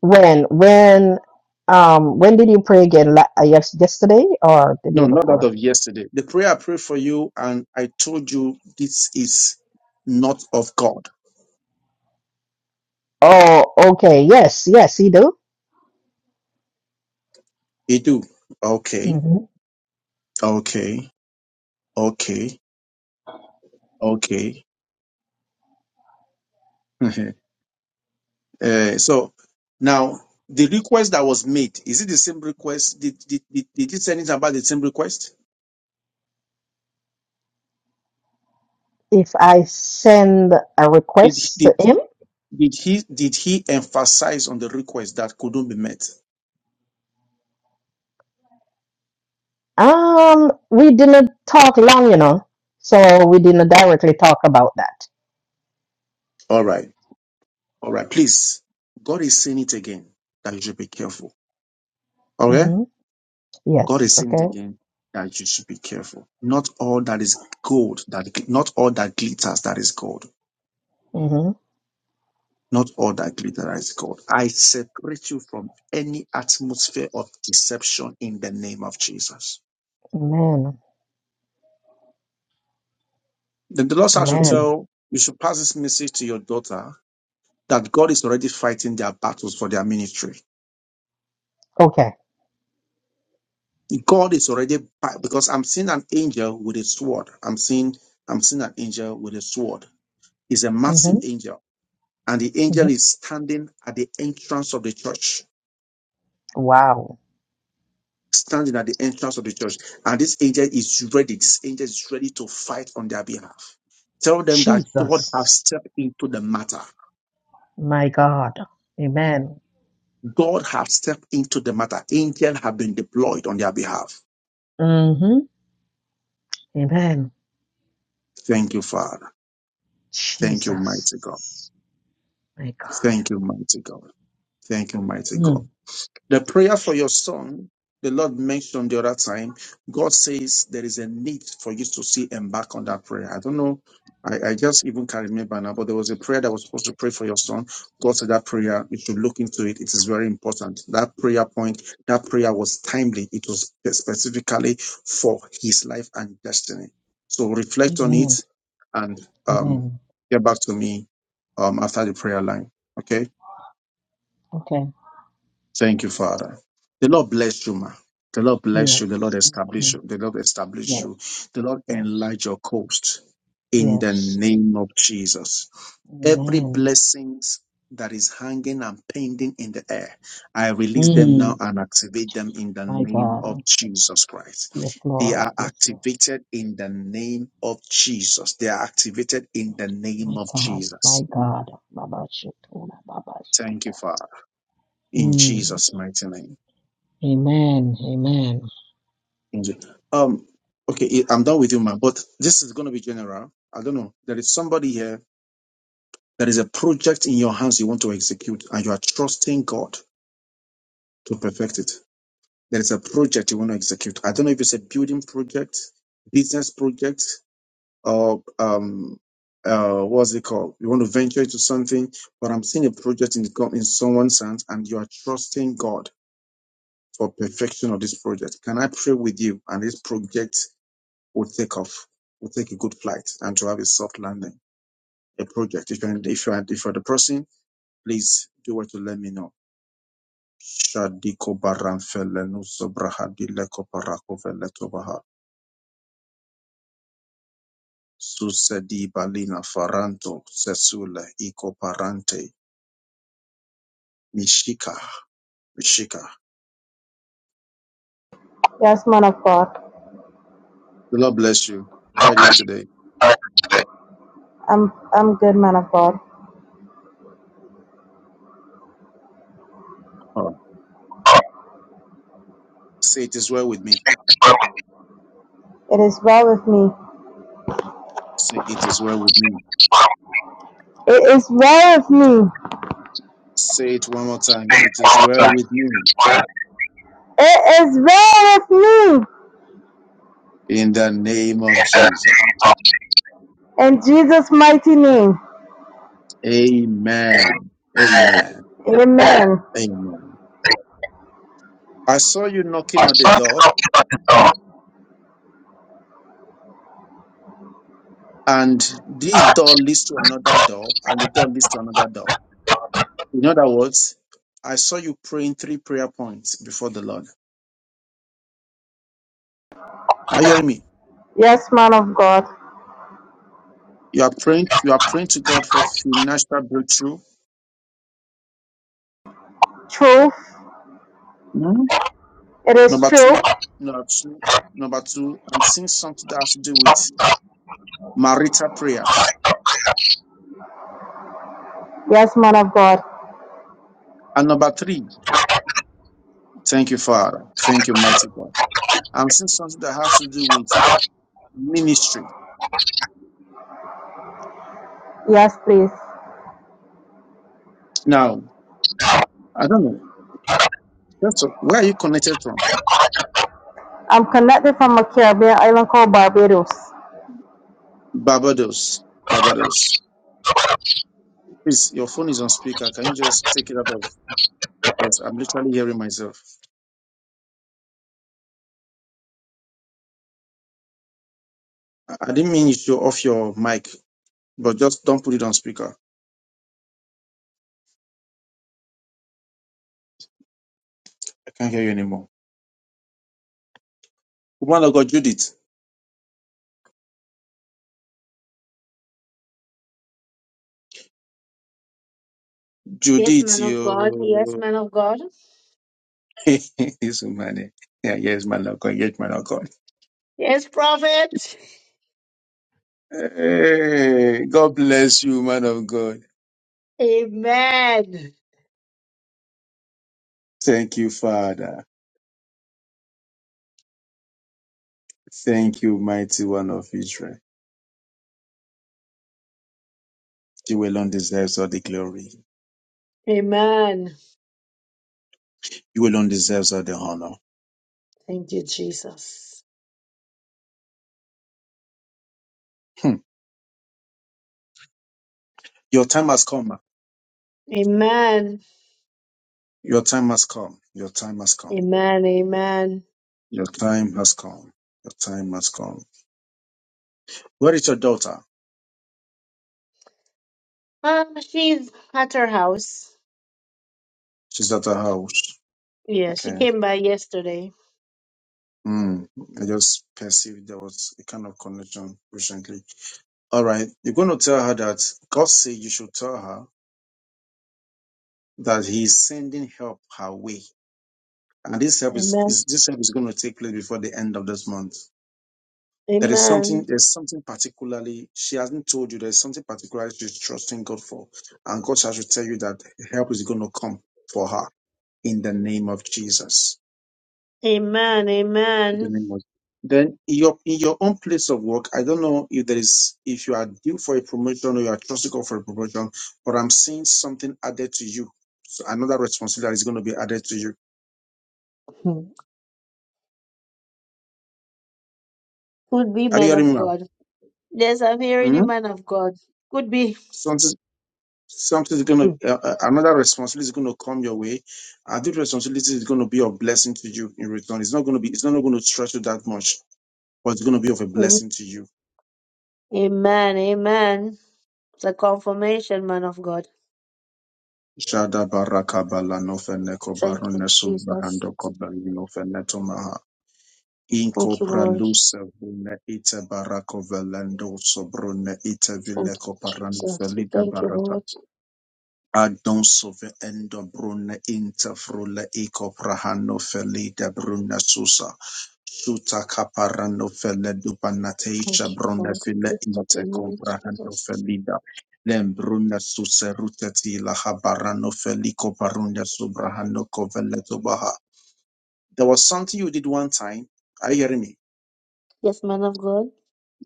When? When? Um. When did you pray again? La- uh, yes, yesterday or the
No,
day
not that
before?
of yesterday. The prayer I prayed for you, and I told you this is not of God.
Oh. Okay. Yes. Yes. He do.
You do. Okay.
hmm
Okay. Okay, okay. Mhm. uh, so now the request that was made is it the same request? Did did did, did he say anything about the same request?
If I send a
Did
request
did
to him,
did he did he emphasize on the request that couldn't be met?
um, we didn't talk long, you know, so we didn't directly talk about that.
All right, all right. Please, God is saying it again that you should be careful. All right,
hmm
God
Yes.
is saying it
Okay.
again that you should be careful. Not all that is gold that not all that glitters that is gold.
hmm
Not all that glitter is gold. I separate you from any atmosphere of deception in the name of Jesus.
Amen.
Then the Lord shall
Amen.
tell you should pass this message to your daughter that God is already fighting their battles for their ministry.
Okay.
God is already fi- because I'm seeing an angel with a sword. I'm seeing I'm seeing an angel with a sword. He's a
hmm
massive angel, and the angel
hmm
is standing at the entrance of the church
Wow.
standing at the entrance of the church. And this angel is ready. This angel is ready to fight on their behalf. Tell them that God
Jesus.
has stepped into the matter.
My God. Amen.
God has stepped into the matter. Angels have been deployed on their behalf.
Mm-hmm. Amen.
Thank you, Father. Thank you, mighty God.
Jesus. My God.
Thank you, mighty God. Thank you, mighty God.
Mm.
The prayer for your son, the Lord mentioned the other time, God says there is a need for you to see and back on that prayer. I don't know. I, I just even can't remember now, but there was a prayer that was supposed to pray for your son. God said that prayer, you should look into it. It is very important. That prayer point, that prayer was timely. It was specifically for his life and destiny. So reflect on
Amen.
it and um,
Amen.
get back to me um, after the prayer line. Okay.
Okay.
Thank you, Father. The Lord bless you, ma. The Lord bless you. The Lord
Yes. Okay.
establish you. The Lord establish
Yes.
you. The Lord
Yes.
enlarge your coast in the
Yes.
name of Jesus. Every
Amen.
blessings that is hanging and pending in the air, I release them now
Mm.
and activate them in the
My
name of
God.
Jesus Christ.
Yes,
They
Lord.
are
Yes, Lord.
activated in the name of Jesus. They are activated in the name
My
of
God.
Jesus.
My God. Baba Shetona Baba
Thank you,
Shata.
Father. In
Mm.
Jesus' mighty name.
Amen. Amen.
Indeed. Um, okay, I- I'm done with you, man. But this is going to be general. I don't know. There is somebody here. There is a project in your hands you want to execute, and you are trusting God to perfect it. There is a project you want to execute. I don't know if it's a building project, business project, or um, uh, what's it called? You want to venture into something, but I'm seeing a project in God in someone's hands, and you are trusting God for perfection of this project. Can I pray with you and this project? would take off, would take a good flight and to have a soft landing, a project. If you're, if you're, if you're the person, please do what to let me know. Shadiko baranfele nuso brahadi leko parako vele tobaha. Susedi balina faranto sesule iko parante. Mishika, Mishika.
Yes, man of God.
The Lord bless you. How are
God
you doing
bless you.
today?
How today? I'm I'm good, man of God.
Oh, say it is well with me.
Well, It is well with me.
Say it is well with me.
It is well with me.
Say it one more time. It is well with me.
well. It is well with me.
In the name of Jesus.
In Jesus' mighty name.
Amen. Amen.
Amen.
Amen. I saw you knocking on the door, and this door leads to another door, and the door leads to another door. In other words, I saw you praying three prayer points before the Lord. Are you hearing me?
Yes, man of God.
You are praying. You are praying to God for financial breakthrough.
Truth.
Mhm.
It is
Number
true.
two. Number two. Number two. I'm seeing something that has to do with marital prayers.
Yes, man of God.
And number three. Thank you, Father. Thank you, mighty God. I'm seeing something that has to do with ministry.
Yes, please.
Now, I don't know. That's a- where are you connected from?
I'm connected from a Caribbean island called Barbados.
Barbados. Barbados. Please, your phone is on speaker. Can you just take it out of because I'm literally hearing myself. I, I didn't mean you should off your mic, but just don't put it on speaker. I can't hear you anymore. Woman of God, Judith.
Yes,
Judith,
man of God. Yes,
you.
man of God.
This woman. eh? Yeah, yes, man of God. Yes, man of God.
Yes, prophet.
Hey, God bless you, man of God.
Amen.
Thank you, Father. Thank you, mighty one of Israel. You alone deserves all the glory.
Amen.
You alone deserves all the honor.
Thank you, Jesus.
Hmm. Your time has come. ma.
Amen.
Your time has come. Your time has come.
Amen. Amen.
Your time has come. Your time has come. Where is your daughter?
Um, she's at her house.
She's at her house.
Yeah, she
Okay.
came by yesterday.
Hmm. I just perceived there was a kind of connection recently. All right. You're going to tell her that God said you should tell her that He's sending help her way. And this help is,
Amen.
is this help is going to take place before the end of this month. There is something,
Amen.
there's something particularly she hasn't told you. There's something particularly she's trusting God for. And God shall tell you that help is going to come for her in the name of Jesus.
Amen.
In
Amen.
the name of then in your in your own place of work, I don't know if there is if you are due for a promotion or you are trusting God for a promotion, but I'm seeing something added to you. So another responsibility is going to be added to you.
Hmm. Could be
Are you
man
hearing
of
me now?
God. Yes, I'm hearing you,
Mhm.
man of God. Could be.
Something Something is going
Hmm.
to, uh, uh, another responsibility is going to come your way. And this responsibility is going to be of blessing to you in return. It's not going to be, it's not going to stretch you that much, but it's going to be of a
Hmm.
blessing to you.
Amen. Amen. It's a confirmation, man of God.
Shada baraka bala nofene
Thank
kobaro
you,
nesu
Jesus.
bahando kobali nofene tomaha.
Thank
Inko
you, Lord.
pralusa vune ite barako velendo sobrone ite
Thank
vile
you,
koparan
Jesus. We
felita
Thank you,
barata.
Lord.
Adon sove endo bruna inta frula eco prahano felida bruna susa. Suta caparano fele
Thank
dupanateisha
you,
bruna
Lord. We
file
lift up your
inta
name,
comprahano
Jesus.
felida. Lem bruna susa rutati la habarano felico parunda subrahano coveleto baha. There was something you did one time. Are you hearing me?
Yes, man of God.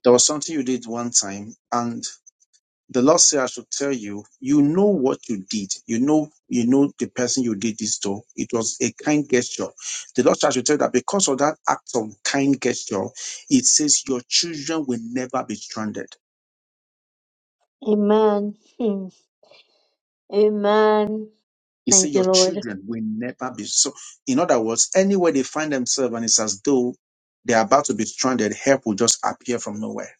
There was something you did one time and. The Lord said, I should tell you, you know what you did. You know, you know the person you did this to. It was a kind gesture. The Lord said, I should tell you that because of that act of kind gesture, it says your children will never be stranded.
Amen. Hmm. Amen.
It says
Thank you,
your
Lord.
children will never be so. In other words, anywhere they find themselves and it's as though they are about to be stranded, help will just appear from nowhere.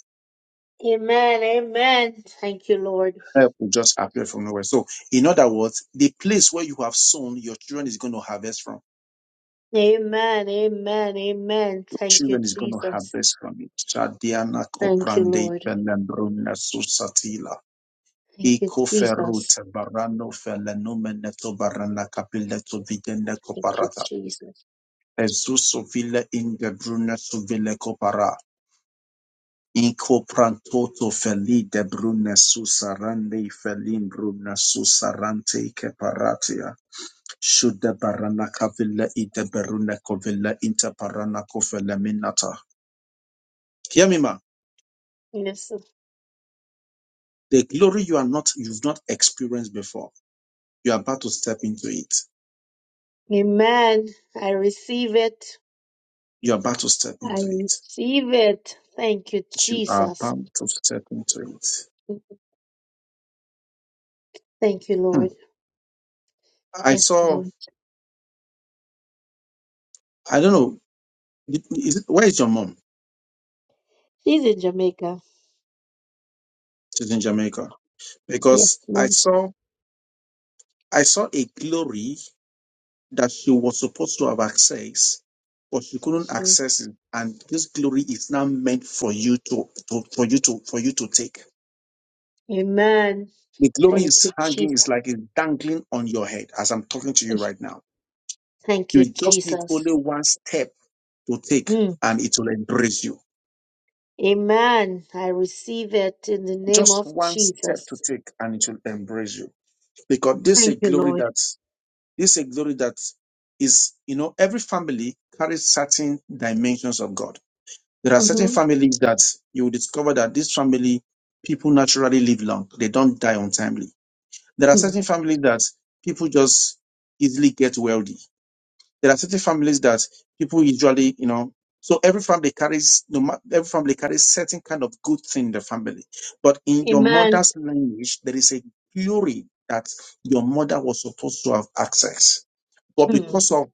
Amen. Amen. Thank you, Lord.
Help will just appear from nowhere. So, in other words, the place where you have sown, your children is going to harvest from.
Amen. Amen. Amen. Thank you,
Children is going to have
Jesus.
this from it. Shadiana
Thank you,
koprande
Lord.
pelembruna susatila.
Thank you,
Iko
Jesus.
ferute barano felenomene to barana kapile to vigende
Thank you,
koparata.
Jesus.
Ezuso vile ingebrune suvile kopara. Inko prantoto feli de brune susarande felin brune susarante keparatia. Shude barana kavile ide berune kovile inte parana kofele minata. Hear me, ma.
Yes.
The glory you are not, you've not experienced before. You're about to step into it.
Amen. I receive it.
You're about to step
I
into it.
receive it. Thank you,
You are
Jesus.
about to step into it.
Thank you,
Hmm.
Lord.
I
Yes,
saw,
Lord.
I don't know, is it, where is your mom?
She's in Jamaica.
She's in Jamaica.
Yes,
Because I
Lord.
saw, I saw a glory that she was supposed to have accessed, but she couldn't
Mm.
access it. And this glory is now meant for you to, to for you to, for you to take.
Amen.
The glory
Thank
is
you,
hanging, it's
Jesus.
like it's dangling on your head as I'm talking to you right now
Thank
You
you,
just need
Jesus.
only one step to take
Hmm.
and it will embrace you.
Amen. I receive it in the name
Just
of
one step to
Jesus.
take and it will embrace you. Because this is
Thank
a
you,
glory
Lord.
that, this is a glory that is, you know, every family carries certain dimensions of God. There are certain
Mm-hmm.
families that you will discover that this family, people naturally live long. They don't die untimely. There are
hmm
certain families that people just easily get wealthy There are certain families that people usually, you know, so every family carries no matter every family carries certain kind of good thing in the family. But in your
Amen.
mother's lineage, there is a glory that your mother was supposed to have access. But
Hmm.
because of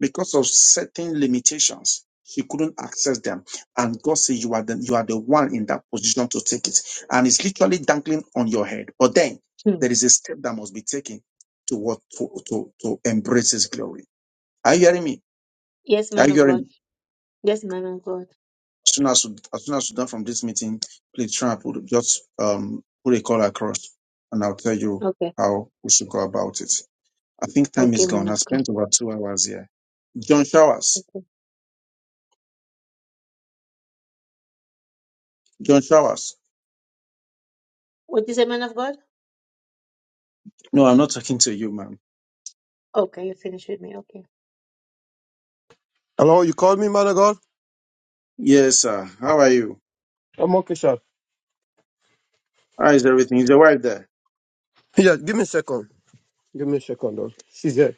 because of certain limitations, she couldn't access them. And God said, You are the you are the one in that position to take it. And it's literally dangling on your head. But then
Hmm.
there is a step that must be taken to what to, to, to embrace his glory. Are you hearing me?
Yes,
i
man
you
of God.
hearing?
Yes, man of God.
As soon as, as soon as we are done from this meeting, please try and put, just um, put a call across, and I'll tell you
Okay.
how we should go about it. I think time is
Okay, man
gone. I
of God.
spent over two hours here. John Showers.
Okay.
John Showers.
What is a man of God?
No, I'm not talking to you, ma'am.
Okay, you finish with me. Okay.
Hello, you called me, man of God?
Yes, sir. How are you?
I'm okay, sir.
How is everything? Is your wife there?
Yeah, give me a second. Give me a second, though. She's here.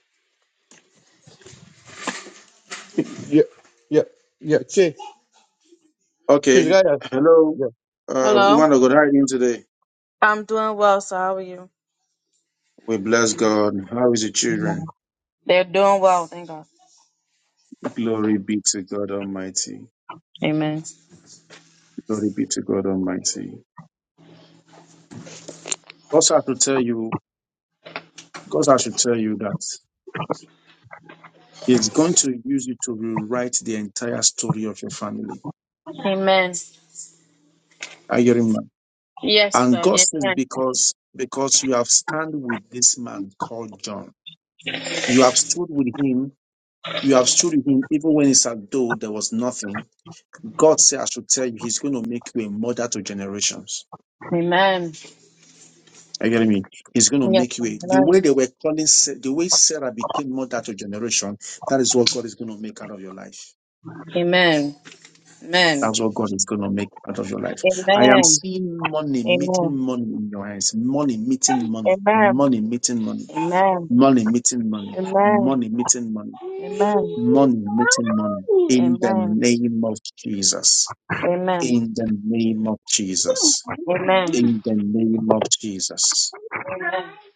Yeah, yeah, yeah. She, she's
Okay.
right here.
Hello.
Yeah.
Uh, we
Hello.
want to go right in today.
I'm doing well, so how are you?
We bless God. How is the children?
They're doing well, thank God.
Glory be to God Almighty.
Amen.
Glory be to God Almighty. Also, I have to tell you Because I should tell you that he's going to use you to rewrite the entire story of your family.
Amen.
Are you hearing me?
Yes,
And
sir.
God says,
Amen.
because because you have stand with this man called John. You have stood with him. You have stood with him even when it's as though there was nothing. God said, I should tell you, he's going to make you a mother to generations.
Amen.
Are you getting me? He's going to
Yes,
make you
sir.
a, the way
Amen.
they were calling, Sa- the way Sarah became mother to generation, that is what God is going to make out of your life.
Amen.
That's what God is going to make out of your life.
Amen.
I am
Amen.
seeing money meeting money in your eyes. Money meeting money.
Amen.
Money meeting money.
Amen.
Money meeting money.
Amen.
Money meeting money.
Amen.
Money meeting money.
Amen.
In the
Amen.
name of Jesus.
Amen.
In the name of Jesus.
Amen.
In the name of Jesus.
Amen.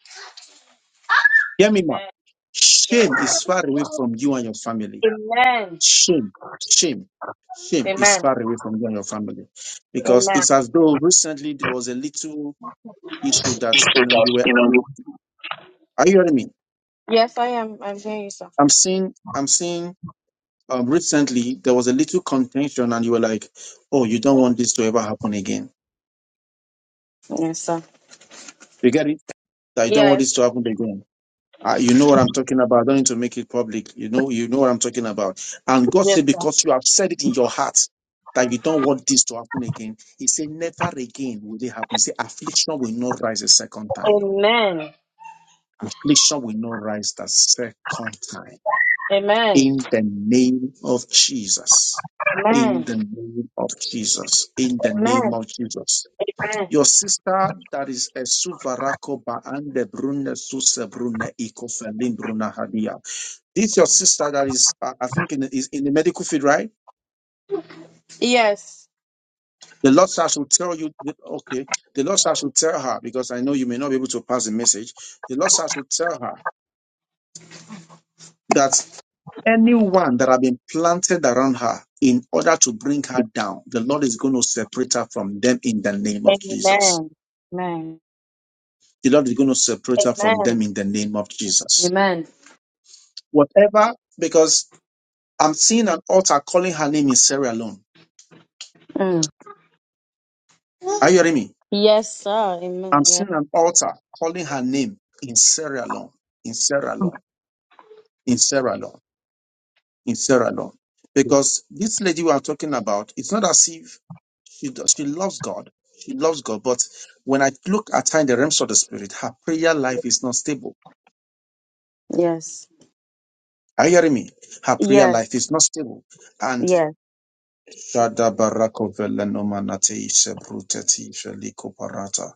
Hear me, ma. Shame is far away from you and your family.
Amen.
Shame, shame, shame is
Amen.
far away from you and your family because
Amen.
it's as though recently there was a little issue that
If
you know you
that,
were
you know, you-
you are you hearing me?
Yes, I am. I'm hearing you, sir.
I'm seeing I'm seeing um recently there was a little contention and you were like, oh, you don't want this to ever happen again.
Yes, sir.
You get it? That you don't want
Yes.
this to happen again. Uh, you know what I'm talking about. I don't need to make it public. You know, you know what I'm talking about. And God
Yes,
said,
sir.
because you have said it in your heart that you don't want this to happen again. He said, never again will it happen. He said, affliction will not rise a second time.
Amen.
Affliction will not rise the second time
Amen.
in the name of Jesus. In
Amen.
the name of Jesus. In the name
Amen.
of Jesus.
Amen.
Your sister that is a suvarako baande brune suse brune ikofelin bruna hadia. This your sister that is, uh, I think, in the, is in the medical field, right?
Yes.
The Lord shall shall tell you, that- okay, the Lord shall shall tell her, because I know you may not be able to pass the message. The Lord shall shall tell her that Anyone that have been planted around her in order to bring her down, the Lord is going to separate her from them in the name of Jesus.
Amen. Amen.
The Lord is going to separate her from them
Amen.
in the name of Jesus.
Amen.
Whatever, because I'm seeing an altar calling her name in Sierra Leone.
Mm.
Are you hearing me?
Yes, sir.
I'm
Amen. Yes.
seeing an altar calling her name in Sierra Leone, in Sierra Leone, in Sierra Leone. in Sierra Leone. Because this lady we are talking about, it's not as if she does, she loves God. She loves God, but when I look at her in the realms of the spirit, her prayer life is not stable.
Yes.
Are you hearing me? Her prayer
Yes.
life is not stable. And
Yes.
Shada barako vele sebruteti feliko parata.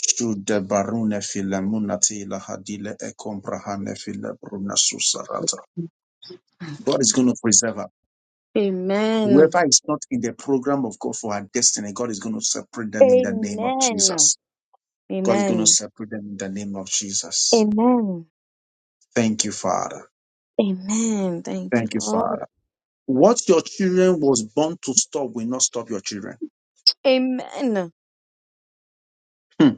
Shude barune file munate ilahadile file bruna susarata. God is going to preserve her.
Amen.
Whoever is not in the program of God for our destiny, God is going to separate them in the name of
Amen.
Jesus. God is going to
Amen.
separate them in the name of Jesus.
Amen.
Thank you, Father.
Amen. Thank you,
Thank you,
Lord.
Father. What your children was born to stop will not stop your children.
Amen.
Hmm.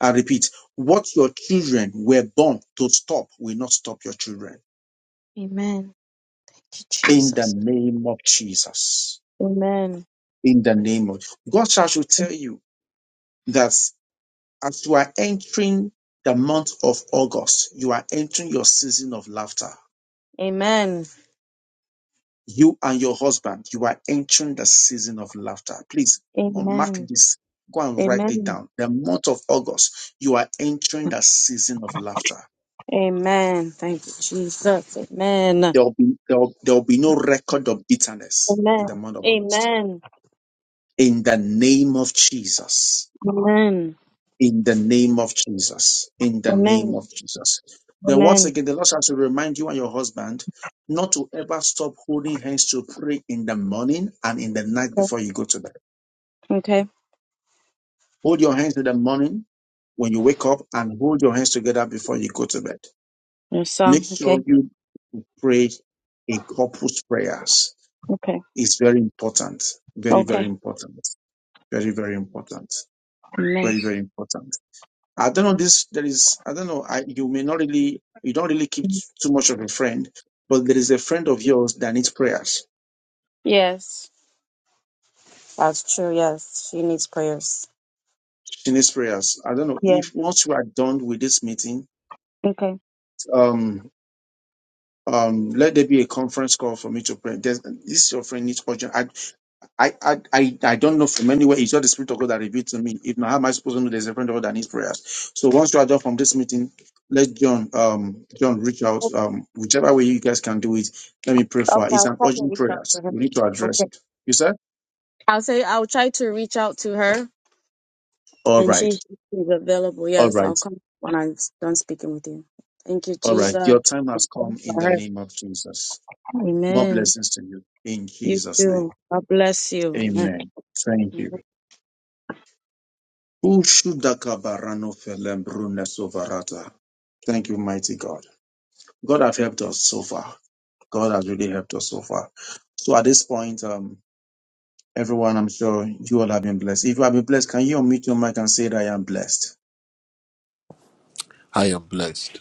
I repeat, what your children were born to stop will not stop your children.
Amen. Thank you,
In the
Jesus.
name of Jesus.
Amen.
In the name of God shall should tell you that As you are entering the month of August, you are entering your season of laughter.
Amen.
You and your husband, you are entering the season of laughter. Please mark
Amen.
this. Go and write it
Amen.
down. The month of August, you are entering the season of laughter.
Amen. Thank you, Jesus. Amen.
There will be there will, there will be no record of bitterness in
Amen.
the month of August.
Amen.
In the name of Jesus
Amen.
in the name of Jesus. In the name
Amen.
of Jesus. Then once
Amen.
again, the Lord shall to remind you and your husband not to ever stop holding hands to pray in the morning and in the night
Okay.
before you go to bed.
Okay.
Hold your hands in the morning when you wake up and hold your hands together before you go to bed.
Yes, sir.
Make sure
Okay.
you pray a couple's prayers.
Okay.
It's very important. Very, very
Okay.
important. Very, very important.
Amen.
Very, very important. I don't know this. There is, I don't know. I, you may not really, you don't really keep t- too much of a friend, but there is a friend of yours that needs prayers.
Yes. That's true. Yes. She needs prayers.
She needs prayers. I don't know
Yeah.
if once we are done with this meeting,
Okay.
um, um, let there be a conference call for me to pray. There's, this your friend needs urgent. I, I, I, I don't know from anywhere. It's not the Spirit of God that revealed to me. If not, how am I supposed to know there's a friend of God that needs prayers? So once you are done from this meeting, let John, um, John reach out, um, whichever way you guys can do it. Let me pray for
Okay.
her. It's
I'll
an
try to
urgent
reach out
prayer.
to her.
We need to address
Okay.
it. You said?
I'll say I'll try to reach out to her
All
And
right.
she is available.
All
Yes, I'll
right.
come when I'm done speaking with you. Thank you,
All right.
Jesus.
Your time
Thank
has
you
come in
for
the
her.
name of Jesus. More
Amen.
blessings to you in
You
Jesus' name.
too. God bless you.
Amen. Thank you. Ushudakabaranofelembrunnesovarata. Thank you, mighty God. God have helped us so far. God has really helped us so far. So at this point, um, everyone, I'm sure you all have been blessed. If you have been blessed, can you unmute your mic and say that I am blessed?
I am blessed.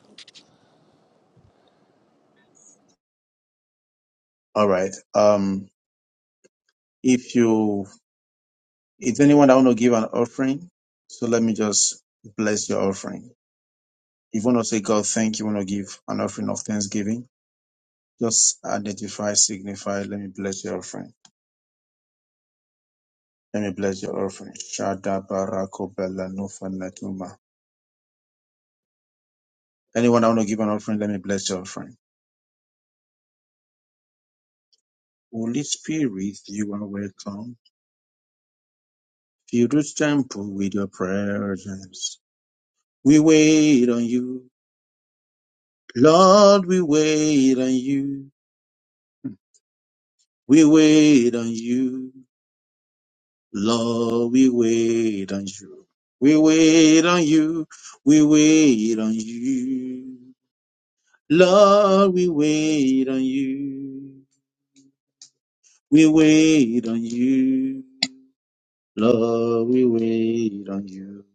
All right. Um, if you, if anyone that want to give an offering, so let me just bless your offering. If you want to say God, thank you, want to give an offering of thanksgiving, just identify, signify. Let me bless your offering. Let me bless your offering. Shada barako bela nufa netuma. Anyone that want to give an offering, let me bless your offering. Holy Spirit, you are welcome. Fill this temple with your presence. We wait on you. Lord, we wait on you. We wait on you. Lord, we wait on you. We wait on you. We wait on you. Lord, we wait on you. We wait on you. Lord, we wait on you.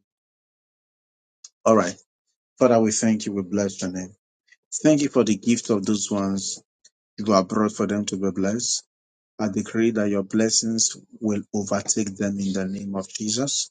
All right. Father, we thank you. We bless your name. Thank you for the gift of those ones you have brought for them to be blessed. I decree that your blessings will overtake them in the name of Jesus.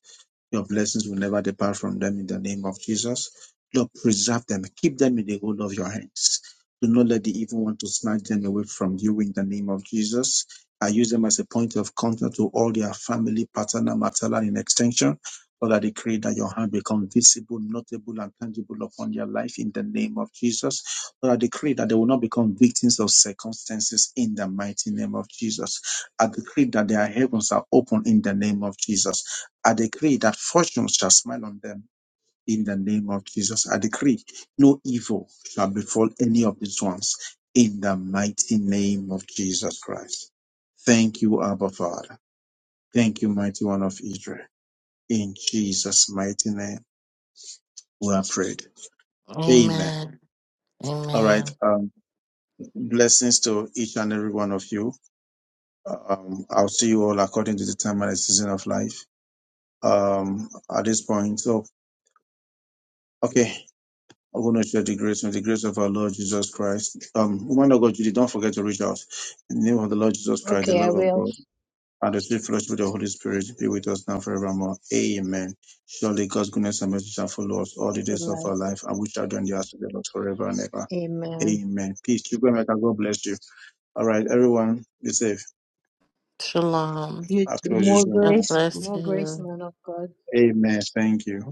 Your blessings will never depart from them in the name of Jesus. Lord, preserve them. Keep them in the hold of your hands. Do not let the evil one to snatch them away from you in the name of Jesus. I use them as a point of contact to all their family, paternal, maternal, in extension. Lord, I decree that your hand become visible, notable, and tangible upon their life in the name of Jesus. Lord, I decree that they will not become victims of circumstances in the mighty name of Jesus. I decree that their heavens are open in the name of Jesus. I decree that fortune shall smile on them in the name of Jesus. I decree no evil shall befall any of these ones in the mighty name of Jesus Christ. Thank you, Abba Father. Thank you, mighty one of Israel. In Jesus' mighty name, we are prayed. Amen.
Amen.
All right.
Amen.
Um, blessings to each and every one of you. Um, I'll see you all according to the time and the season of life. Um, at this point, so okay. I want to share the grace and the grace of our Lord Jesus Christ. Um, woman of God, Judy, don't forget to reach out. In the name of the Lord Jesus Christ, the
Okay, I
love of
will.
God, and the sweet fellowship of the Holy Spirit be with us now forevermore. Amen. Surely God's goodness and mercy shall follow us all the days of
Like,
our life, and we shall do in the house of the Lord forever and ever.
amen.
Amen. Peace, You go, children. God bless you. All right, everyone, be safe.
Shalom.
You
I'll
too.
close this
More
room
God
now.
grace.
Lord.
bless
More grace,
you.
man of God.
Amen. Thank you.